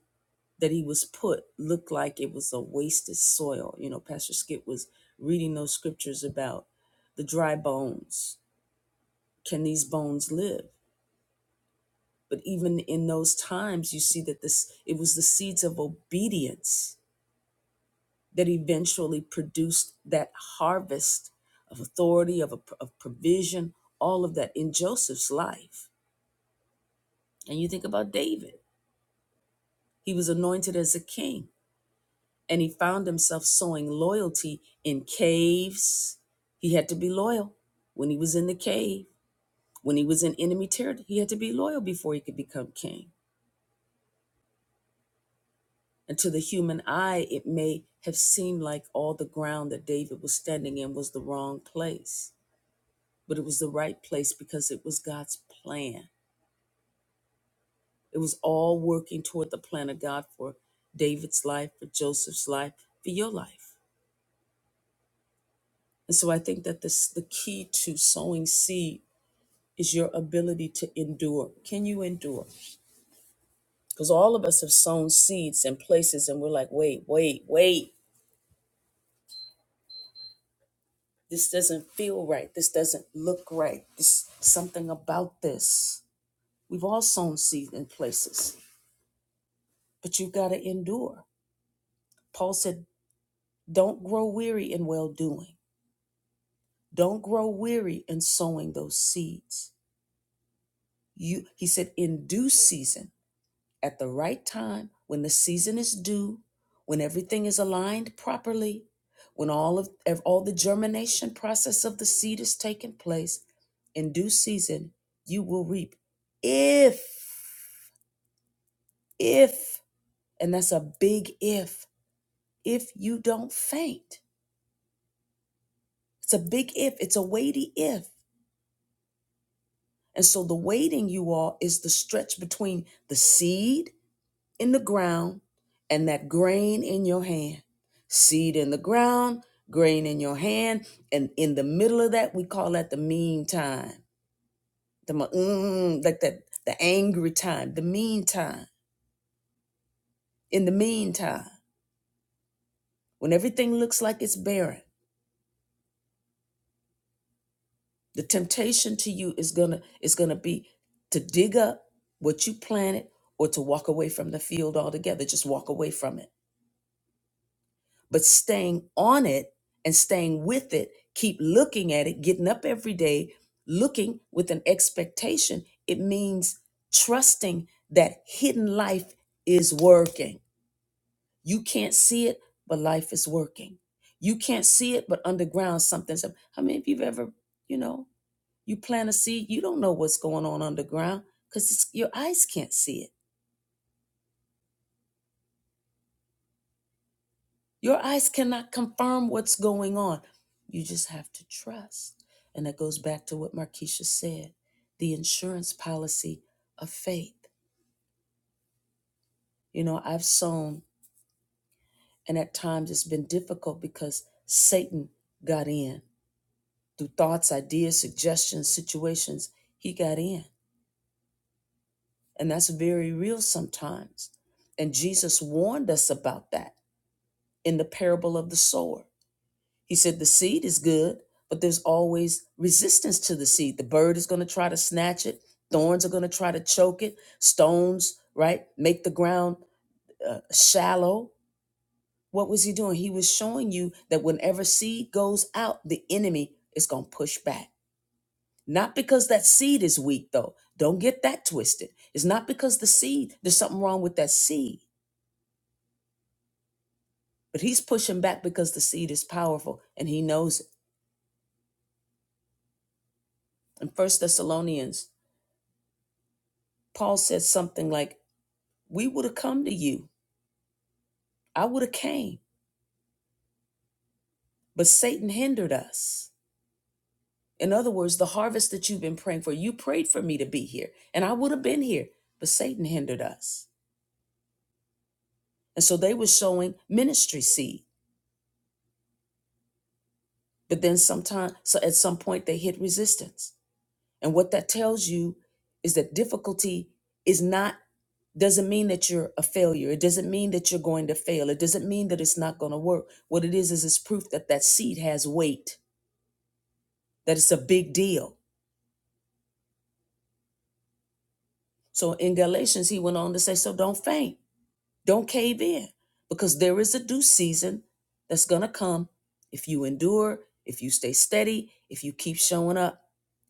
that he was put looked like it was a wasted soil. You know, Pastor Skip was reading those scriptures about the dry bones. Can these bones live? But even in those times, you see that this it was the seeds of obedience that eventually produced that harvest of authority, of, a, of provision, all of that in Joseph's life. And you think about David. He was anointed as a king and he found himself sowing loyalty in caves. He had to be loyal when he was in the cave, when he was in enemy territory. He had to be loyal before he could become king. And to the human eye, it may have seemed like all the ground that David was standing in was the wrong place, but it was the right place because it was God's plan. It was all working toward the plan of God for David's life, for Joseph's life, for your life. And so I think that this the key to sowing seed is your ability to endure. Can you endure? Because all of us have sown seeds in places and we're like, wait, wait, wait. This doesn't feel right. This doesn't look right. This something about this. We've all sown seeds in places, but you've got to endure. Paul said, don't grow weary in well doing. Don't grow weary in sowing those seeds. You he said in due season at the right time, when the season is due, when everything is aligned properly, when all of ev- all the germination process of the seed is taking place, in due season, you will reap if if and that's a big if if you don't faint. It's a big if, it's a weighty if. And so the waiting you all is the stretch between the seed in the ground and that grain in your hand. Seed in the ground, grain in your hand, and in the middle of that, we call that the mean time. The mm, like that the angry time, the mean time. In the meantime, when everything looks like it's barren, the temptation to you is gonna is gonna be to dig up what you planted or to walk away from the field altogether. Just walk away from it but staying on it and staying with it, keep looking at it, getting up every day, looking with an expectation, it means trusting that hidden life is working. You can't see it, but life is working. You can't see it, but underground something's up. How many of you've ever, you know, you plant a seed, you don't know what's going on underground because your eyes can't see it Your eyes cannot confirm what's going on. You just have to trust. And that goes back to what Markeisha said the insurance policy of faith. You know, I've sown, and at times it's been difficult because Satan got in through thoughts, ideas, suggestions, situations. He got in. And that's very real sometimes. And Jesus warned us about that in the parable of the sower. He said the seed is good, but there's always resistance to the seed. The bird is going to try to snatch it, thorns are going to try to choke it, stones, right? Make the ground uh, shallow. What was he doing? He was showing you that whenever seed goes out, the enemy is going to push back. Not because that seed is weak, though. Don't get that twisted. It's not because the seed, there's something wrong with that seed, but he's pushing back because the seed is powerful and he knows it. In First Thessalonians, Paul said something like, we would have come to you. I would have came, but Satan hindered us. In other words, the harvest that you've been praying for, you prayed for me to be here, and I would have been here, but Satan hindered us. And so they were showing ministry seed, but then sometime, so at some point they hit resistance. And what that tells you is that difficulty is not doesn't mean that you're a failure. It doesn't mean that you're going to fail. It doesn't mean that it's not going to work. What it is is it's proof that that seed has weight, that it's a big deal So in Galatians, he went on to say, so don't faint, don't cave in, because there is a due season that's going to come if you endure, if you stay steady, if you keep showing up,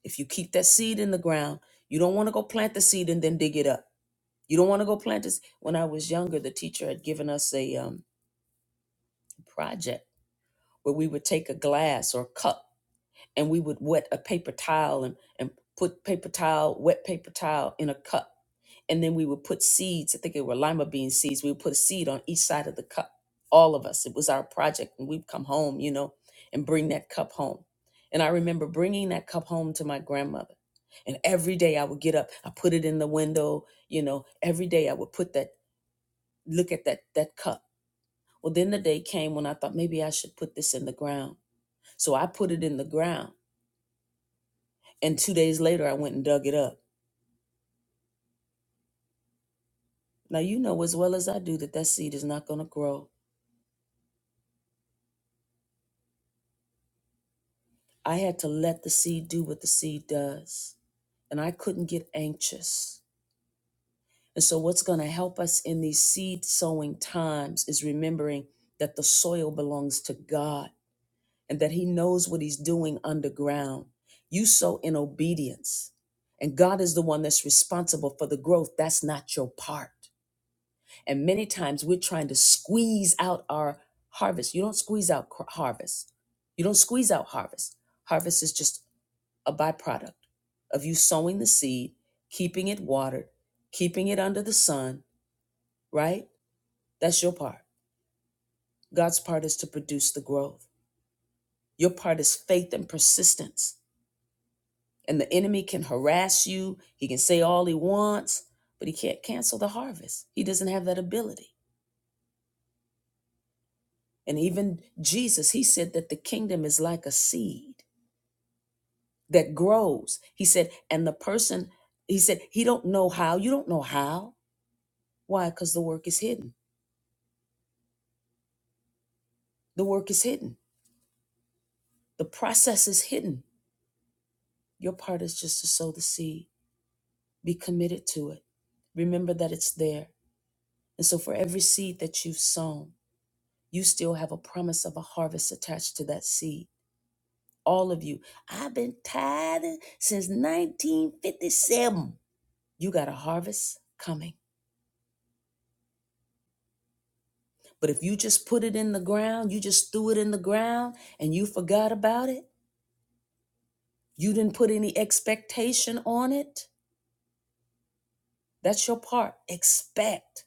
if you keep that seed in the ground. You don't want to go plant the seed and then dig it up. You don't want to go plant this. When I was younger, the teacher had given us a um, project where we would take a glass or a cup and we would wet a paper towel and, and put paper towel, wet paper towel in a cup and then we would put seeds. I think it were lima bean seeds. We would put a seed on each side of the cup. All of us. It was our project, and we'd come home, you know, and bring that cup home. And I remember bringing that cup home to my grandmother. And every day I would get up, I put it in the window, you know. Every day I would put that, look at that that cup. Well, then the day came when I thought maybe I should put this in the ground. So I put it in the ground, and two days later I went and dug it up. Now you know as well as I do that that seed is not going to grow I had to let the seed do what the seed does. And I couldn't get anxious. And so, what's going to help us in these seed sowing times is remembering that the soil belongs to God and that He knows what He's doing underground. You sow in obedience, and God is the one that's responsible for the growth. That's not your part. And many times we're trying to squeeze out our harvest. You don't squeeze out cr- harvest. You don't squeeze out harvest. Harvest is just a byproduct of you sowing the seed, keeping it watered, keeping it under the sun, right? That's your part. God's part is to produce the growth. Your part is faith and persistence. And the enemy can harass you, he can say all he wants, but he can't cancel the harvest. He doesn't have that ability. And even Jesus, he said that the kingdom is like a seed that grows. He said, and the person, he said, he don't know how. You don't know how. Why? Because the work is hidden. The work is hidden. The process is hidden. Your part is just to sow the seed. Be committed to it. Remember that it's there. And so, for every seed that you've sown, you still have a promise of a harvest attached to that seed. All of you. I've been tithing since 1957. You got a harvest coming. But if you just put it in the ground, you just threw it in the ground and you forgot about it, you didn't put any expectation on it, that's your part. Expect.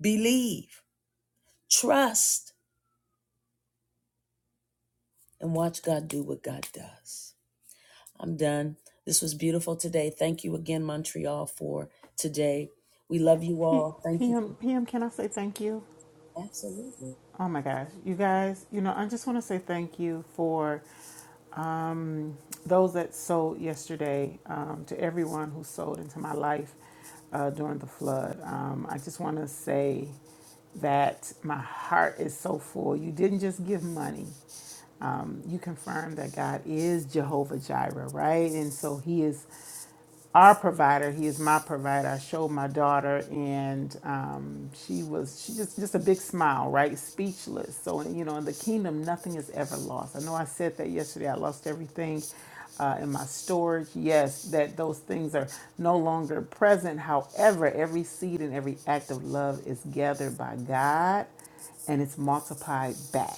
Believe, trust, and watch God do what God does. I'm done. This was beautiful today. Thank you again, Montreal, for today. We love you P- all. Thank you. PM, For, PM, can I say thank you? absolutely. Oh my gosh, you guys, you know, I just want to say thank you for um, those that sold yesterday, um, to everyone who sold into my life uh, during the flood. Um, I just want to say that my heart is so full. You didn't just give money. Um, you confirmed that God is Jehovah Jireh, right? And so He is our provider. He is my provider. I showed my daughter, and um, she was she just just a big smile, right? Speechless. So you know, in the kingdom, nothing is ever lost. I know I said that yesterday. I lost everything uh, in my storage. Yes, that those things are no longer present. However, every seed and every act of love is gathered by God, and it's multiplied back.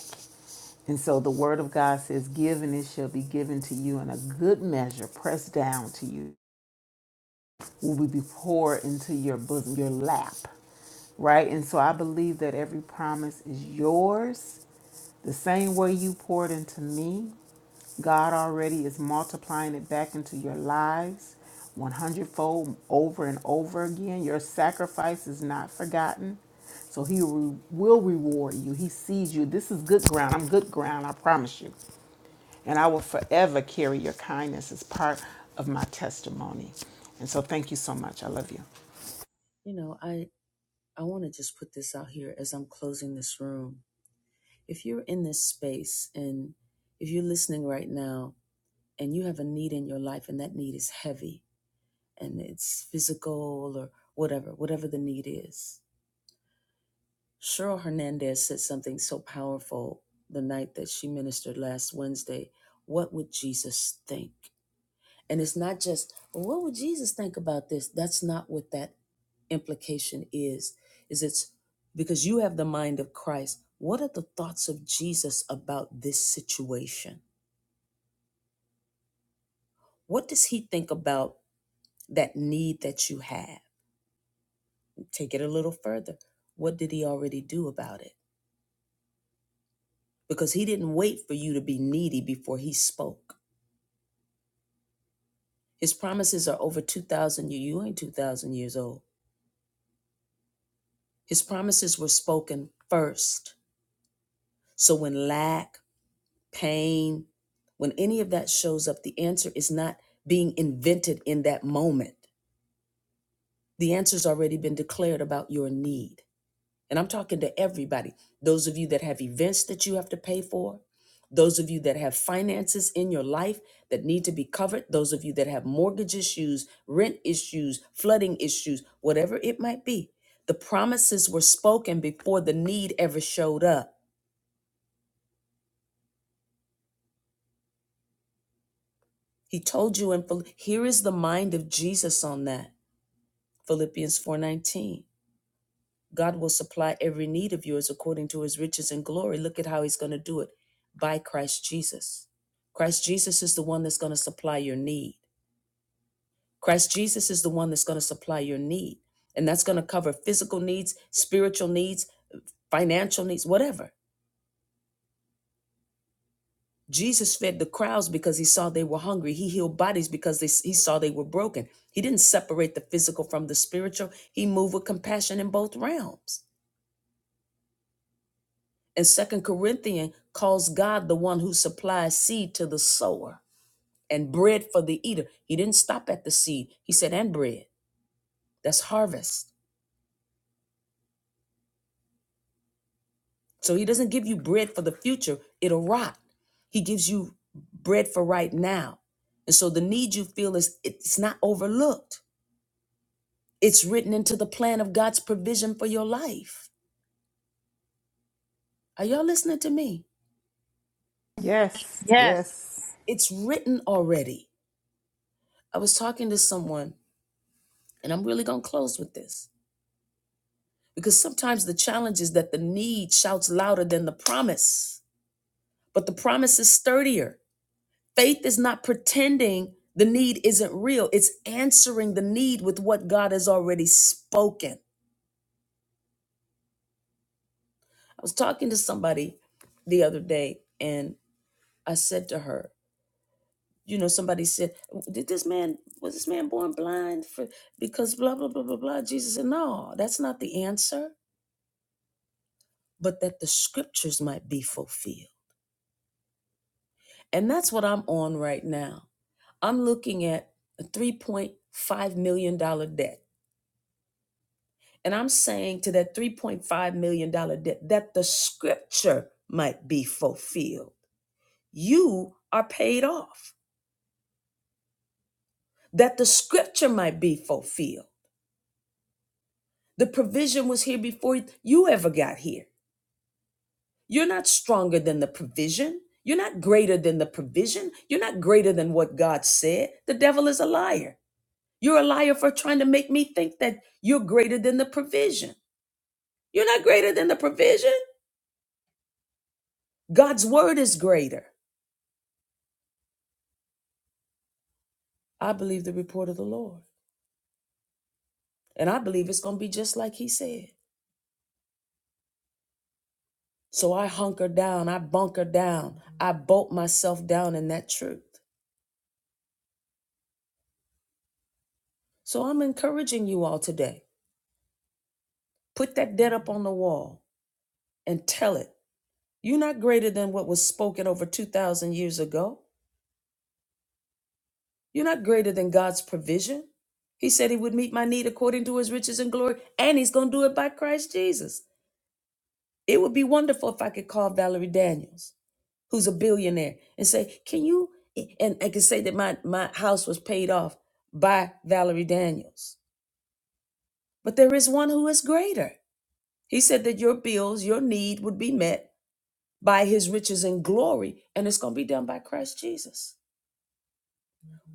And so the word of God says, Give and it shall be given to you in a good measure, pressed down to you will be poured into your bosom, your lap, right? And so I believe that every promise is yours. The same way you poured into me, God already is multiplying it back into your lives 100 fold over and over again. Your sacrifice is not forgotten. So he re- will reward you. He sees you. This is good ground. I'm good ground, I promise you. And I will forever carry your kindness as part of my testimony. And so thank you so much. I love you. You know, I I want to just put this out here as I'm closing this room. If you're in this space and if you're listening right now and you have a need in your life and that need is heavy and it's physical or whatever, whatever the need is, Cheryl Hernandez said something so powerful the night that she ministered last Wednesday. What would Jesus think? And it's not just, well, what would Jesus think about this? That's not what that implication is. Is it's because you have the mind of Christ. What are the thoughts of Jesus about this situation? What does he think about that need that you have? Take it a little further. What did he already do about it? Because he didn't wait for you to be needy before he spoke. His promises are over 2,000 years. You ain't 2,000 years old. His promises were spoken first. So when lack, pain, when any of that shows up, the answer is not being invented in that moment. The answer's already been declared about your need. And I'm talking to everybody. Those of you that have events that you have to pay for, those of you that have finances in your life that need to be covered, those of you that have mortgage issues, rent issues, flooding issues, whatever it might be. The promises were spoken before the need ever showed up. He told you And here is the mind of Jesus on that. Philippians 4:19. God will supply every need of yours according to his riches and glory. Look at how he's going to do it by Christ Jesus. Christ Jesus is the one that's going to supply your need. Christ Jesus is the one that's going to supply your need. And that's going to cover physical needs, spiritual needs, financial needs, whatever. Jesus fed the crowds because he saw they were hungry. He healed bodies because they, he saw they were broken. He didn't separate the physical from the spiritual. He moved with compassion in both realms. And Second Corinthians calls God the one who supplies seed to the sower and bread for the eater. He didn't stop at the seed. He said, and bread. That's harvest. So he doesn't give you bread for the future. It'll rot. He gives you bread for right now. And so the need you feel is it's not overlooked. It's written into the plan of God's provision for your life. Are y'all listening to me? Yes, Yes. yes, It's written already. I was talking to someone, and I'm really gonna close with this Because sometimes the challenge is that the need shouts louder than the promise, but the promise is sturdier. Faith is not pretending the need isn't real, it's answering the need with what God has already spoken. I was talking to somebody the other day, and I said to her, you know, somebody said, "Did this man was this man born blind for because blah blah blah blah blah?" Jesus said, "No, that's not the answer, but that the scriptures might be fulfilled." And that's what I'm on right now. I'm looking at a $3.5 million dollars debt. And I'm saying to that $3.5 million dollars debt that the scripture might be fulfilled. You are paid off, that the scripture might be fulfilled. The provision was here before you ever got here. You're not stronger than the provision. You're not greater than the provision. You're not greater than what God said. The devil is a liar. You're a liar for trying to make me think that you're greater than the provision. You're not greater than the provision. God's word is greater. I believe the report of the Lord. And I believe it's going to be just like he said. So I hunker down, I bunker down, I bolt myself down in that truth. So I'm encouraging you all today. Put that debt up on the wall and tell it. You're not greater than what was spoken over 2,000 years ago. You're not greater than God's provision. He said he would meet my need according to his riches and glory, and he's going to do it by Christ Jesus. It would be wonderful if I could call Valerie Daniels, who's a billionaire, and say, Can you? e-" And I could say that my, my house was paid off by Valerie Daniels. But there is one who is greater. He said that your bills, your need would be met by his riches and glory, and it's going to be done by Christ Jesus.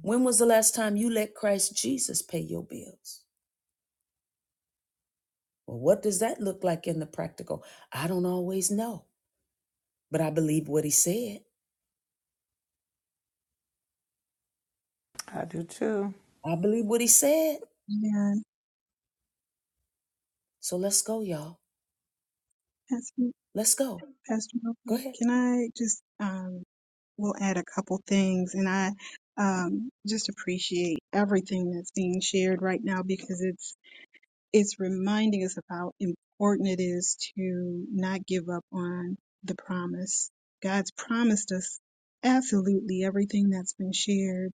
When was the last time you let Christ Jesus pay your bills? Well, what does that look like in the practical? I don't always know, but I believe what he said. I do too. I believe what he said. Yeah, So let's go, y'all. Pastor, Let's go. Pastor Go Nova, ahead. can I just um, will add a couple things and I um, just appreciate everything that's being shared right now because it's it's reminding us of how important it is to not give up on the promise. God's promised us absolutely everything that's been shared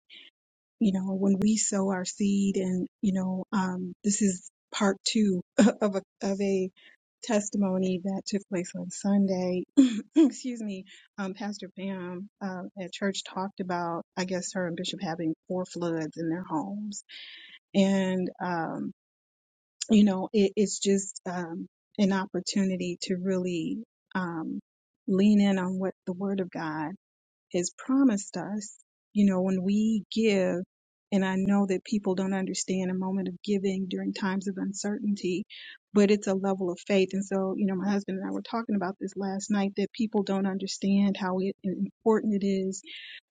you know, when we sow our seed and, you know, um, this is part two (laughs) of a, of a testimony that took place on Sunday. (clears throat) Excuse me. Um, Pastor Pam, uh, at church talked about, I guess her and Bishop having four floods in their homes. And, um, you know, it, it's just, um, an opportunity to really, um, lean in on what the word of God has promised us, you know, when we give, and I know that people don't understand a moment of giving during times of uncertainty, but it's a level of faith. And so, you know, my husband and I were talking about this last night that people don't understand how it, important it is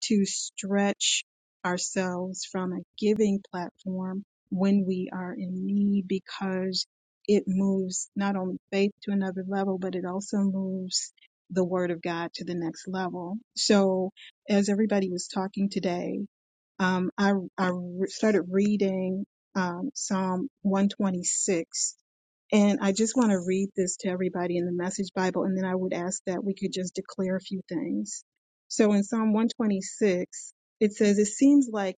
to stretch ourselves from a giving platform when we are in need because it moves not only faith to another level, but it also moves the word of God to the next level. So, as everybody was talking today, um, I, I re- started reading um, Psalm 126. And I just want to read this to everybody in the Message Bible, and then I would ask that we could just declare a few things. So in Psalm 126, it says, It seems like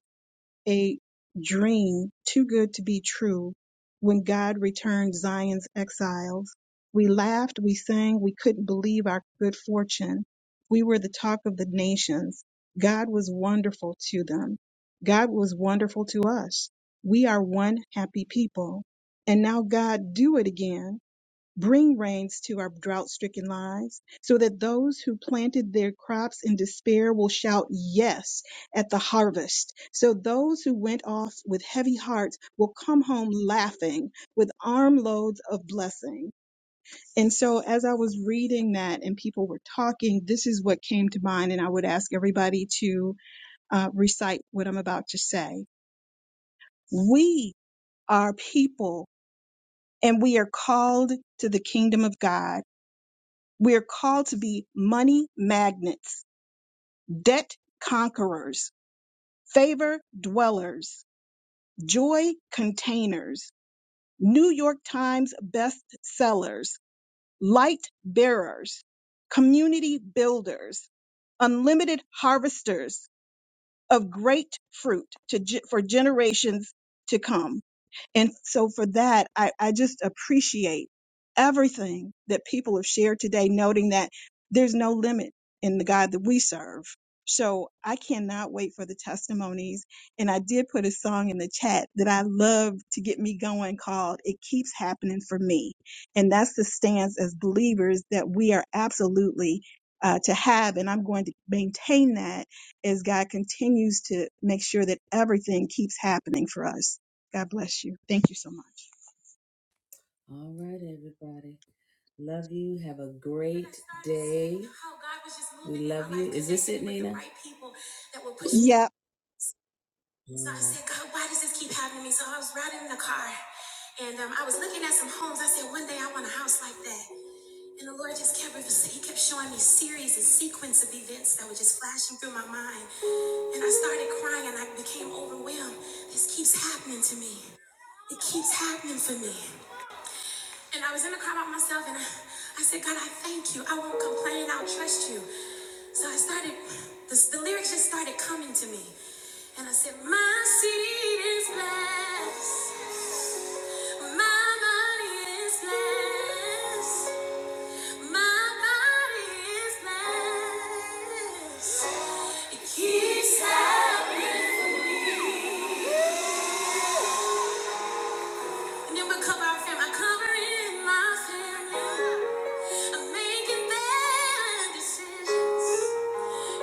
a dream too good to be true when God returned Zion's exiles. We laughed, we sang, we couldn't believe our good fortune. We were the talk of the nations. God was wonderful to them. God was wonderful to us. We are one happy people. And now God, do it again. Bring rains to our drought stricken lives so that those who planted their crops in despair will shout yes at the harvest. So those who went off with heavy hearts will come home laughing with armloads of blessing. And so as I was reading that and people were talking, this is what came to mind. And I would ask everybody to uh, recite what I'm about to say. We are people and we are called to the kingdom of God. We are called to be money magnets, debt conquerors, favor dwellers, joy containers, New York Times bestsellers, light bearers, community builders, unlimited harvesters of great fruit to, ge- for generations to come. And so for that, I, I just appreciate everything that people have shared today, noting that there's no limit in the God that we serve. So I cannot wait for the testimonies. And I did put a song in the chat that I love to get me going called It Keeps Happening for Me. And that's the stance as believers that we are absolutely uh, to have. And I'm going to maintain that as God continues to make sure that everything keeps happening for us. God bless you. Thank you so much. All right, everybody. Love you. Have a great day. We love you. Is this it, Nina? That will push me. Yes. So I said, God, why does this keep happening to me? So I was riding in the car and um, I was looking at some homes. I said, one day I want a house like that. And the Lord just kept he kept showing me series and sequence of events that were just flashing through my mind. And I started crying and I became overwhelmed. This keeps happening to me. It keeps happening for me. And I was in the car by myself and I, I said, God, I thank you. I won't complain. I'll trust you. So I started, the, the lyrics just started coming to me. And I said, My seed is blessed. My money is blessed. My body is blessed. It keeps happening for me. And it will cover our family. I'm covering my family. I'm making bad decisions.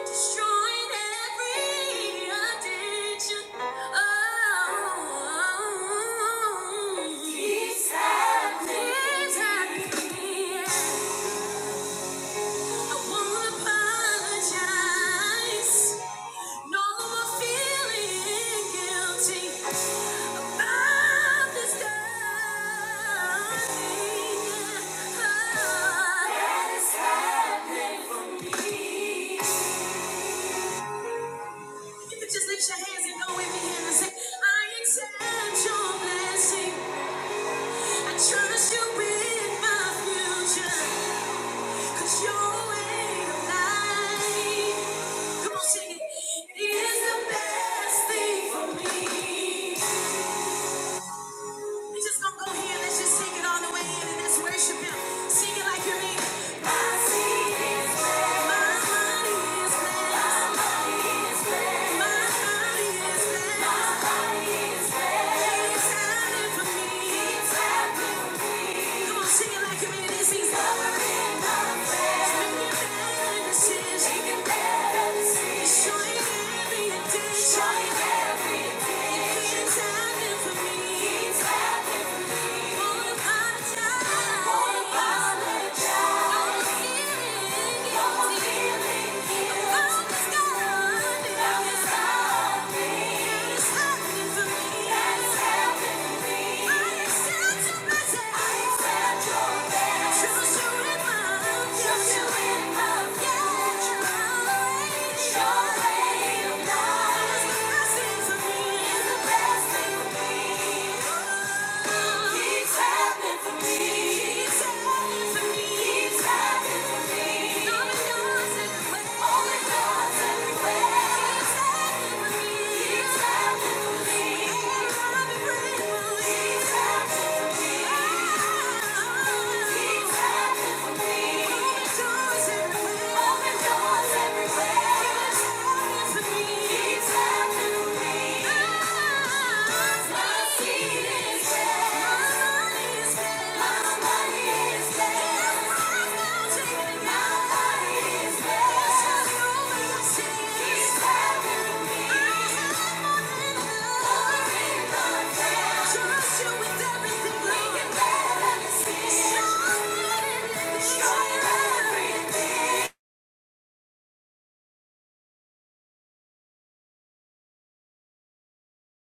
Destroying every addiction. Oh, oh, oh. Peace happening. Peace happening. I wanna apologize. No more feeling guilty about this That is happening for me. You can just lift your hands and go with me and say, I accept your blessing. I trust you with my future. you you're way of life. Come on, sing it. It is the best thing for me. We just gonna go here. Let's just sing it all the way in and let's worship Him. Sing it like you mean it. My seed is blessed. My body is blessed. My body is blessed. My body is blessed. My body is blessed. It's happening for me. It's happening Showing every day, it's happening for me. It's happening. Show me, Yeah. Open doors everywhere. Trust you with everything, Lord. We can never be Trust you everything.